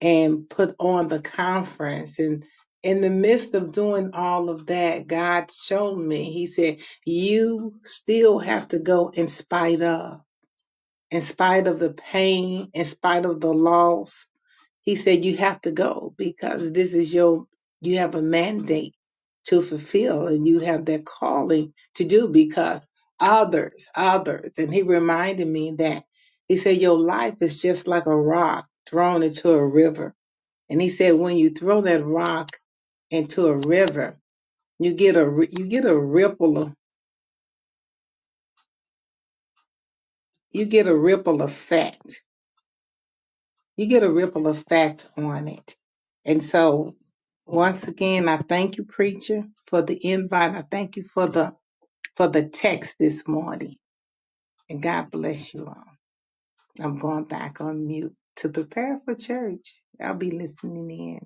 [SPEAKER 12] and put on the conference and in the midst of doing all of that God showed me he said you still have to go in spite of in spite of the pain in spite of the loss he said, You have to go because this is your, you have a mandate to fulfill and you have that calling to do because others, others. And he reminded me that he said, Your life is just like a rock thrown into a river. And he said, When you throw that rock into a river, you get a, you get a ripple, of- you get a ripple effect you get a ripple effect on it. And so once again, I thank you, preacher, for the invite. I thank you for the for the text this morning. And God bless you all. I'm going back on mute to prepare for church. I'll be listening in.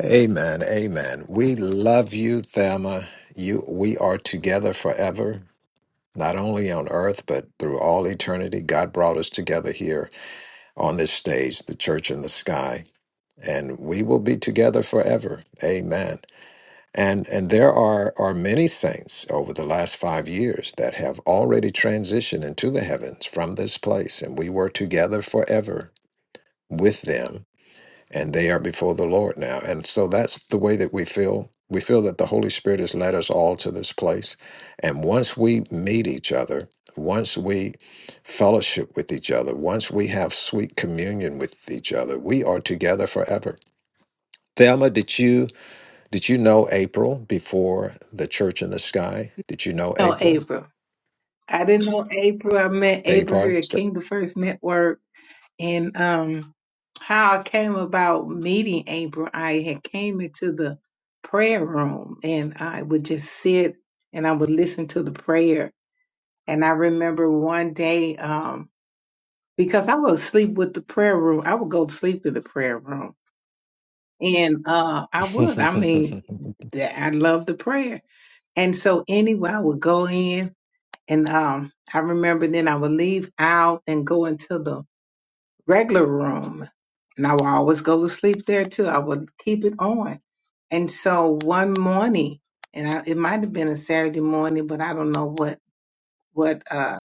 [SPEAKER 3] Amen. Amen. We love you, Thelma. You we are together forever, not only on earth, but through all eternity. God brought us together here on this stage, the church in the sky. And we will be together forever. Amen. And and there are are many saints over the last five years that have already transitioned into the heavens from this place, and we were together forever with them, and they are before the Lord now. And so that's the way that we feel. We feel that the Holy Spirit has led us all to this place. And once we meet each other, once we fellowship with each other, once we have sweet communion with each other, we are together forever. Thelma, did you? Did you know April before the Church in the Sky? Did you know
[SPEAKER 12] No,
[SPEAKER 3] April
[SPEAKER 12] April. I didn't know April. I met
[SPEAKER 3] Bay
[SPEAKER 12] April here
[SPEAKER 3] Park?
[SPEAKER 12] at Kingdom First Network and um how I came about meeting April, I had came into the prayer room and I would just sit and I would listen to the prayer. And I remember one day, um, because I would sleep with the prayer room, I would go to sleep in the prayer room. And uh I would, I mean, that I love the prayer. And so anyway, I would go in and um I remember then I would leave out and go into the regular room, and I would always go to sleep there too. I would keep it on. And so one morning, and I, it might have been a Saturday morning, but I don't know what what uh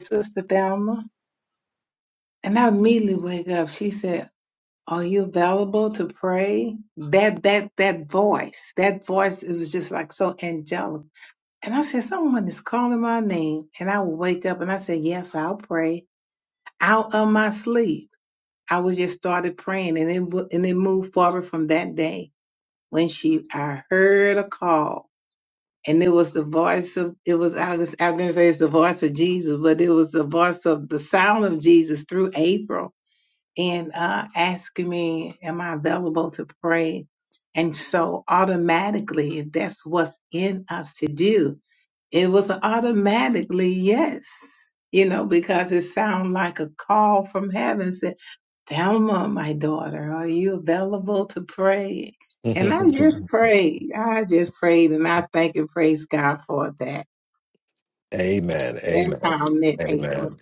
[SPEAKER 12] Sister Thelma. And I immediately wake up. She said, "Are you available to pray?" That that that voice, that voice, it was just like so angelic. And I said, "Someone is calling my name." And I would wake up and I said, "Yes, I'll pray." Out of my sleep. I was just started praying, and it wo- and it moved forward from that day when she I heard a call, and it was the voice of it was I was I was gonna say it's the voice of Jesus, but it was the voice of the sound of Jesus through April and uh, asking me, Am I available to pray? And so, automatically, if that's what's in us to do, it was automatically yes, you know, because it sounded like a call from heaven said, Thelma, my daughter, are you available to pray? And I just prayed. I just prayed and I thank and praise God for that.
[SPEAKER 3] Amen.
[SPEAKER 12] That
[SPEAKER 3] Amen.
[SPEAKER 12] time in April.
[SPEAKER 3] Amen.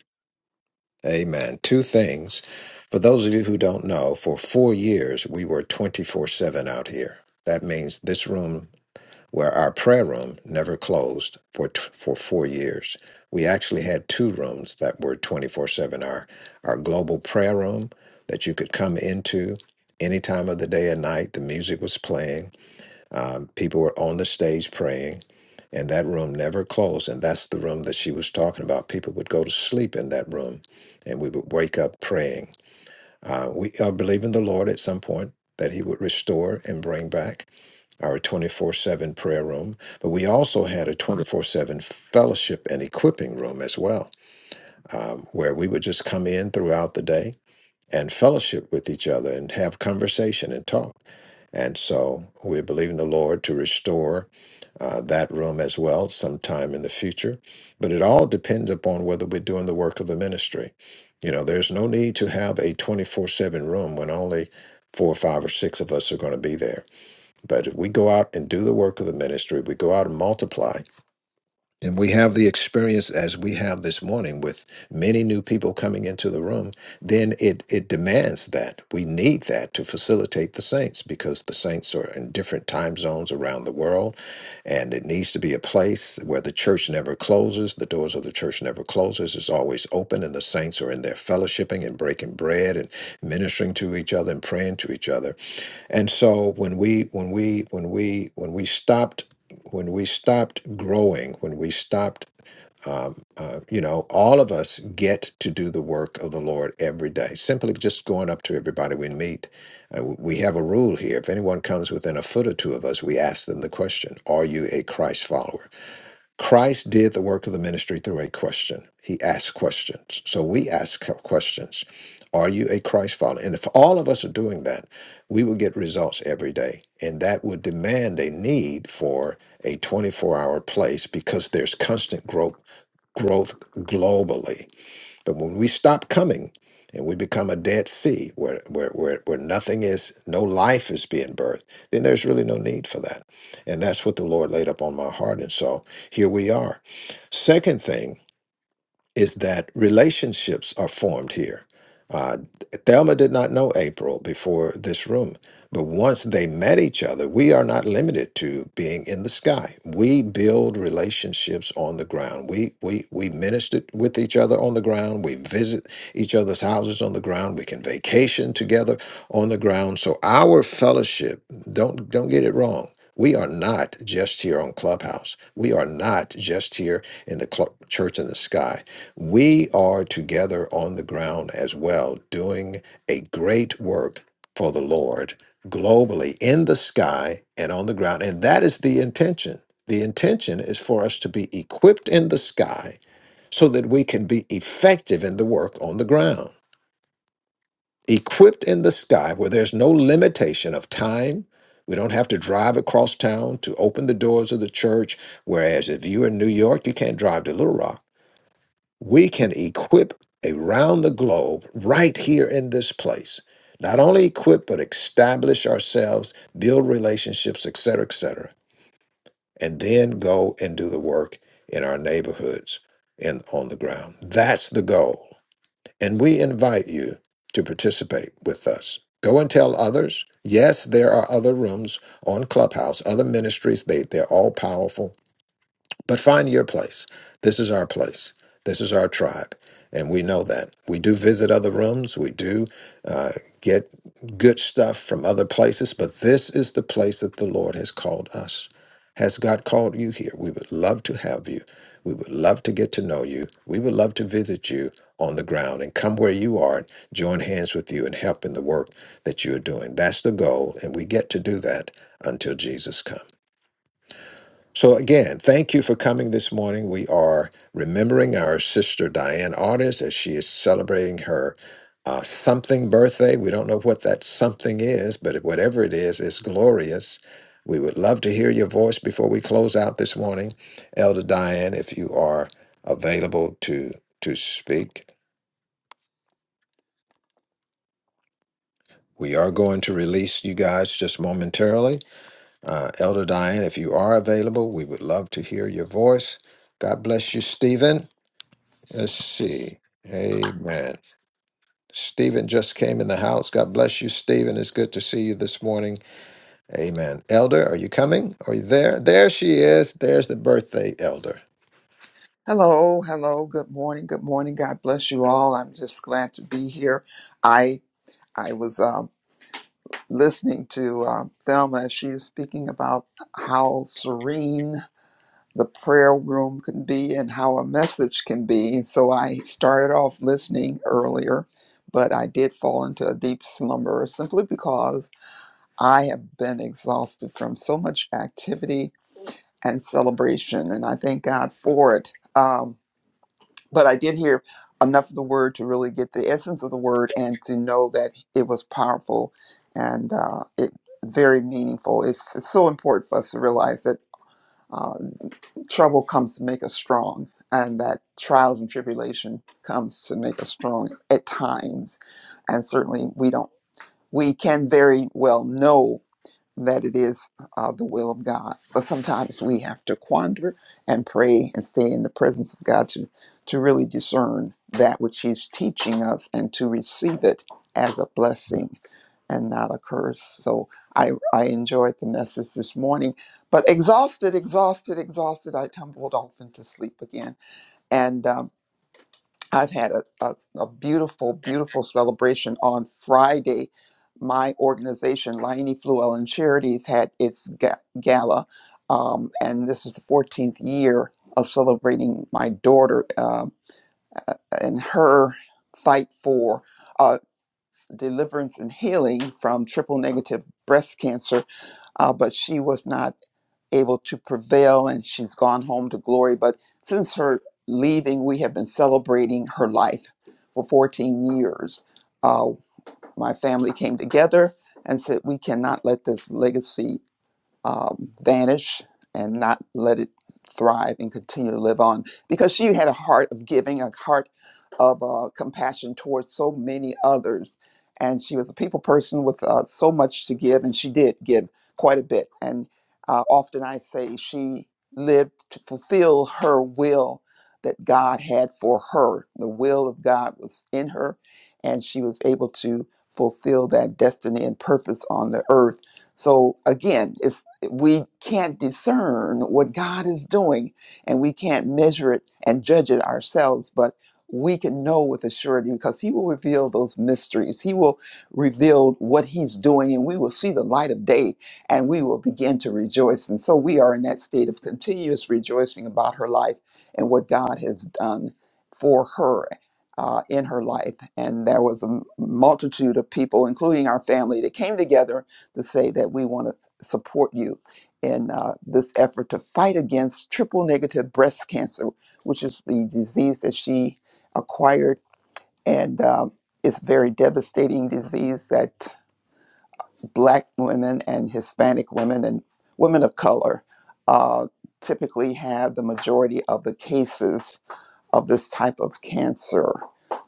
[SPEAKER 3] Amen. Two things. For those of you who don't know, for four years we were 24 7 out here. That means this room, where our prayer room never closed for, t- for four years. We actually had two rooms that were 24 7 our, our global prayer room that you could come into any time of the day and night. The music was playing um, people were on the stage praying, and that room never closed. And that's the room that she was talking about. People would go to sleep in that room, and we would wake up praying. Uh, we uh, believe in the Lord at some point that He would restore and bring back our 24 7 prayer room. But we also had a 24 7 fellowship and equipping room as well, um, where we would just come in throughout the day and fellowship with each other and have conversation and talk. And so we're believing the Lord to restore uh, that room as well sometime in the future. But it all depends upon whether we're doing the work of the ministry. You know, there's no need to have a 24 7 room when only four or five or six of us are going to be there. But if we go out and do the work of the ministry, we go out and multiply, and we have the experience as we have this morning with many new people coming into the room, then it, it demands that. We need that to facilitate the saints because the saints are in different time zones around the world. And it needs to be a place where the church never closes, the doors of the church never closes, it's always open, and the saints are in there fellowshipping and breaking bread and ministering to each other and praying to each other and so when we when we when we when we stopped when we stopped growing, when we stopped, um, uh, you know, all of us get to do the work of the Lord every day. Simply just going up to everybody we meet. Uh, w- we have a rule here: if anyone comes within a foot or two of us, we ask them the question, "Are you a Christ follower?" Christ did the work of the ministry through a question. He asked questions. So we ask questions. Are you a Christ follower? And if all of us are doing that, we will get results every day. And that would demand a need for a 24 hour place because there's constant growth, growth globally but when we stop coming and we become a dead sea where, where, where, where nothing is, no life is being birthed, then there's really no need for that. And that's what the Lord laid up on my heart. And so here we are. Second thing is that relationships are formed here. Uh, Thelma did not know April before this room, but once they met each other, we are not limited to being in the sky. We build relationships on the ground. We we we minister with each other on the ground. We visit each other's houses on the ground. We can vacation together on the ground. So our fellowship, don't don't get it wrong. We are not just here on Clubhouse. We are not just here in the cl- church in the sky we are together on the ground as well, doing a great work for the Lord globally in the sky and on the ground. And that is the intention. The intention is for us to be equipped in the sky so that we can be effective in the work on the ground. Equipped in the sky where there's no limitation of time. We don't have to drive across town to open the doors of the church. Whereas if you're in New York, you can't drive to Little Rock we can equip around the globe right here in this place not only equip but establish ourselves build relationships etc etc and then go and do the work in our neighborhoods and on the ground that's the goal and we invite you to participate with us go and tell others yes there are other rooms on clubhouse other ministries they, they're all powerful but find your place. This is our place. This is our tribe. And we know that. We do visit other rooms. We do uh, get good stuff from other places. But this is the place that the Lord has called us. Has God called you here? We would love to have you. We would love to get to know you. We would love to visit you on the ground and come where you are and join hands with you and help in the work that you are doing. That's the goal. And we get to do that until Jesus comes. So, again, thank you for coming this morning. We are remembering our sister Diane Artis as she is celebrating her uh, something birthday. We don't know what that something is, but whatever it is, it's glorious. We would love to hear your voice before we close out this morning. Elder Diane, if you are available to, to speak, we are going to release you guys just momentarily. Uh, Elder Diane, if you are available, we would love to hear your voice. God bless you, Stephen. Let's see. Amen. Stephen just came in the house. God bless you, Stephen. It's good to see you this morning. Amen. Elder, are you coming? Are you there? There she is. There's the birthday elder.
[SPEAKER 13] Hello, hello. Good morning. Good morning. God bless you all. I'm just glad to be here. I I was um, listening to um, Thelma. as She is speaking about how serene the prayer room can be and how a message can be. So I started off listening earlier, but I did fall into a deep slumber simply because I have been exhausted from so much activity and celebration, and I thank God for it. Um, but I did hear enough of the word to really get the essence of the word and to know that it was powerful and uh, it very meaningful. It's, it's so important for us to realize that uh, trouble comes to make us strong, and that trials and tribulation comes to make us strong at times. And certainly, we don't we can very well know that it is uh, the will of God. But sometimes we have to quander and pray and stay in the presence of God to, to really discern that which He's teaching us and to receive it as a blessing and not a curse. So I, I enjoyed the message this morning. But exhausted, exhausted, exhausted, I tumbled off into sleep again. And um, I've had a, a, a beautiful, beautiful celebration on Friday. My organization, Laini Fluellen Charities, had its ga- gala, um, and this is the 14th year of celebrating my daughter um and her fight for uh, deliverance and healing from triple negative breast cancer. Uh, but she was not able to prevail and she's gone home to glory. But since her leaving, we have been celebrating her life for 14 years. Uh, my family came together and said, We cannot let this legacy um, vanish and not let it thrive and continue to live on because she had a heart of giving a heart of uh, compassion towards so many others and she was a people person with uh, so much to give and she did give quite a bit and uh, often i say she lived to fulfill her will that god had for her the will of god was in her and she was able to fulfill that destiny and purpose on the earth so again, it's we can't discern what God is doing and we can't measure it and judge it ourselves, but we can know with a surety because He will reveal those mysteries. He will reveal what He's doing and we will see the light of day and we will begin to rejoice. And so we are in that state of continuous rejoicing about her life and what God has done for her. Uh, in her life, and there was a multitude of people, including our family, that came together to say that we want to support you in uh, this effort to fight against triple negative breast cancer, which is the disease that she acquired. And um, it's a very devastating disease that Black women and Hispanic women and women of color uh, typically have the majority of the cases of this type of cancer.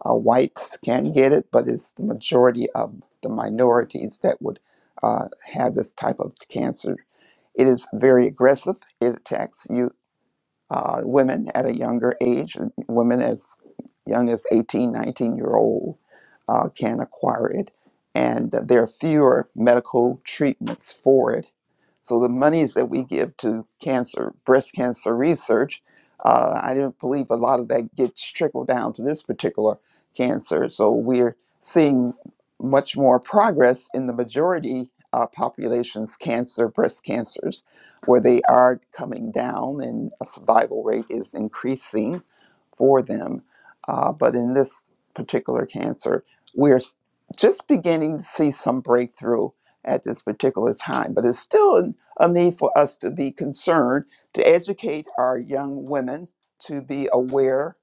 [SPEAKER 13] Uh, whites can get it, but it's the majority of the minorities that would uh, have this type of cancer. It is very aggressive. It attacks you uh, women at a younger age, women as young as 18, 19 year old uh, can acquire it. And there are fewer medical treatments for it. So the monies that we give to cancer, breast cancer research, uh, I don't believe a lot of that gets trickled down to this particular cancer. So we're seeing much more progress in the majority uh, populations, cancer, breast cancers where they are coming down and a survival rate is increasing for them. Uh, but in this particular cancer, we're just beginning to see some breakthrough at this particular time. But it's still an- a need for us to be concerned, to educate our young women to be aware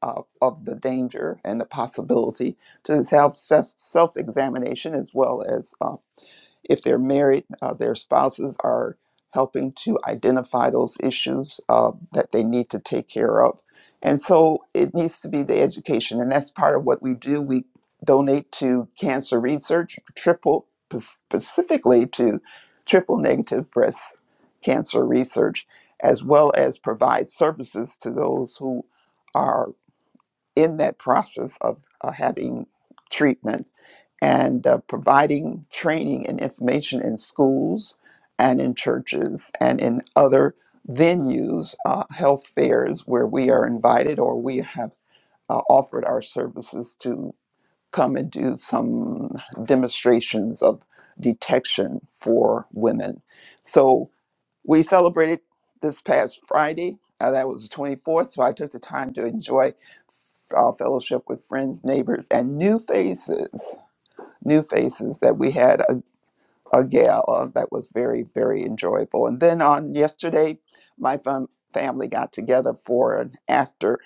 [SPEAKER 13] of, of the danger and the possibility, to self self examination as well as uh, if they're married, uh, their spouses are helping to identify those issues uh, that they need to take care of. And so it needs to be the education, and that's part of what we do. We donate to cancer research, triple specifically to triple negative breast cancer research, as well as provide services to those who are in that process of uh, having treatment and uh, providing training and information in schools and in churches and in other venues, uh, health fairs where we are invited or we have uh, offered our services to come and do some demonstrations of detection for women. So we celebrated this past Friday. Uh, that was the 24th. So I took the time to enjoy uh, fellowship with friends, neighbors, and new faces new faces that we had a, a gala that was very very enjoyable and then on yesterday my fam- family got together for an after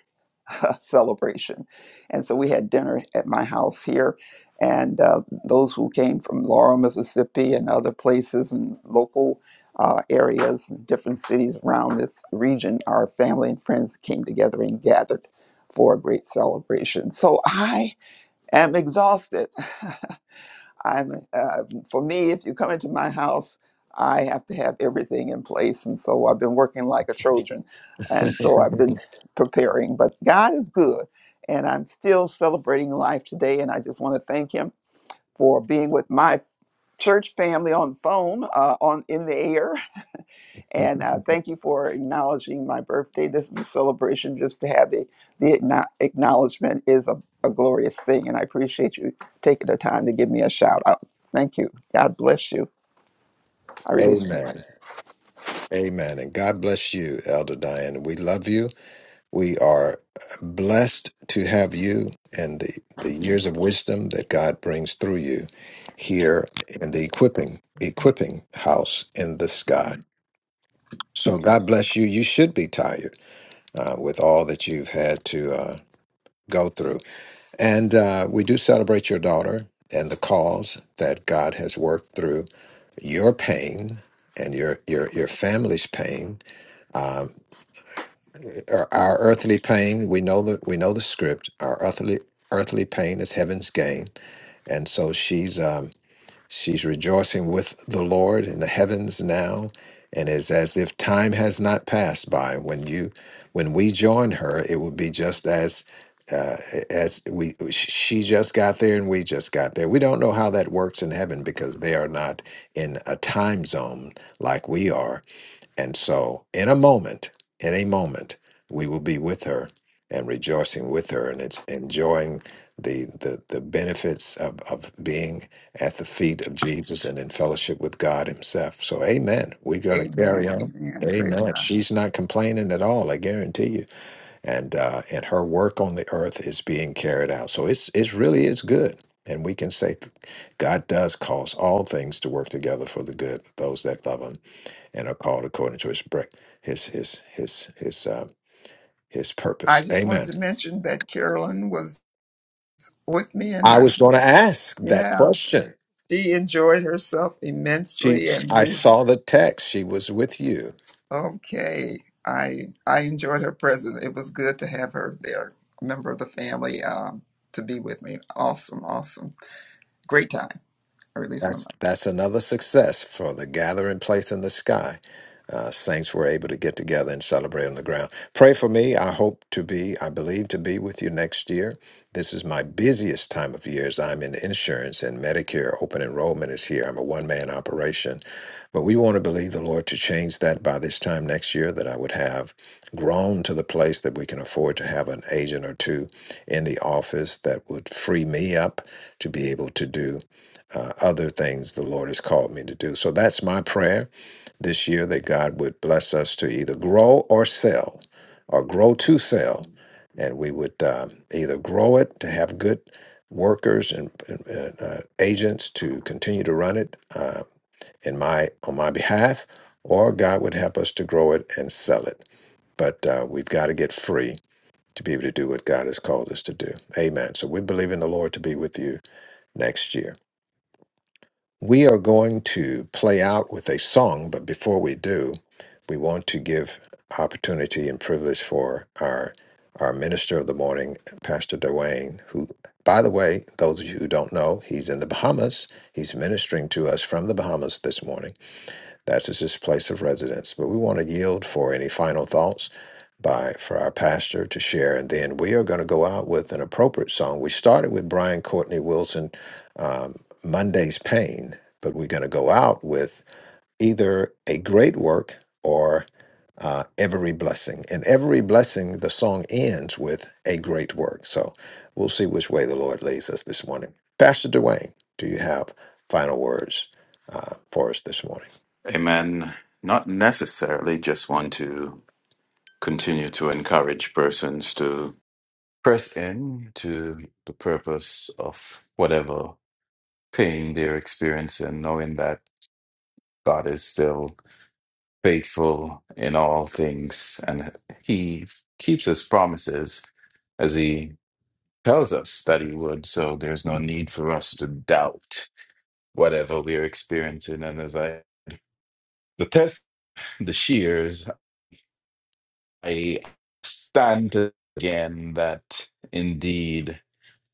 [SPEAKER 13] uh, celebration and so we had dinner at my house here and uh, those who came from laurel mississippi and other places and local uh, areas and different cities around this region our family and friends came together and gathered for a great celebration so i am exhausted I'm uh, for me, if you come into my house, I have to have everything in place, and so I've been working like a Trojan, and so I've been preparing. But God is good, and I'm still celebrating life today, and I just want to thank Him for being with my church family on phone, uh, on in the air, And uh, thank you for acknowledging my birthday. This is a celebration. Just to have the, the acknow- acknowledgement is a, a glorious thing. And I appreciate you taking the time to give me a shout out. Thank you. God bless you. I release my mic.
[SPEAKER 3] Amen. Amen. And God bless you, Elder Diane. We love you. We are blessed to have you and the, the years of wisdom that God brings through you here in the equipping equipping house in the sky. So God bless you. You should be tired uh, with all that you've had to uh, go through. And uh, we do celebrate your daughter and the cause that God has worked through your pain and your your your family's pain, our, our earthly pain. We know that we know the script. Our earthly earthly pain is heaven's gain, and so she's. Um, She's rejoicing with the Lord in the heavens now, and is as if time has not passed by. When you, when we join her, it will be just as uh, as we she just got there and we just got there. We don't know how that works in heaven because they are not in a time zone like we are and so, in a moment, in a moment, we will be with her and rejoicing with her, and it's enjoying the the, the benefits of, of being at the feet of Jesus and in fellowship with God Himself. So, Amen. We're going to carry
[SPEAKER 13] Amen.
[SPEAKER 3] on.
[SPEAKER 13] Amen. Praise
[SPEAKER 3] Amen.
[SPEAKER 13] God.
[SPEAKER 3] She's not complaining at all. I guarantee you. And uh, and her work on the earth is being carried out. So it's it's really is good. And we can say, God does cause all things to work together for the good, of those that love Him and are called according to his break, his his his his um, his
[SPEAKER 13] I
[SPEAKER 3] purpose.
[SPEAKER 13] just
[SPEAKER 3] Amen.
[SPEAKER 13] wanted to mention that Carolyn was with me. And
[SPEAKER 3] I
[SPEAKER 13] uh,
[SPEAKER 3] was going to ask that
[SPEAKER 13] yeah,
[SPEAKER 3] question.
[SPEAKER 13] she enjoyed herself
[SPEAKER 3] She,
[SPEAKER 13] immensely. And
[SPEAKER 3] I
[SPEAKER 13] we
[SPEAKER 3] saw the text. She was with you.
[SPEAKER 13] Okay. I I enjoyed her presence. It was good to have her there, a member of the family, um, to be with me. Awesome, awesome. Great time, or at least my
[SPEAKER 3] That's that's another success for the gathering place in the sky. Uh, saints were able to get together and celebrate on the ground. Pray for me. I hope to be, I believe to be with you next year. This is my busiest time of year as I'm in insurance and Medicare. Open enrollment is here. I'm a one man operation. But we want to believe the Lord to change that by this time next year, that I would have grown to the place that we can afford to have an agent or two in the office that would free me up to be able to do uh, other things the Lord has called me to do. So that's my prayer this year that God would bless us to either grow or sell, or grow to sell. And we would um, either grow it to have good workers and, and, and, uh, agents to continue to run it uh, in my on my behalf, or God would help us to grow it and sell it. But uh, we've got to get free to be able to do what God has called us to do. Amen. So we believe in the Lord to be with you next year. We are going to play out with a song, but before we do, we want to give opportunity and privilege for our our minister of the morning, Pastor Dwayne, who, by the way, those of you who don't know, he's in the Bahamas. He's ministering to us from the Bahamas this morning that's just his place of residence. But we want to yield for any final thoughts by for our pastor to share, and then we are going to go out with an appropriate song. We started with Brian Courtney Wilson, um, Monday's Pain, but we're going to go out with either a great work or uh, every blessing. And every blessing, the song ends with a great work. So we'll see which way the Lord leads us this morning. Pastor Dwayne, do you have final words uh, for us this morning?
[SPEAKER 7] Amen. Not necessarily just want to continue to encourage persons to Press in to the purpose of whatever pain they're experiencing, knowing that God is still. faithful in all things, and he keeps his promises as he tells us that he would. So there's no need for us to doubt whatever we are experiencing. And as I the test the shears, I stand again that indeed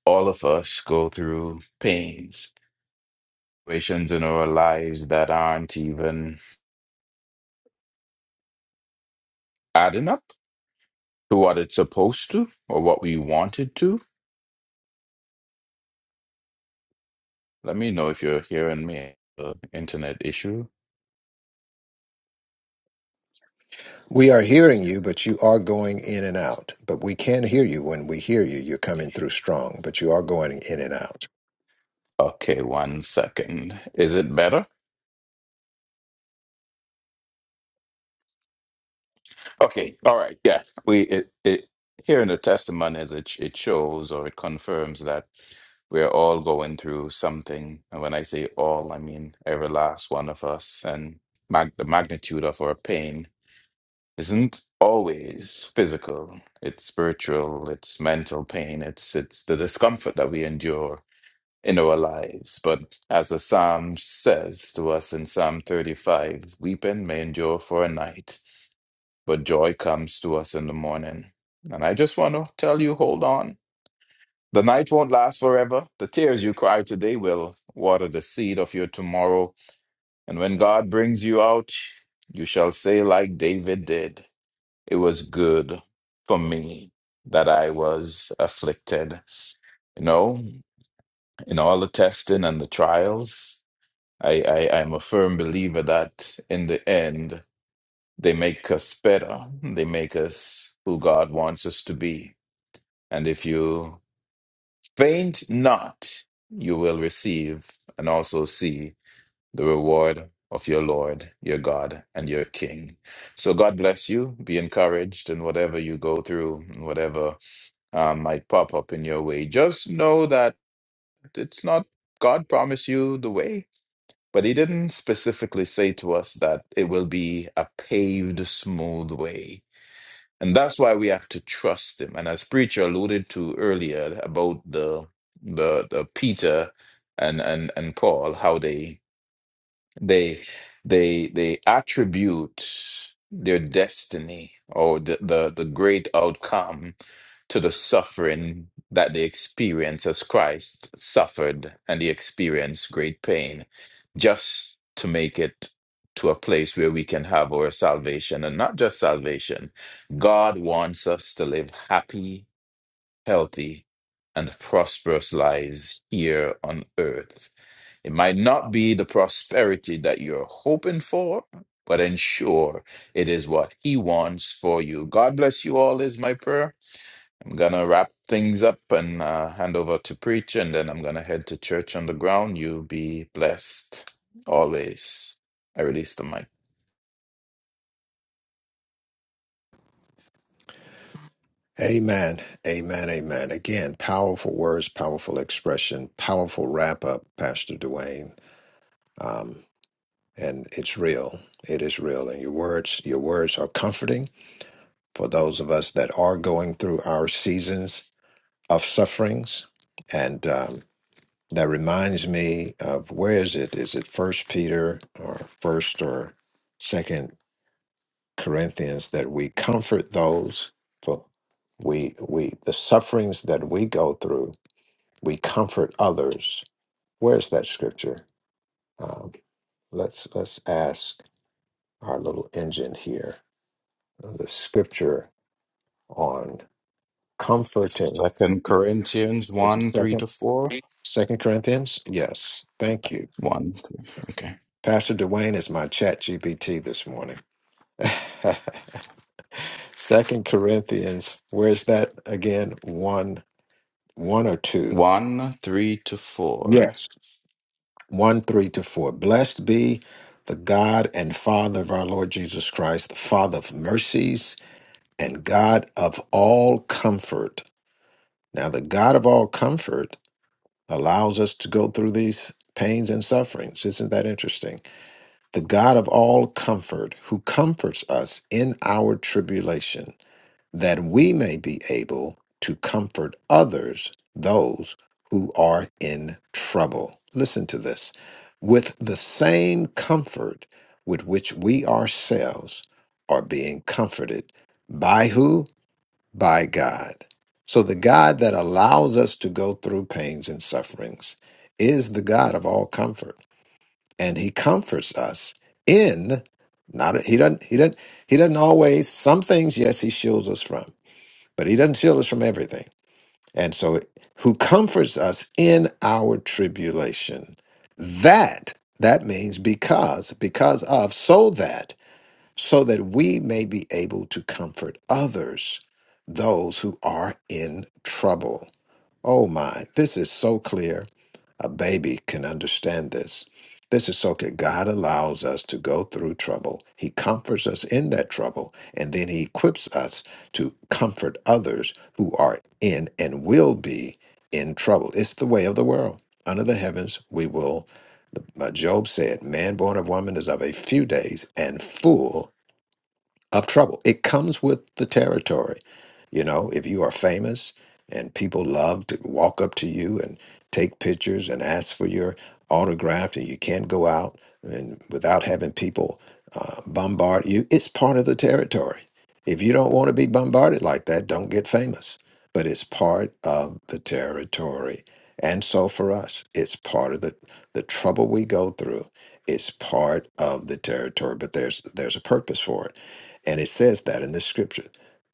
[SPEAKER 7] all of us go through pains, situations in our lives that aren't even adding up to what it's supposed to or what we wanted to Let me know if you're hearing me. Uh, internet issue.
[SPEAKER 3] We are hearing you, but you are going in and out. But we can hear you when we hear you. You're coming through strong, but you are going in and out.
[SPEAKER 7] Okay, one second. Is it better? Okay, all right. Yeah, we it, it here in the testimonies it sh- it shows or it confirms that we're all going through something. And when I say all, I mean every last one of us. And mag- the magnitude of our pain isn't always physical. It's spiritual. It's mental pain. It's it's the discomfort that we endure in our lives. But as the psalm says to us in Psalm 35, weeping may endure for a night, but joy comes to us in the morning. And I just want to tell you, hold on. The night won't last forever. The tears you cry today will water the seed of your tomorrow. And when God brings you out, you shall say, like David did, it was good for me that I was afflicted. You know, in all the testing and the trials, I, I I'm a firm believer that in the end they make us better. They make us who God wants us to be. And if you faint not, you will receive and also see the reward of your Lord, your God, and your King. So God bless you. Be encouraged in whatever you go through, and whatever um, might pop up in your way. Just know that it's not God promised you the way But he didn't specifically say to us that it will be a paved, smooth way. And that's why we have to trust him. And as preacher alluded to earlier about the the, the Peter and, and and Paul, how they they they they attribute their destiny or the, the, the great outcome to the suffering that they experience as Christ suffered and they experience great pain just to make it to a place where we can have our salvation and not just salvation. God wants us to live happy healthy, and prosperous lives here on earth. It might not be the prosperity that you're hoping for, but ensure it is what He wants for you. God bless you all, is my prayer. I'm going to wrap things up and uh, hand over to preach, and then I'm going to head to church on the ground. You be blessed always. I release the mic.
[SPEAKER 3] Amen. Amen. Amen. Again, powerful words, powerful expression, powerful wrap up, Pastor Dwayne. Um, and it's real. It is real. And your words, your words are comforting for those of us that are going through our seasons of sufferings. And um, That reminds me of where is it? Is it First Peter or First or Second Corinthians that we comfort those for we we the sufferings that we go through, we comfort others. Where's that scripture? Um, let's let's ask our little engine here. Uh, The scripture on comforting
[SPEAKER 7] Second Corinthians
[SPEAKER 3] is it
[SPEAKER 7] 1 3
[SPEAKER 3] second
[SPEAKER 7] to 4.
[SPEAKER 3] Second Corinthians? Yes. Thank you.
[SPEAKER 7] 1. Okay.
[SPEAKER 3] Pastor Dwayne is my chat GPT this morning. Second Corinthians, where's that again? One, one or two?
[SPEAKER 7] 1 3 to 4.
[SPEAKER 3] Yes. 1 3 to 4. Blessed be the God and Father of our Lord Jesus Christ, the Father of mercies and God of all comfort. Now, the God of all comfort allows us to go through these pains and sufferings. Isn't that interesting? The God of all comfort who comforts us in our tribulation that we may be able to comfort others, those who are in trouble. Listen to this with the same comfort with which we ourselves are being comforted. By who? By God. So, the God that allows us to go through pains and sufferings is the God of all comfort. And He comforts us in, not, He doesn't, He doesn't, He doesn't always, some things, yes, He shields us from but he doesn't shield us from everything. And so, who comforts us in our tribulation? That that means because, because of, so that, so that we may be able to comfort others, those who are in trouble. Oh my, this is so clear. A baby can understand this. This is so that God allows us to go through trouble. He comforts us in that trouble, and then He equips us to comfort others who are in and will be in trouble. It's the way of the world. Under the heavens, we will. the- uh, Job said, Man born of woman is of a few days and full of trouble. It comes with the territory. You know, if you are famous and people love to walk up to you and take pictures and ask for your autograph, and you can't go out and without having people uh, bombard you, it's part of the territory. If you don't want to be bombarded like that, don't get famous. But it's part of the territory. And so for us, it's part of the, the trouble we go through. It's part of the territory, but there's there's a purpose for it and it says that in this scripture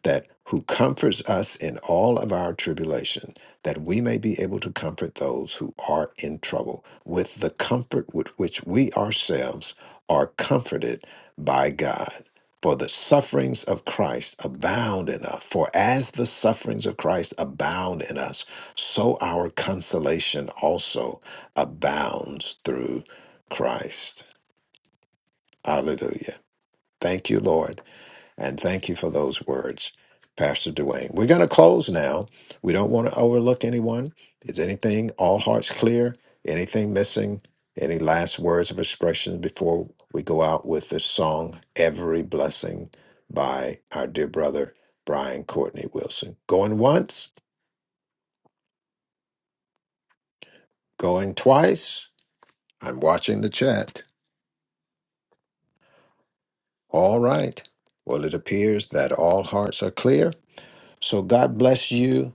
[SPEAKER 3] that who comforts us in all of our tribulation, that we may be able to comfort those who are in trouble with the comfort with which we ourselves are comforted by God. For the sufferings of Christ abound in us. For as the sufferings of Christ abound in us, so our consolation also abounds through Christ. Hallelujah. Thank you, Lord and thank you for those words, Pastor Dwayne. We're going to close now. We don't want to overlook anyone. Is anything, all hearts clear? Anything missing? Any last words of expression before we go out with this song, Every Blessing by our dear brother, Brian Courtney Wilson? Going once, going twice. I'm watching the chat. All right. Well, it appears that all hearts are clear. So God bless you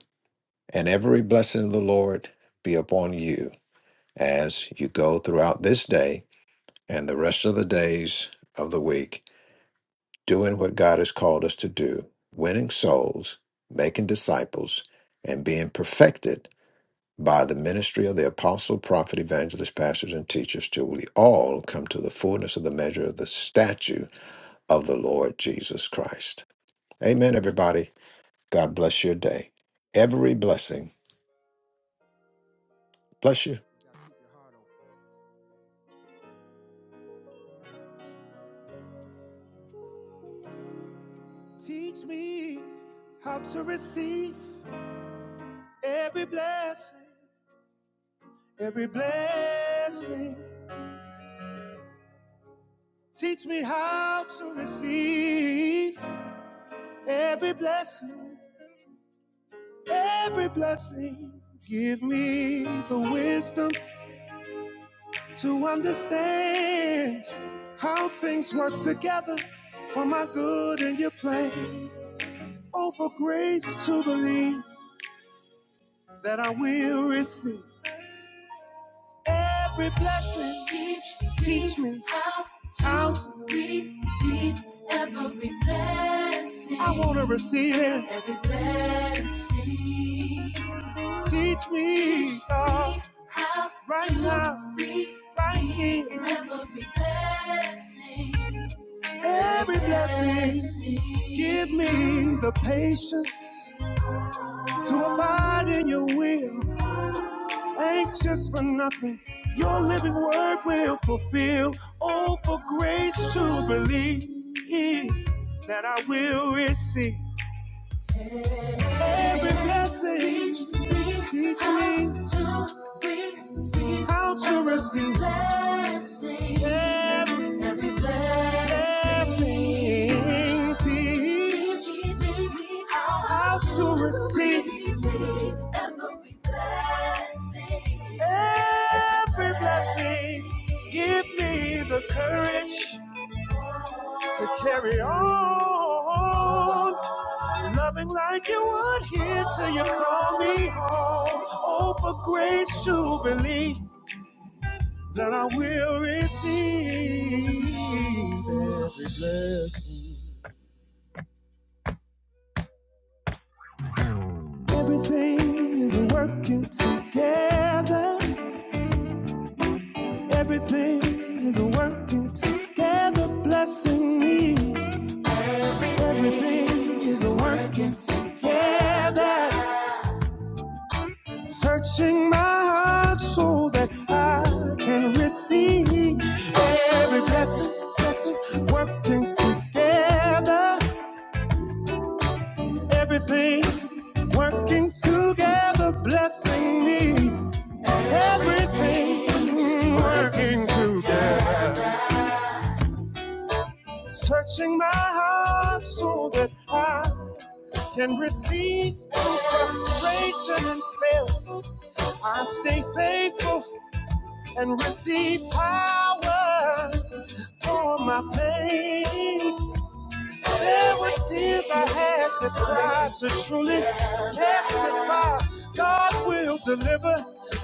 [SPEAKER 3] and every blessing of the Lord be upon you as you go throughout this day and the rest of the days of the week, doing what God has called us to do, winning souls, making disciples, and being perfected by the ministry of the apostle, prophet, evangelist, pastors, and teachers till we all come to the fullness of the measure of the stature of the Lord Jesus Christ. Amen, everybody. God bless your day. Every blessing. Bless you.
[SPEAKER 8] me. You gotta keep your heart open. Teach me how to receive every blessing, every blessing. Teach me how to receive every blessing, every blessing. Give me the wisdom to understand how things work together for my good and your plan. Oh, for grace to believe that I will receive every blessing. Teach, teach me how to receive every blessing. I want to receive it. Teach me, God, right now, right here. Every blessing. Every blessing, give me the patience to abide in your will. Anxious for nothing, your living word will fulfill. Oh, for grace to believe that I will receive. Every blessing, teach me how to receive every blessing. Teach me how to receive every blessing. Every blessing, Give me the courage to carry on. Loving like you would here till you call me home. Oh, for grace to believe that I will receive every blessing. Everything is working together. Everything is working together, blessing me. Everything is working together. Searching my heart so that I can receive every blessing, blessing working together, everything working together, blessing me, everything working together. Searching my heart so that I can receive no frustration and fail. I stay faithful and receive power for my pain. There were tears I had to cry to truly testify. God will deliver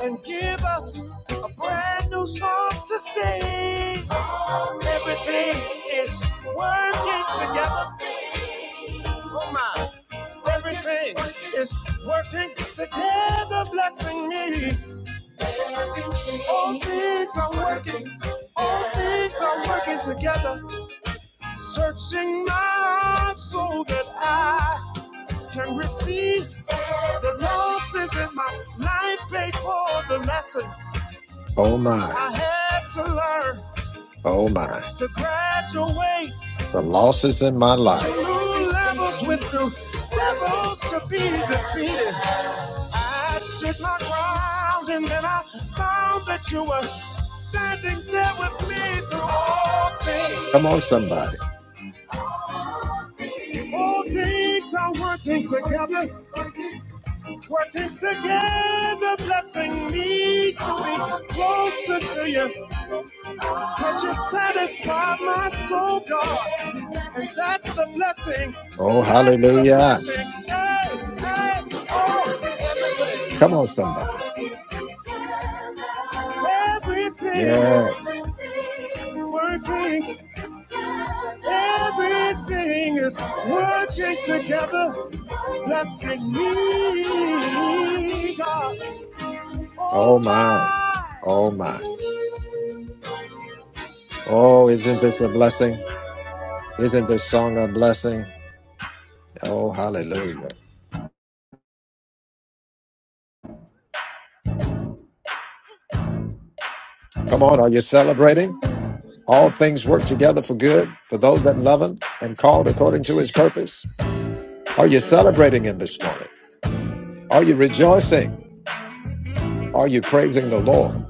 [SPEAKER 8] and give us a brand new song to sing. Everything is working together. Oh my, everything is working together, blessing me. All things are working, all things are working together Searching my heart so that I can receive the losses in my life paid for the lessons
[SPEAKER 3] Oh, my.
[SPEAKER 8] I had to learn
[SPEAKER 3] Oh, my.
[SPEAKER 8] to graduate
[SPEAKER 3] the losses in my
[SPEAKER 8] to
[SPEAKER 3] life.
[SPEAKER 8] new levels with the devils to be defeated. I stood my ground and then I found that you were standing there with me through all
[SPEAKER 3] Come
[SPEAKER 8] things.
[SPEAKER 3] on, somebody.
[SPEAKER 8] All things are working together What keeps again the blessing me to be closer to you? Cause you satisfy my soul, God. And that's the blessing.
[SPEAKER 3] Oh,
[SPEAKER 8] That's the
[SPEAKER 3] hallelujah.
[SPEAKER 8] blessing. Hey, hey, oh.
[SPEAKER 3] Come on, somebody.
[SPEAKER 8] Everything is
[SPEAKER 3] Yes.
[SPEAKER 8] working. Everything is working together. Blessing me, God. Oh
[SPEAKER 3] Oh, my.
[SPEAKER 8] my!
[SPEAKER 3] Oh, my. Oh, isn't this a blessing? Isn't this song a blessing? Oh, hallelujah. Come on, are you celebrating? All things work together for good for those that love Him and called according to His purpose. Are you celebrating Him this morning? Are you rejoicing? Are you praising the Lord?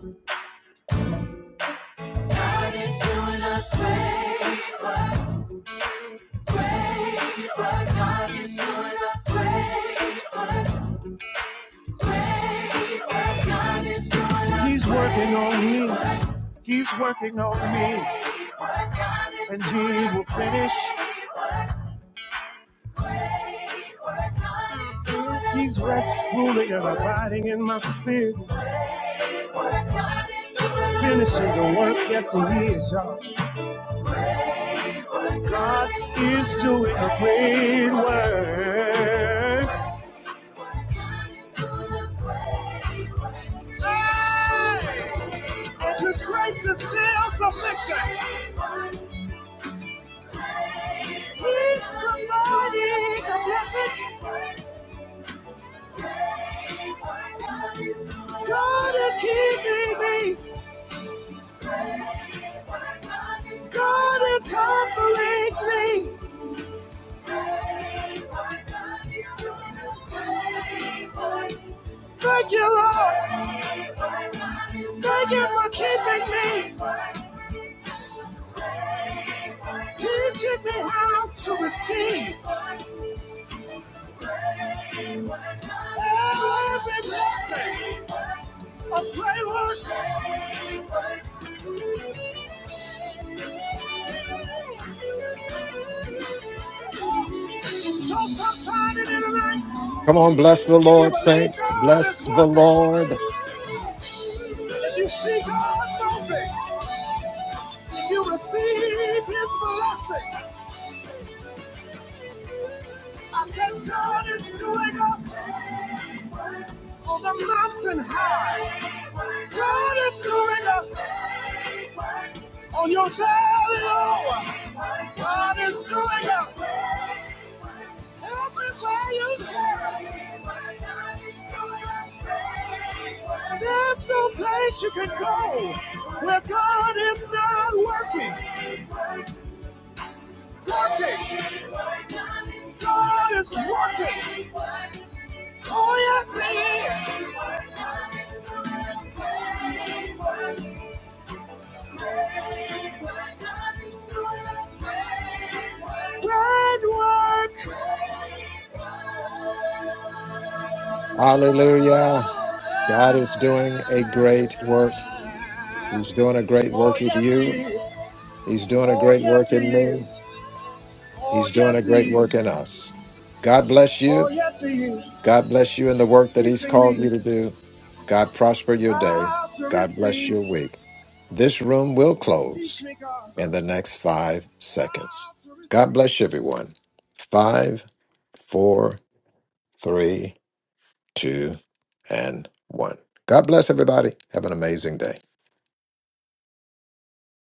[SPEAKER 8] He's working on me. He's working on me, and he will finish. He's rest ruling and abiding in my spirit, finishing the work. Yes, he is, y'all. God is doing a great work. His grace is still sufficient. Thank you, Lord. Thank you for keeping me, teaching me how to receive every blessing of great work. So subside it in the night.
[SPEAKER 3] Come on, bless the
[SPEAKER 8] If you
[SPEAKER 3] Lord,
[SPEAKER 8] believe
[SPEAKER 3] saints.
[SPEAKER 8] God
[SPEAKER 3] Bless
[SPEAKER 8] is
[SPEAKER 3] the
[SPEAKER 8] working,
[SPEAKER 3] Lord.
[SPEAKER 8] if you see God moving, if you receive His blessing, I said God is doing up on the mountain high. God is doing up. on your valley. God is doing it. There's no place you can go where God is not working. Working. God is working. Oh, yes, He is. Great work.
[SPEAKER 3] Hallelujah. God is doing a great work. He's doing a great
[SPEAKER 8] Oh,
[SPEAKER 3] work with
[SPEAKER 8] yes, He
[SPEAKER 3] you.
[SPEAKER 8] is.
[SPEAKER 3] He's doing a
[SPEAKER 8] Oh,
[SPEAKER 3] great
[SPEAKER 8] yes,
[SPEAKER 3] work
[SPEAKER 8] He
[SPEAKER 3] in me.
[SPEAKER 8] is. Oh,
[SPEAKER 3] He's doing a
[SPEAKER 8] yes,
[SPEAKER 3] great
[SPEAKER 8] He
[SPEAKER 3] work
[SPEAKER 8] is.
[SPEAKER 3] in us. God bless you.
[SPEAKER 8] Oh, yes, He is.
[SPEAKER 3] God bless you in the work that He's
[SPEAKER 8] Teaching
[SPEAKER 3] called
[SPEAKER 8] me
[SPEAKER 3] you to do. God prosper your day.
[SPEAKER 8] how to
[SPEAKER 3] God bless
[SPEAKER 8] receive.
[SPEAKER 3] your week. This room will
[SPEAKER 8] Teach
[SPEAKER 3] close
[SPEAKER 8] me, God,
[SPEAKER 3] in the next five seconds.
[SPEAKER 8] how to
[SPEAKER 3] God
[SPEAKER 8] receive.
[SPEAKER 3] bless everyone. Five, four, three, two, and one. God bless everybody. Have an amazing day.